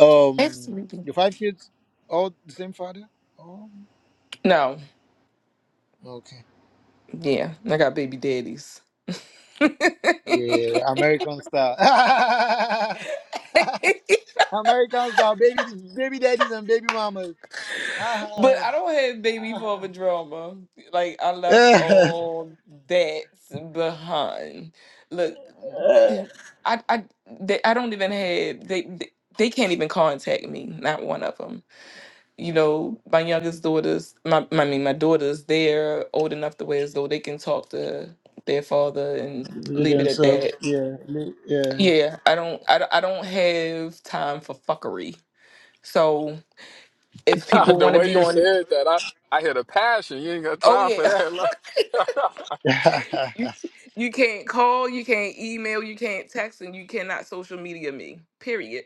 S5: Um,
S1: Absolutely.
S5: your five kids, all the same father? Oh,
S1: No.
S5: okay.
S1: Yeah. I got baby daddies.
S5: Yeah, American style. American style, baby, baby daddies and baby mamas.
S1: But I don't have baby father drama. Like I
S5: They
S1: left all that behind. Look, I I they, I don't even have they, they they can't even contact me. Not one of them. You know, my youngest daughters, my my- I mean my daughters, they're old enough to where as though they can talk to their father and
S5: do
S1: leave it at that.
S5: themselves. Yeah, li- yeah.
S1: Yeah, I don't I, don't- I don't have time for fuckery. So if people
S3: The
S1: want to
S3: way
S1: be
S3: you
S1: on,
S3: said that, I, I hear the passion. You ain't got
S1: oh
S3: time for
S1: yeah.
S3: that. Like,
S1: You can't call, you can't email, you can't text, and you cannot social media me. Period.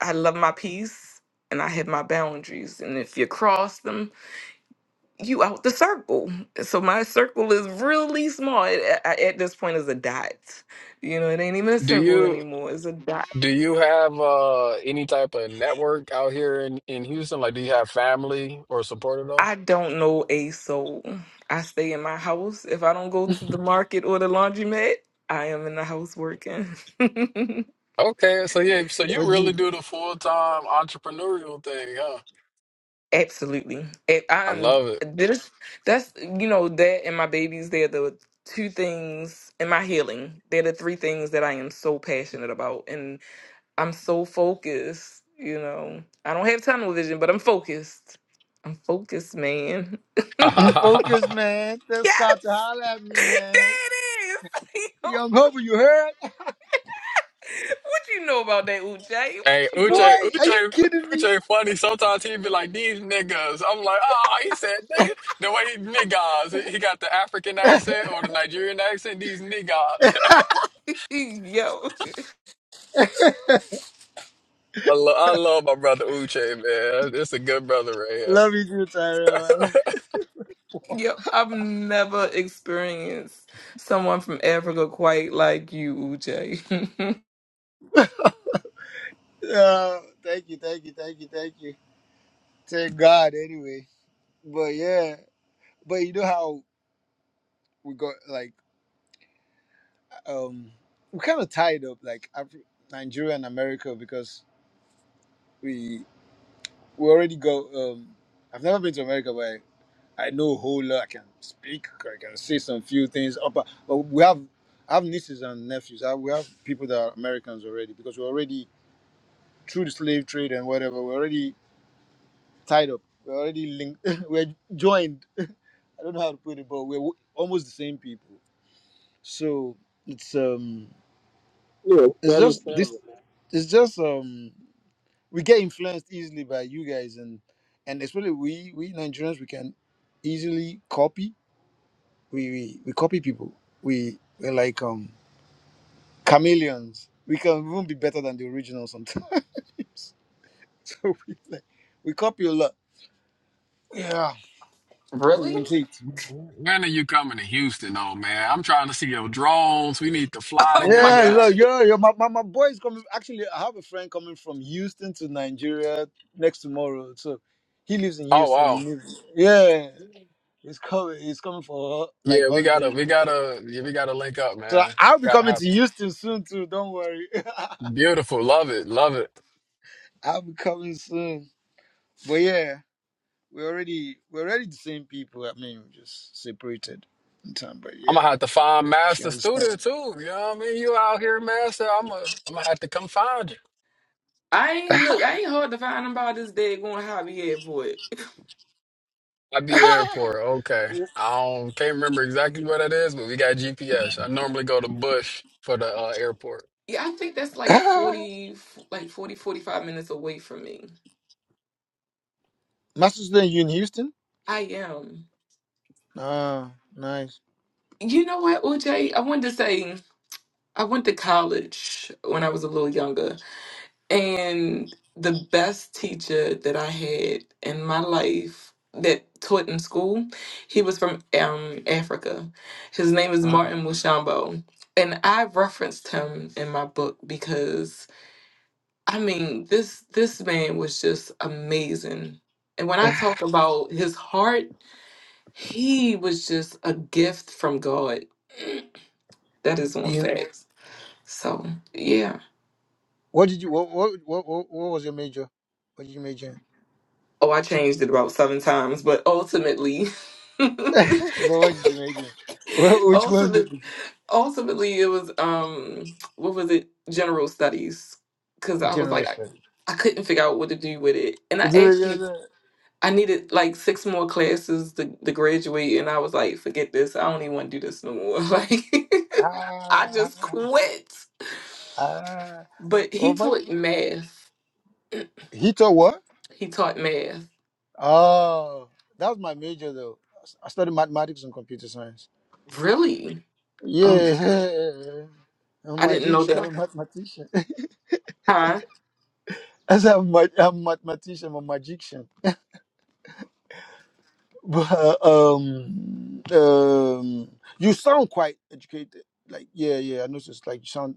S1: I love my peace and I have my boundaries. And if you cross them, you out the circle. So my circle is really small. It, at, at this point is a dot. You know, it ain't even a
S3: do
S1: circle
S3: you,
S1: anymore. It's a dot.
S3: do you have, uh, any type of network out here in, in Houston? Like, do you have family or support at all?
S1: I don't know a soul. I stay in my house. If I don't go to the market or the laundromat, I am in the house working.
S3: Okay, so yeah, so you
S5: what do you
S3: really do the full-time entrepreneurial thing, huh?
S1: Absolutely. If
S3: I
S1: I'm
S3: love it.
S1: there's that's you know that and my babies they're the two things and my healing. They're the three things that I am so passionate about and I'm so focused, you know. I don't have tunnel vision, but I'm focused. I'm focused, man.
S5: I'm focused, man. Tell Scott to
S1: Yes.
S5: holler at me,
S1: There
S5: man.
S1: it is.
S5: Young Hover, you heard?
S1: what you know about that Uche? What
S3: Hey,
S1: you know?
S5: Boy,
S3: Uche,
S5: are you
S3: Uche,
S5: kidding me?
S3: Uche, funny. Sometimes he be like, these niggas. I'm like, ah, he said nigga. The way he niggas, he got the African accent or the Nigerian accent, these niggas.
S1: about Yo.
S3: I, lo I love my brother Uche, man. It's a good brother right here.
S5: Love you too, Tyrell. I love
S1: Yep, I've never experienced someone from Africa quite like you, Uche.
S5: you. Uh, thank you, thank you, thank you, thank you. Thank God, anyway. But yeah, but you know how we got like um, we kind of tied up like Afri- Nigeria and America because we we already go. Um, I've never been to America, but I, I know a whole lot. I can speak. I can say some few things. Up, uh, but we have I have nieces and nephews. I, we have people that are Americans already because we're already through the slave trade and whatever. We're already tied up. We're already linked. we're joined. I don't know how to put it, but we're w- almost the same people. So it's um,
S3: Yeah,
S5: it's
S3: brothers
S5: just
S3: family.
S5: this. It's just um. we get influenced easily by you guys and and especially we we Nigerians we can easily copy. We we, we copy people. We we're like um chameleons. We can even be better than the original sometimes. so we like, we copy a lot. Yeah, we
S1: Really?
S5: imitate.
S3: man. When are you coming to Houston, though, man? I'm trying to see your drones. We need to fly
S1: oh my
S5: Yeah,
S3: together.
S1: God.
S5: look,
S3: Like,
S5: yo, yo, my, my, my boy is coming. Actually, I have a friend coming from Houston to Nigeria next tomorrow. So he lives in
S3: oh,
S5: Houston. He
S3: wow.
S5: lives, yeah, he's coming. He's coming for like
S3: Yeah, we gotta,
S5: holiday.
S3: we gotta, yeah, we gotta link up,
S5: So
S3: man.
S5: I'll be
S3: Gotta
S5: coming to
S3: happen.
S5: Houston soon too. Don't worry,
S3: Beautiful, love it, love it.
S5: I'll be coming soon. But yeah, we're already we're already the same people. I mean, we're just separated in time. But
S3: I'm
S5: yeah,
S3: gonna have to find
S5: if you
S3: Master Studio
S5: understand.
S3: too. You know what I mean? You out here, Master? I'm gonna, I'm gonna have to come find you.
S1: I ain't look, I ain't hard to find about this day going hobby head boy.
S3: I be airport. Okay, I don't can't remember exactly what it is, but we got GPS. I normally go to Bush for the uh, airport.
S1: Yeah, I think that's like 40, like 40 45 minutes away from me.
S5: Master's then you in Houston?
S1: I am.
S5: Ah, nice.
S1: You know what, Uche? I wanted to say I went to college when I was a little younger. And the best teacher that I had in my life that taught in school, he was from um, Africa. His name is
S5: Ah.
S1: Martin Mushambo. And I referenced him in my book because I mean this this man was just amazing. And when I talk about his heart, he was just a gift from God. That is on
S5: You,
S1: facts. So yeah.
S5: what did you what, what what what what was your major? What did you major in?
S1: Oh, I changed it about seven times, but ultimately,
S5: But what did you major? in? What, which one did
S1: ultimately,
S5: you?
S1: ultimately, it was um, what was it? General studies, because I was
S5: General
S1: like, I,
S5: studies.
S1: I couldn't figure out what to do with it, and I
S5: Do
S1: actually
S5: you-
S1: I needed like six more classes to, to graduate, and I was like, forget this, I don't even want to do this no more. Like, I
S5: Ah, ah.
S1: just quit.
S5: ah.
S1: But he
S5: Over
S1: taught math.
S5: he taught what?
S1: He taught math.
S5: Oh, that was my major though. I studied mathematics and computer science.
S1: Really? Oh,
S5: Yeah, I'm a
S1: I didn't know
S5: magician,
S1: that
S5: I'm
S1: I.
S5: a
S1: could.
S5: mathematician.
S1: Huh?
S5: I said I'm, ma- am a mathematician, I'm a magician. But uh, um, um, you sound quite educated. Like yeah, yeah. I noticed. Like you sound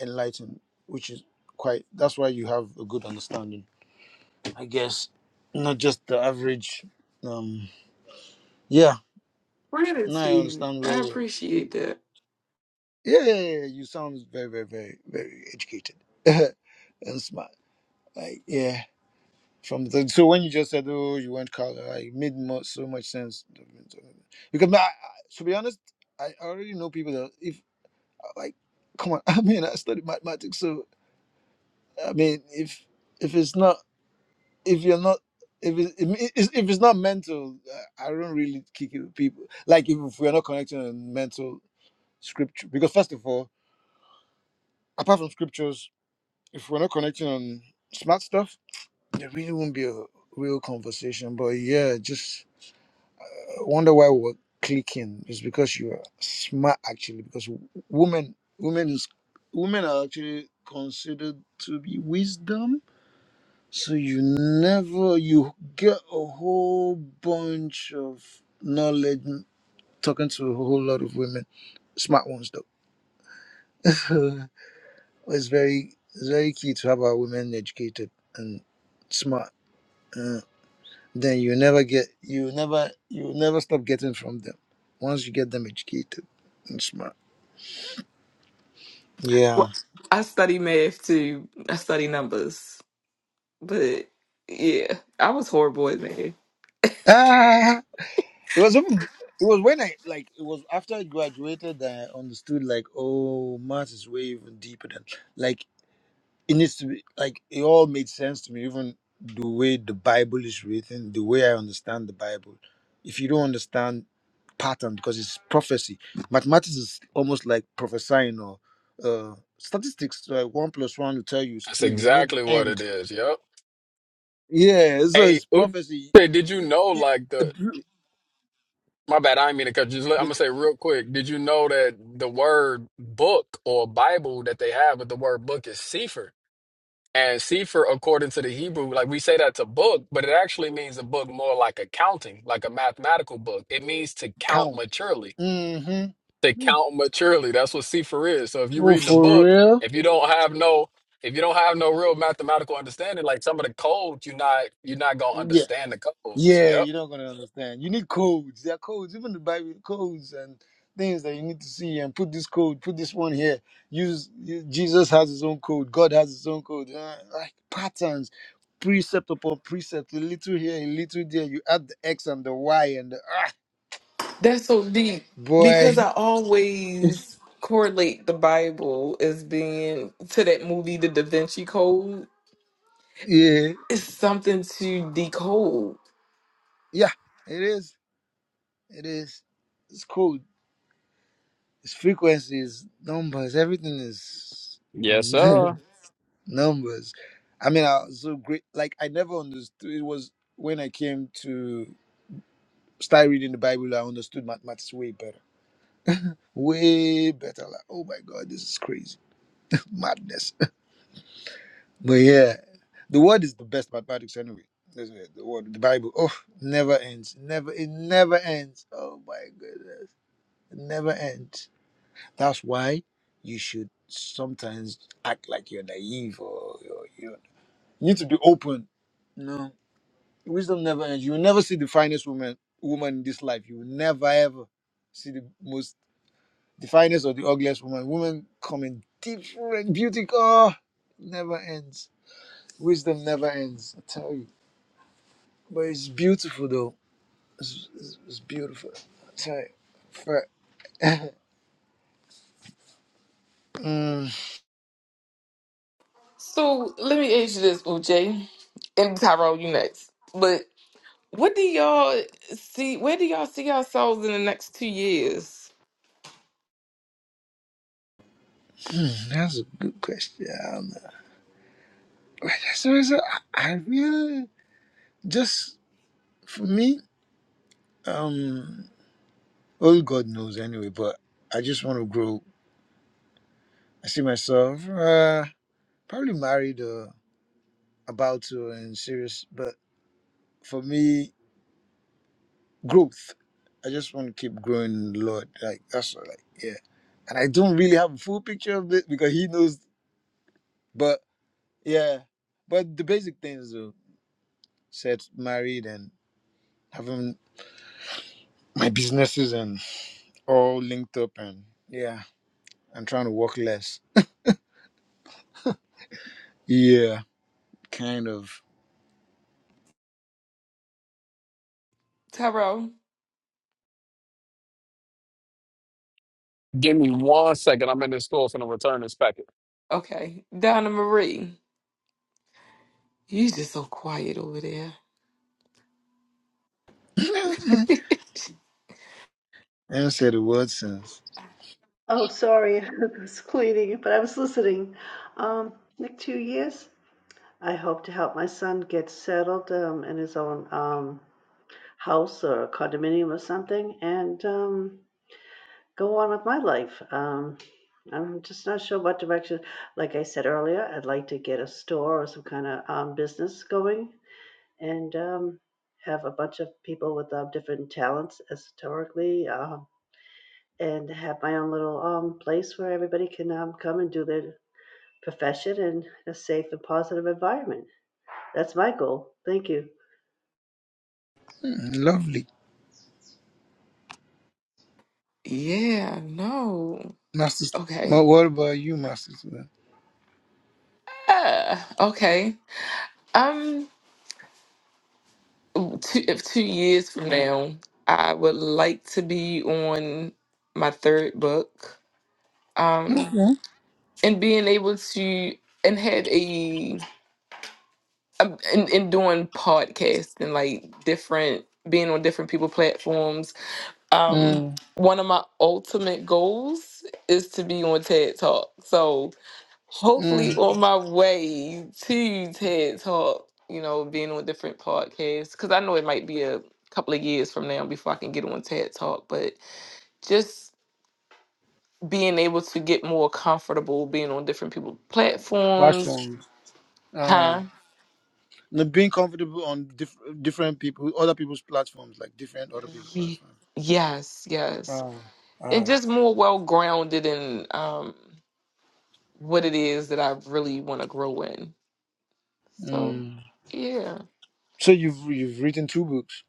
S5: enlightened, which is quite. That's why you have a good understanding. I guess not just the average. Um, yeah. Now I
S1: Gratitude.
S5: understand where
S1: I
S5: you
S1: appreciate that.
S5: Yeah, yeah, yeah, yeah, you sound very, very, very, very educated and smart. Like, yeah. From the so when you just said, "Oh, you went color," like, it made mo- so much sense. Because I, I, to be honest, I already know people that if like, come on, I mean, I studied mathematics, so I mean, if if it's not, if you're not. If it, if it's if it's not mental, uh, I don't really kick it with people. Like if we're not connecting on mental scripture, because first of all, apart from scriptures, if we're not connecting on smart stuff, there really won't be a real conversation. But yeah, just uh, wonder why we we're clicking. It's because you are smart actually. Because w- women, women is women are actually considered to be wisdom. So you never you get a whole bunch of knowledge n- talking to a whole lot of women, smart ones though. it's very it's very key to have our women educated and smart. Uh, then you never get you never you never stop getting from them once you get them educated and smart Yeah.
S1: Well, I study math too. I study numbers. But yeah, I was horrible at math.
S5: Ah, it was even, it was when I like it was after I graduated that I understood like oh math is way even deeper than like it needs to be like it all made sense to me even the way the bible is written the way i understand the bible if you don't understand pattern because it's prophecy mathematics is almost like prophesying or uh statistics like one plus one will tell you is
S3: That's
S5: two you know the
S3: exactly what it
S5: end
S3: is. Yep.
S5: yeah so
S3: Hey,
S5: it's
S3: Uche,
S5: prophecy
S3: did you know
S5: it,
S3: like
S5: it,
S3: the My bad, I didn't mean to cut you. Just, I'm
S5: they
S3: gonna say real quick. Did you know that the word book or Bible that they have with the word book is sefer? And sefer, according to the Hebrew, like we say that's a book, but it actually means a book more like accounting, like a mathematical book. It means to count
S5: count
S3: maturely.
S5: mm-hmm.
S3: To count maturely. That's what sefer is. So if you're
S5: oh
S3: reading a
S5: for
S3: book,
S5: real
S3: if you don't have no, if you don't have no real mathematical understanding, like some of the codes, you're not you're not gonna understand the codes.
S5: Yeah,
S3: Yep.
S5: you're not gonna understand. You need codes. There are codes, even the Bible codes and things that you need to see and put this code, put this one here. Use you- Jesus has his own code. God has his own code. Uh, like patterns, precept upon precept, a little here, a little there. You add the X and the Y and the ah,
S1: That's so deep
S5: boy.
S1: because I always correlate the Bible as being to that movie, The Da Vinci Code.
S5: Yeah,
S1: It's something to decode.
S5: yeah. It is. It is. It's code. It's frequencies, numbers. Everything is.
S3: Yes, sir.
S5: numbers. I mean, I was so great. Like I never understood. It was when I came to start reading the Bible, I understood mathematics way better, way better. Like, oh my God, this is crazy madness. But yeah, the word is the best mathematics anyway. That's it, The word, the Bible. Oh, never ends. Never. It never ends. Oh my goodness, it never ends. That's why you should sometimes act like you're naive or you're, you know, you need to be open. No. Wisdom never ends. You will never see the finest woman woman in this life. You will never ever see the most the finest or the ugliest woman. Women come in different beauty. Oh, never ends. Wisdom never ends. I tell you. But it's beautiful though. It's, it's, it's beautiful. I tell you. For- Mm,
S1: So let me ask you this, OJ, and Tyrone, you next. But what do y'all see? Where do y'all see yourselves in the next two years,
S5: that's a good question. I don't know. So, so I I really just for me, um, well, God knows anyway. But I just want to grow I see myself uh, probably married or about to and serious. But for me, growth. I just want to keep growing in the Lord. Like that's what, like yeah. And I don't really have a full picture of it because He knows. But yeah, but the basic things though, set married and having my businesses and all linked up and yeah, and trying to work less. Yeah, kind of.
S1: Tyrone?
S3: Give me one second. I'm in the store for the return this packet.
S1: Okay, Donna Marie, you just so quiet over there.
S5: I haven't said a word since.
S2: Oh, sorry. I was cleaning, but I was listening. Um, like two years, I hope to help my son get settled um, in his own um, house or condominium or something. And um, go on with my life. Um, I'm just not sure what direction. Like I said earlier, I'd like to get a store or some kind of um, business going and um, have a bunch of people with uh, different talents historically uh, and have my own little um, place where everybody can um, come and do their profession in a safe and positive environment. That's my goal. Thank you.
S5: Hmm, Lovely.
S1: Yeah, no.
S5: My sister,
S1: Okay.
S5: but what about you, my sister?
S1: Uh, okay. Um, two, if two years from now, I would like to be on my third book. Um,
S5: Okay.
S1: and being able to and have a um, and, and doing podcasting like different being on different people platforms um
S5: Mm,
S1: one of my ultimate goals is to be on TED Talk. So
S5: mm.
S1: hopefully on my way to TED Talk, you know, being on different podcasts cuz I know it might be a couple of years from now before I can get on TED Talk, but just being able to get more comfortable being on different people platforms,
S5: Platforms. Uh,
S1: huh?
S5: and being comfortable on diff- different people, other people's platforms, like different other people's
S1: Ye-
S5: platforms.
S1: Yes, yes.
S5: Aye,
S1: And
S5: aye.
S1: just more well grounded in um what it is that I really want to grow in. So,
S5: Mm.
S1: yeah.
S5: So you've you've written two books.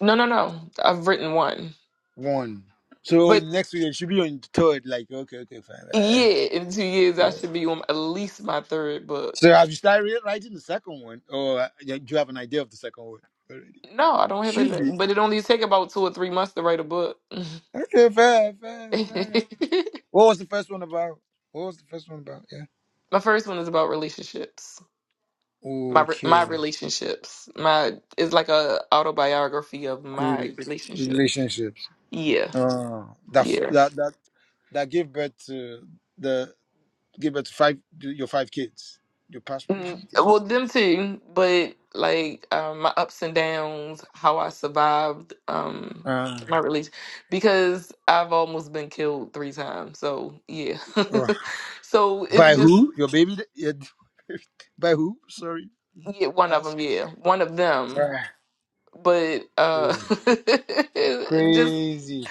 S1: No, no, no. I've written one.
S5: One. So
S1: But
S5: next week it should be on the third. Like okay, okay, fine. Uh,
S1: yeah, in two years, I
S5: yeah.
S1: should be on at least my third book.
S5: So have you started re- writing the second one, or uh, yeah, do you have an idea of the second one already?
S1: No, I don't have
S5: Should be
S1: it. But it only take about two or three months to write a book.
S5: okay. Fair, fair,
S1: my
S5: fair. What was the first one about? What was the first one about? Yeah.
S1: first one is about relationships. My re-
S5: Okay.
S1: my relationships. My it's like a autobiography of my
S5: Great
S1: relationship.
S5: relationships.
S1: Yeah,
S5: Uh, that
S1: yeah.
S5: that that that give birth to the give birth to five your five kids. Your past
S1: Mm,
S5: relationship.
S1: Well, them too, but like um, my ups and downs, how I survived um,
S5: Ah.
S1: my release, because I've almost been killed three times. So yeah,
S5: uh,
S1: so it
S5: by
S1: just
S5: who? Your baby? da- your- by who? Sorry.
S1: yeah, one of
S5: Ask.
S1: them, yeah, one of them.
S5: Ah,
S1: But uh,
S5: crazy.
S1: just
S5: Crazy.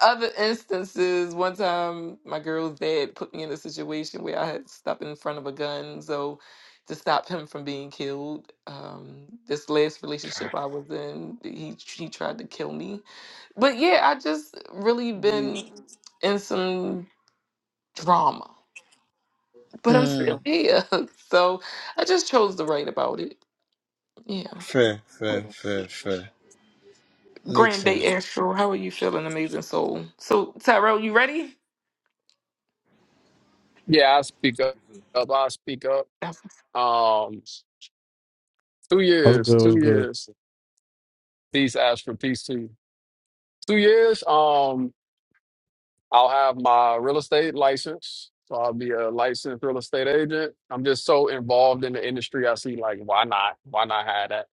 S1: other instances, one time my girl's dad put me in a situation where I had to stop in front of a gun, so to stop him from being killed. Um, this last relationship I was in, he he tried to kill me. But yeah, I just really
S5: Yeah.
S1: been in some drama, but I'm
S5: Mm,
S1: still here, so I just chose to write about it. Yeah.
S5: fair, fair, fair, fair. Makes
S1: Grand Day
S5: sense.
S1: Astro, how are you feeling, amazing soul? So Tyrell, you ready?
S3: Yeah, I speak up. I speak up. Um, two
S6: What's
S3: years.
S6: good? What's
S3: Two
S6: good?
S3: years. Peace, Astro. Peace to you. Two years. Um, I'll have my real estate license. So I'll be a licensed real estate agent. I'm just so involved in the industry. I see like, why not? Why not have that?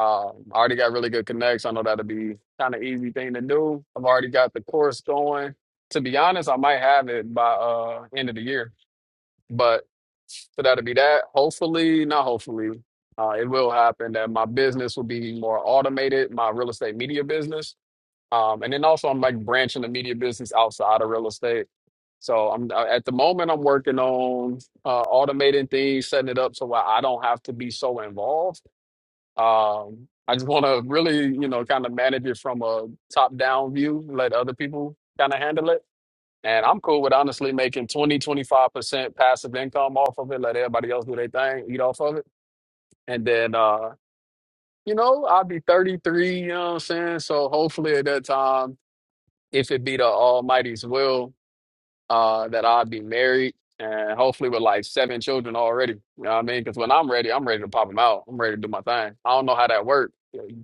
S3: Um, I already got really good connects. I know that'll be kind of easy thing to do. I've already got the course going. To be honest, I might have it by uh end of the year. But for that to be that, hopefully, not hopefully, uh, it will happen that my business will be more automated, my real estate media business. Um, and then also I'm like branching the media business outside of real estate. So I'm uh, at the moment I'm working on uh, automating things, setting it up so I I don't have to be so involved. Um, I just want to really, you know, kind of manage it from a top down view, let other people kind of handle it and I'm cool with honestly making twenty, twenty-five percent passive income off of it, let everybody else do their thing, eat off of it. And then, uh, you know, I'll be 33, you know what I'm saying? So hopefully at that time, if it be the Almighty's will, uh, that I'll be married and hopefully with like seven children already. You know what I mean? Because when I'm ready, I'm ready to pop them out. I'm ready to do my thing. I don't know how that works.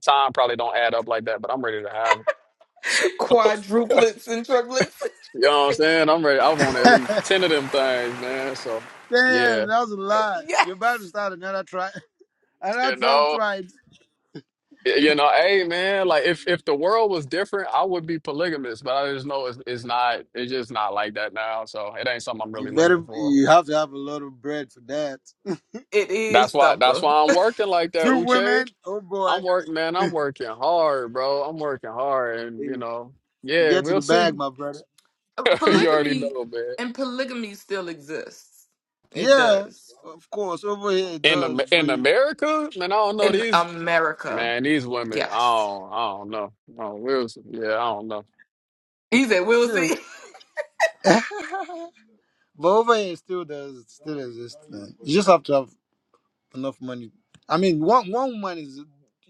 S3: Time probably don't add up like that, but I'm ready to have 'em.
S1: Quadruplets and triplets.
S3: So, you know what I'm saying? I'm ready. I want at least 10 of them things, man. So. Yeah,
S5: Damn, that was a lot. You're about to
S1: yes,
S5: start another try. I
S3: You
S5: of 12
S3: know,
S5: tribes,
S3: you know, hey man, like if if the world was different, I would be polygamous, but I just know it's it's not it's just not like that now. So it ain't something I'm
S5: You
S3: really looking
S5: better,
S3: for.
S5: you have to have a lot of bread for that.
S1: it is
S3: That's why that's
S1: Thumper.
S3: why I'm working like that,
S5: two
S3: Uche.
S5: women. Oh boy,
S3: I'm working, man, I'm working hard, bro. I'm working hard and you
S5: Hey,
S3: know, yeah,
S5: get to
S3: we'll
S5: the bag,
S3: see.
S5: my brother.
S3: You already
S1: polygamy
S3: know, man.
S1: and polygamy still exists. It
S5: Yeah,
S1: does
S5: of course, over here it
S3: In Am-
S5: does, but
S3: in
S5: you
S3: America, man, I don't know
S1: in
S3: these
S1: America.
S3: man, these women, I
S1: Yes,
S3: don't I don't know. Oh, we'll see. Yeah, I don't know.
S1: he said we'll
S5: still,
S1: see.
S5: but over here it still does, it still exists. man. You just have to have enough money. I mean, one one woman is,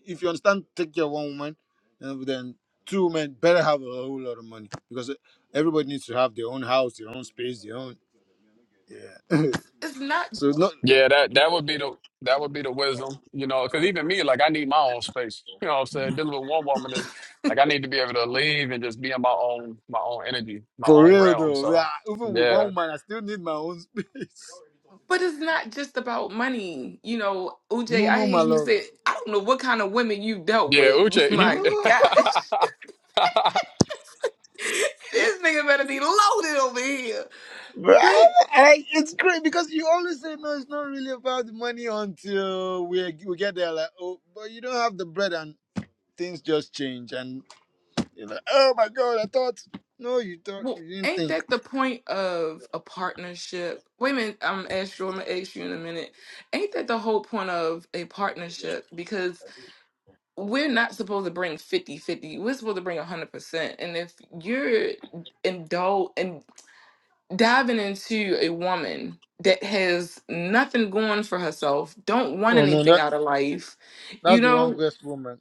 S5: if you understand, take care of one woman, and then two women better have a whole lot of money because everybody needs to have their own house, their own space, their own. Yeah.
S1: It's it's not,
S5: so no.
S3: Yeah, that that would be the that would be the wisdom, you know, because even me, like I need my own space. You know what I'm saying? Dealing with one woman is like I need to be able to leave and just be in my own my own energy, my
S5: For
S3: own
S5: real
S3: realm.
S5: though,
S3: So
S5: yeah, even with one
S3: yeah.
S5: woman, I still need my own space.
S1: but it's not just about money. You know, Uj,
S5: No, no,
S1: I hear
S5: my
S1: you
S5: love.
S1: say, I don't know what kind of women you dealt
S3: Yeah,
S1: with.
S3: Uche,
S5: No.
S3: he
S1: My gosh, this nigga better be loaded over here.
S5: Bruh,
S1: But.
S5: I, it's great because you always say no. It's not really about the money until we we get there. Like, oh, but you don't have the bread, and things just change. And you're like, oh my god, I thought. No, you thought
S1: Well,
S5: you didn't
S1: ain't
S5: think.
S1: that the point of a partnership? Wait a minute, I'm gonna ask you, I'm gonna ask you in a minute. Ain't that the whole point of a partnership? Because we're not supposed to bring 5050 we're supposed to bring 100%. And if you're indulge and diving into a woman that has nothing going for herself, don't want
S5: Oh no,
S1: anything
S5: that
S1: out of life,
S5: that's
S1: you
S5: the
S1: know,
S5: wrongest woman.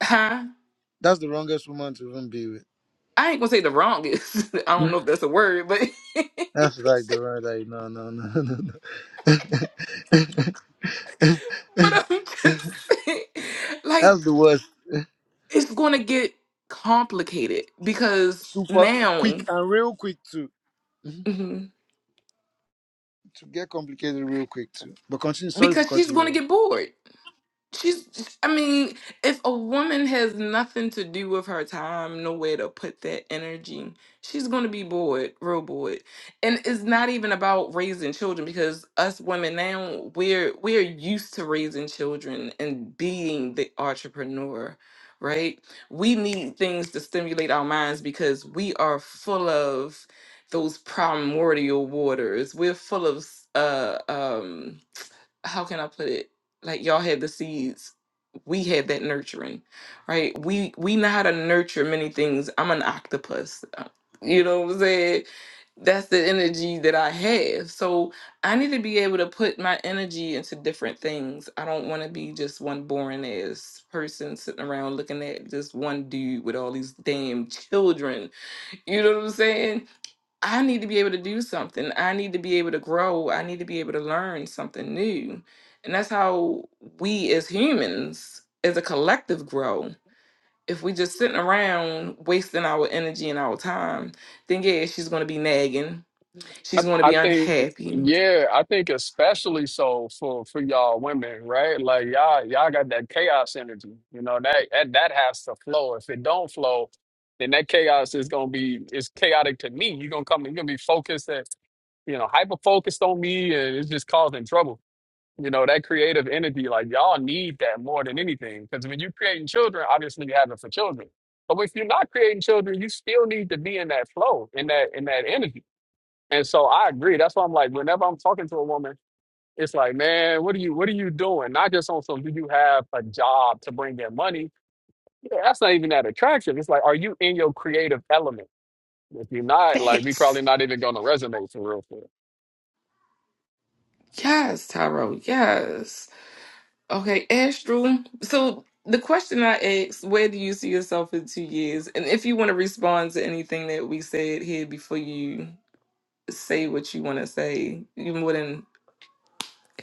S1: huh?
S5: That's the wrongest woman to even be with.
S1: I ain't gonna say the wrongest, I don't know if that's a word, but.
S5: That's like the right. Like, no, no, no, no, no.
S1: but I'm just saying, like,
S5: That's the word.
S1: it's gonna get complicated because
S5: Super quick
S1: now,
S5: and real quick too. Mhm.
S1: mhm,
S5: To get complicated real quick too. But continue. Sorry for
S1: because she's
S5: cutting you
S1: gonna
S5: off.
S1: get bored. She's, I mean, if a woman has nothing to do with her time, nowhere to put that energy, she's going to be bored, real bored. And it's not even about raising children because us women now, we're we're used to raising children and being the entrepreneur, right? We need things to stimulate our minds because we are full of those primordial waters. We're full of uh um how can I put it? Like y'all had the seeds we had that nurturing right we we know how to nurture many things i'm an octopus uh, you know what i'm saying that's the energy that i have so i need to be able to put my energy into different things i don't want to be just one boring ass person sitting around looking at just one dude with all these damn children you know what i'm saying I need to be able to do something. I need to be able to grow. I need to be able to learn something new. And that's how we as humans, as a collective, grow. If we just sitting around wasting our energy and our time, then yeah, she's gonna be nagging.
S3: I,
S1: She's gonna
S3: I
S1: be
S3: think
S1: unhappy.
S3: yeah, I think especially so for for y'all women, right? Like y'all y'all got that chaos energy. You know, that that that has to flow. If it don't flow, then that chaos is gonna be it's chaotic to me. You're gonna come you're gonna be focused and you know, hyper focused on me and it's just causing trouble. You know, that creative energy, like y'all need that more than anything. Because when you're creating children, obviously you have it for children. But if you're not creating children, you still need to be in that flow, in that in that energy and so I agree. That's why I'm like, whenever I'm talking to a woman, it's like, man, what are you what are you doing? Not just on some do you have a job to bring in money? Yeah, that's not even that attractive. It's like, are you in your creative element? If you're not, like we
S1: Facts.
S3: probably not even gonna resonate for real for real.
S1: Yes, Tyrell. Yes. Okay, Astral. So the question I asked, where do you see yourself in two years? And if you want to respond to anything that we said here before you say what you want to say, you're more than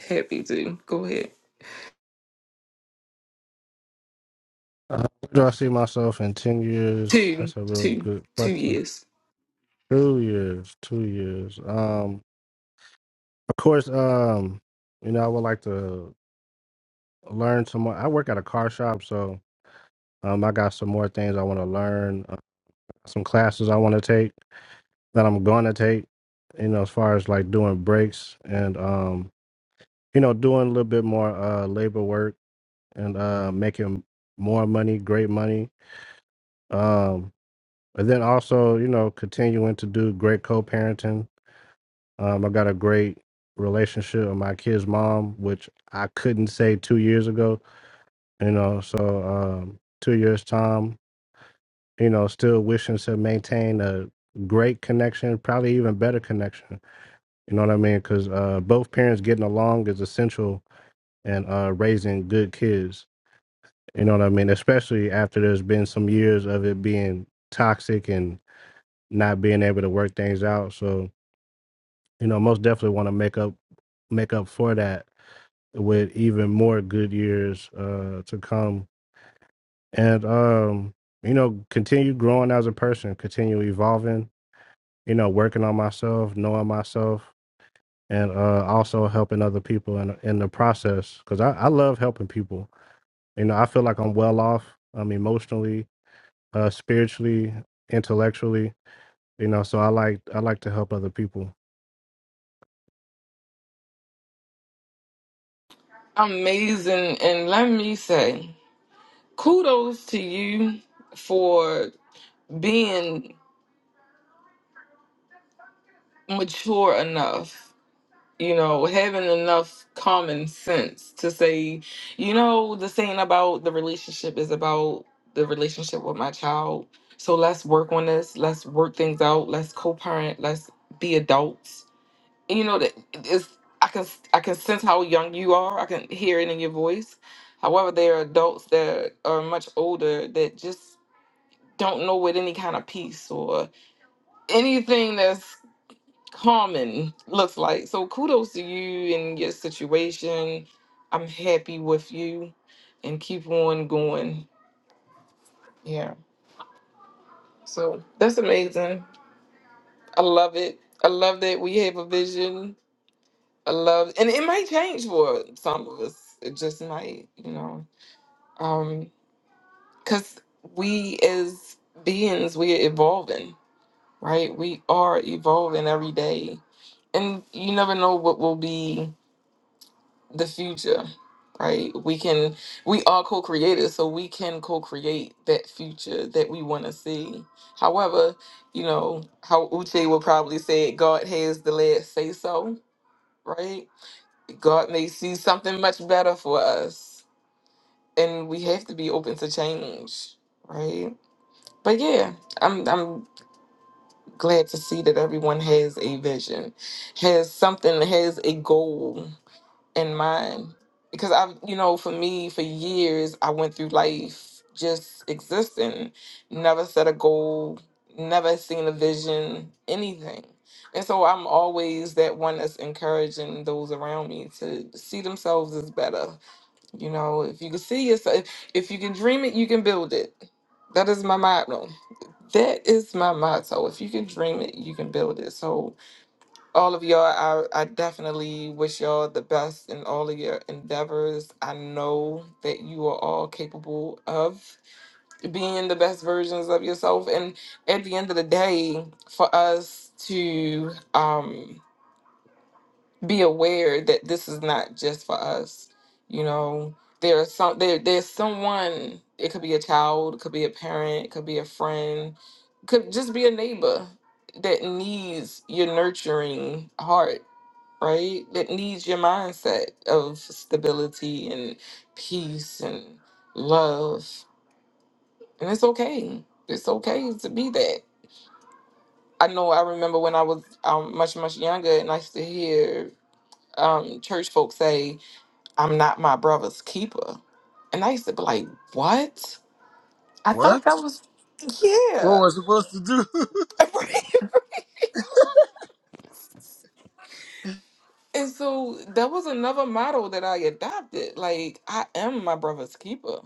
S1: happy to. Go ahead.
S6: Uh, where do I see myself in ten years?
S1: Two,
S6: That's a real
S1: two,
S6: good
S1: two
S6: question.
S1: years.
S6: Two years, two years. Um, of course. Um, you know, I would like to learn some more. I work at a car shop, so um, I got some more things I want to learn. Uh, some classes I want to take that I'm going to take. You know, as far as like doing breaks and um, you know, doing a little bit more uh labor work and uh making more money, great money. Um. And then also, you know, continuing to do great co-parenting. Um, I got a great relationship with my kid's mom, which I couldn't say two years ago. You know, so um, two years time, you know, still wishing to maintain a great connection, probably even better connection. You know what I mean? Because uh, both parents getting along is essential in uh, raising good kids. You know what I mean? Especially after there's been some years of it being toxic and not being able to work things out. So you know, most definitely want to make up make up for that with even more good years uh, to come, and um, you know, continue growing as a person, continue evolving, you know, working on myself, knowing myself, and uh, also helping other people in in the process because I, I love helping people. You know, I feel like I'm well off, um, emotionally, uh, spiritually, intellectually. You know, so I like I like to help other people.
S1: Amazing. And let me say, kudos to you for being mature enough you know, having enough common sense to say, you know, the saying about the relationship is about the relationship with my child. So let's work on this. Let's work things out. Let's co-parent. Let's be adults. And you know that it's I can I can sense how young you are. I can hear it in your voice. However, there are adults that are much older that just don't know what any kind of peace or anything that's common looks like. So kudos to you and your situation. I'm happy with you and keep on going. Yeah. So that's amazing. I love it. I love that we have a vision. I love and it might change for some of us. It just might, you know. Um cuz we as beings we're evolving, right? We are evolving every day. And you never know what will be the future right we can we are co-creators so we can co-create that future that we want to see however you know how uche will probably say god has the last say so right god may see something much better for us and we have to be open to change right but yeah i'm i'm glad to see that everyone has a vision has something has a goal in mind because I've, you know, for me, for years, I went through life just existing, never set a goal, never seen a vision, anything. And so I'm always that one that's encouraging those around me to see themselves as better. You know, if you can see yourself, if you can dream it, you can build it. That is my motto. That is my motto. If you can dream it, you can build it. So all of y'all, I, I definitely wish y'all the best in all of your endeavors. I know that you are all capable of being the best versions of yourself. And at the end of the day, for us to um, be aware that this is not just for us, you know, there's some there, there's someone. It could be a child, it could be a parent, it could be a friend, could just be a neighbor that needs your nurturing heart right? That needs your mindset of stability and peace and love. And it's okay. It's okay to be that. I know I remember when I was um, much, much younger and I used to hear um, church folks say, I'm not my brother's keeper. And I used to be like, what? I thought
S5: What?
S1: that was,
S5: What
S1: yeah.
S5: was supposed to do?
S1: Right. and so that was another motto that I adopted. Like, I am my brother's keeper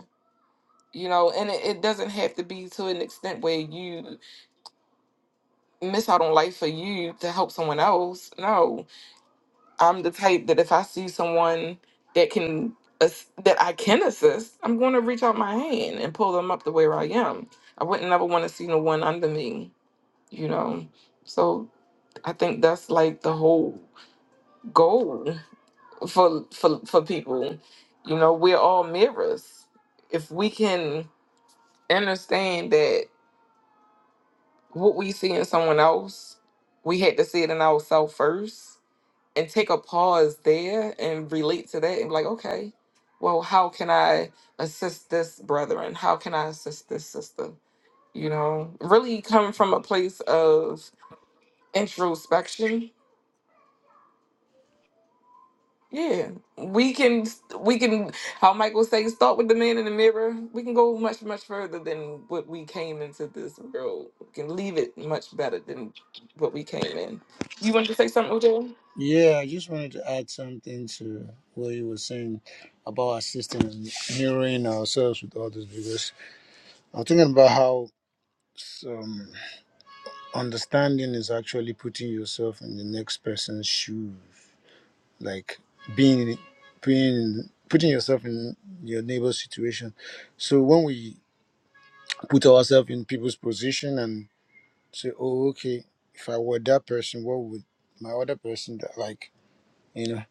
S1: you know and it, it doesn't have to be to an extent where you miss out on life for you to help someone else no i'm the type that if i see someone that can ass- that i can assist i'm going to reach out my hand and pull them up to where i am i wouldn't ever want to see no one under me you know so i think that's like the whole goal for for for people you know we're all mirrors if we can understand that what we see in someone else, we had to see it in ourselves first and take a pause there and relate to that and be like, okay, well, how can I assist this brother and how can I assist this sister? You know, really come from a place of introspection Yeah, we can we can how Michael say start with the man in the mirror. We can go much much further than what we came into this world. We can leave it much better than what we came in. You want to say something, Odell?
S5: yeah, I just wanted to add something to what you were saying about assisting and mirroring ourselves with others because I'm thinking about how some understanding is actually putting yourself in the next person's shoes, like being being putting yourself in your neighbor's situation. So when we put ourselves in people's position and say, oh, okay, if I were that person, what would my other person do?" like? You know,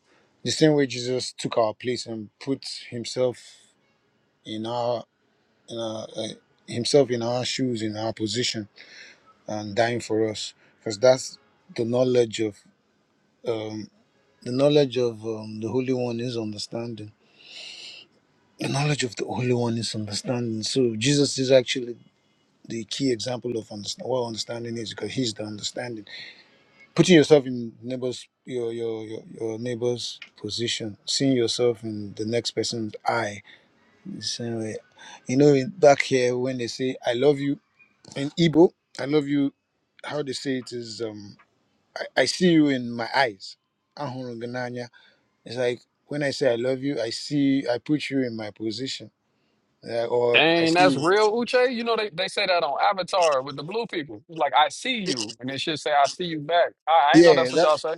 S5: the same way Jesus took our place and put himself in our, in our uh, himself in our shoes, in our position, and dying for us, because that's the knowledge of um, the knowledge of um, the Holy One is understanding. The knowledge of the Holy One is understanding. So Jesus is actually the key example of understand, what understanding is, because he's the understanding putting yourself in neighbors your your your, your neighbor's position seeing yourself in the next person's eye the same way you know in- back here when they say i love you in igbo i love you how they say it is um i, I see you in my eyes Ahụrụ gị n'anya. it's like when i say i love you i see i put you in my position Uh, or i
S3: Dang,
S5: see
S3: that's
S5: you
S3: real, Uche. You know they, they say that on Avatar with the blue people. It's like I see you, and they should say I see you back. I, I ain't know
S5: yeah
S3: that's
S5: that
S3: what y'all say.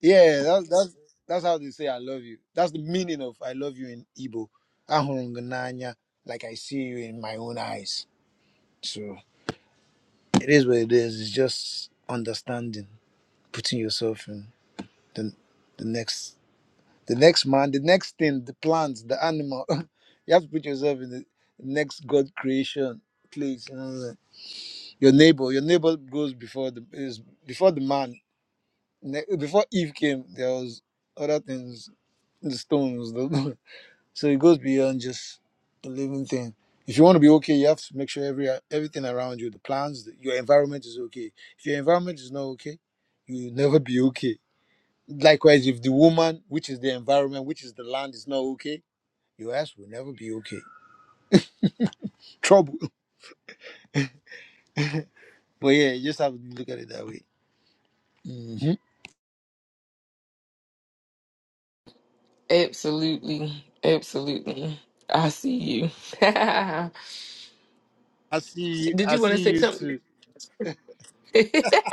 S5: Yeah, that's that's that's how they say I love you. That's the meaning of I love you in Igbo. Ahurungananya, like I see you in my own eyes. So it is what it is. It's just understanding, putting yourself in the the next the next man, the next thing, the plants, the animal. you have to put yourself in the next God creation place. you know, like Your neighbor, your neighbor goes before the is before the man. Ne- Before Eve came, there was other things, the stones, the. So it goes beyond just the living thing. If you want to be okay, you have to make sure every everything around you, the plants, the- your environment is okay. If your environment is not okay, you will never be okay. Likewise, if the woman, which is the environment, which is the land, is not okay, your ass will never be okay. Trouble. But yeah, you just have to look at it that way. Mhm.
S1: Absolutely, absolutely. I see you.
S5: I see you.
S1: Did
S5: I
S1: you want to
S5: see
S1: say
S5: you
S1: something?
S5: too.
S1: that's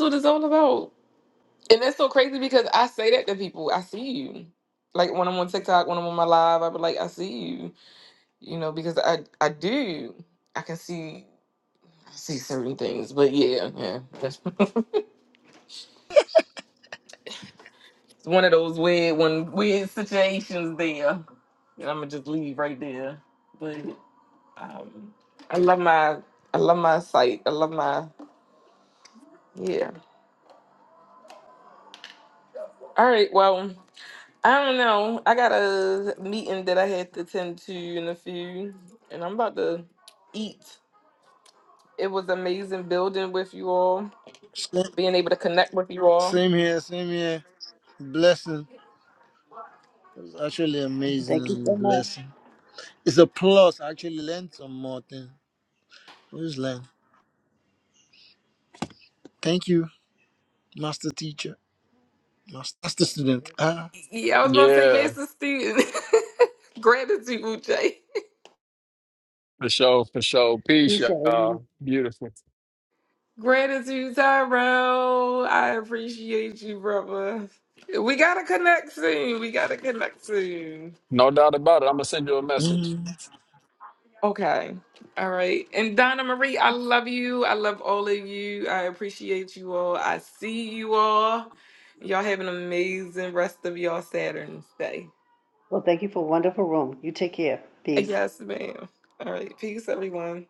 S1: what it's all about, and that's so crazy because I say that to people. I see you. Like when I'm on TikTok, when I'm on my live, I be like, I see you you know, because I I do I can see I see certain things, but yeah, yeah, that's it's one of those weird one weird situations there. And I'm gonna just leave right there. But um, I love my I love my site. I love my yeah. All right, well. I don't know. I got a meeting that I had to attend to in a few, and I'm about to eat. It was amazing building with you all,
S5: Same,
S1: being able to connect with you all.
S5: same here. Same here. Blessing. It's actually amazing
S2: Thank you so
S5: and
S2: much.
S5: blessing. It's a plus. I actually learned some more things. Where's Len? Thank you, master teacher, master, master student. Ah,
S1: Yeah, I was about to say
S3: Yeah,
S1: master student. Gratitude, Uche.
S3: for sure, for sure. Peace,
S2: Peace, everyone.
S3: y'all. Beautiful.
S1: Gratitude, Tyrell. I appreciate you, brother. We gotta connect soon. We gotta connect soon.
S3: No doubt about it. I'm gonna send you a message.
S5: mhm.
S1: Okay. All right. And Donna Marie, I love you. I love all of you. I appreciate you all. I see you all. Y'all have an amazing rest of y'all Saturn's day.
S2: Well, thank you for a wonderful room. You take care. Peace.
S1: Yes, ma'am. All right. Peace, everyone.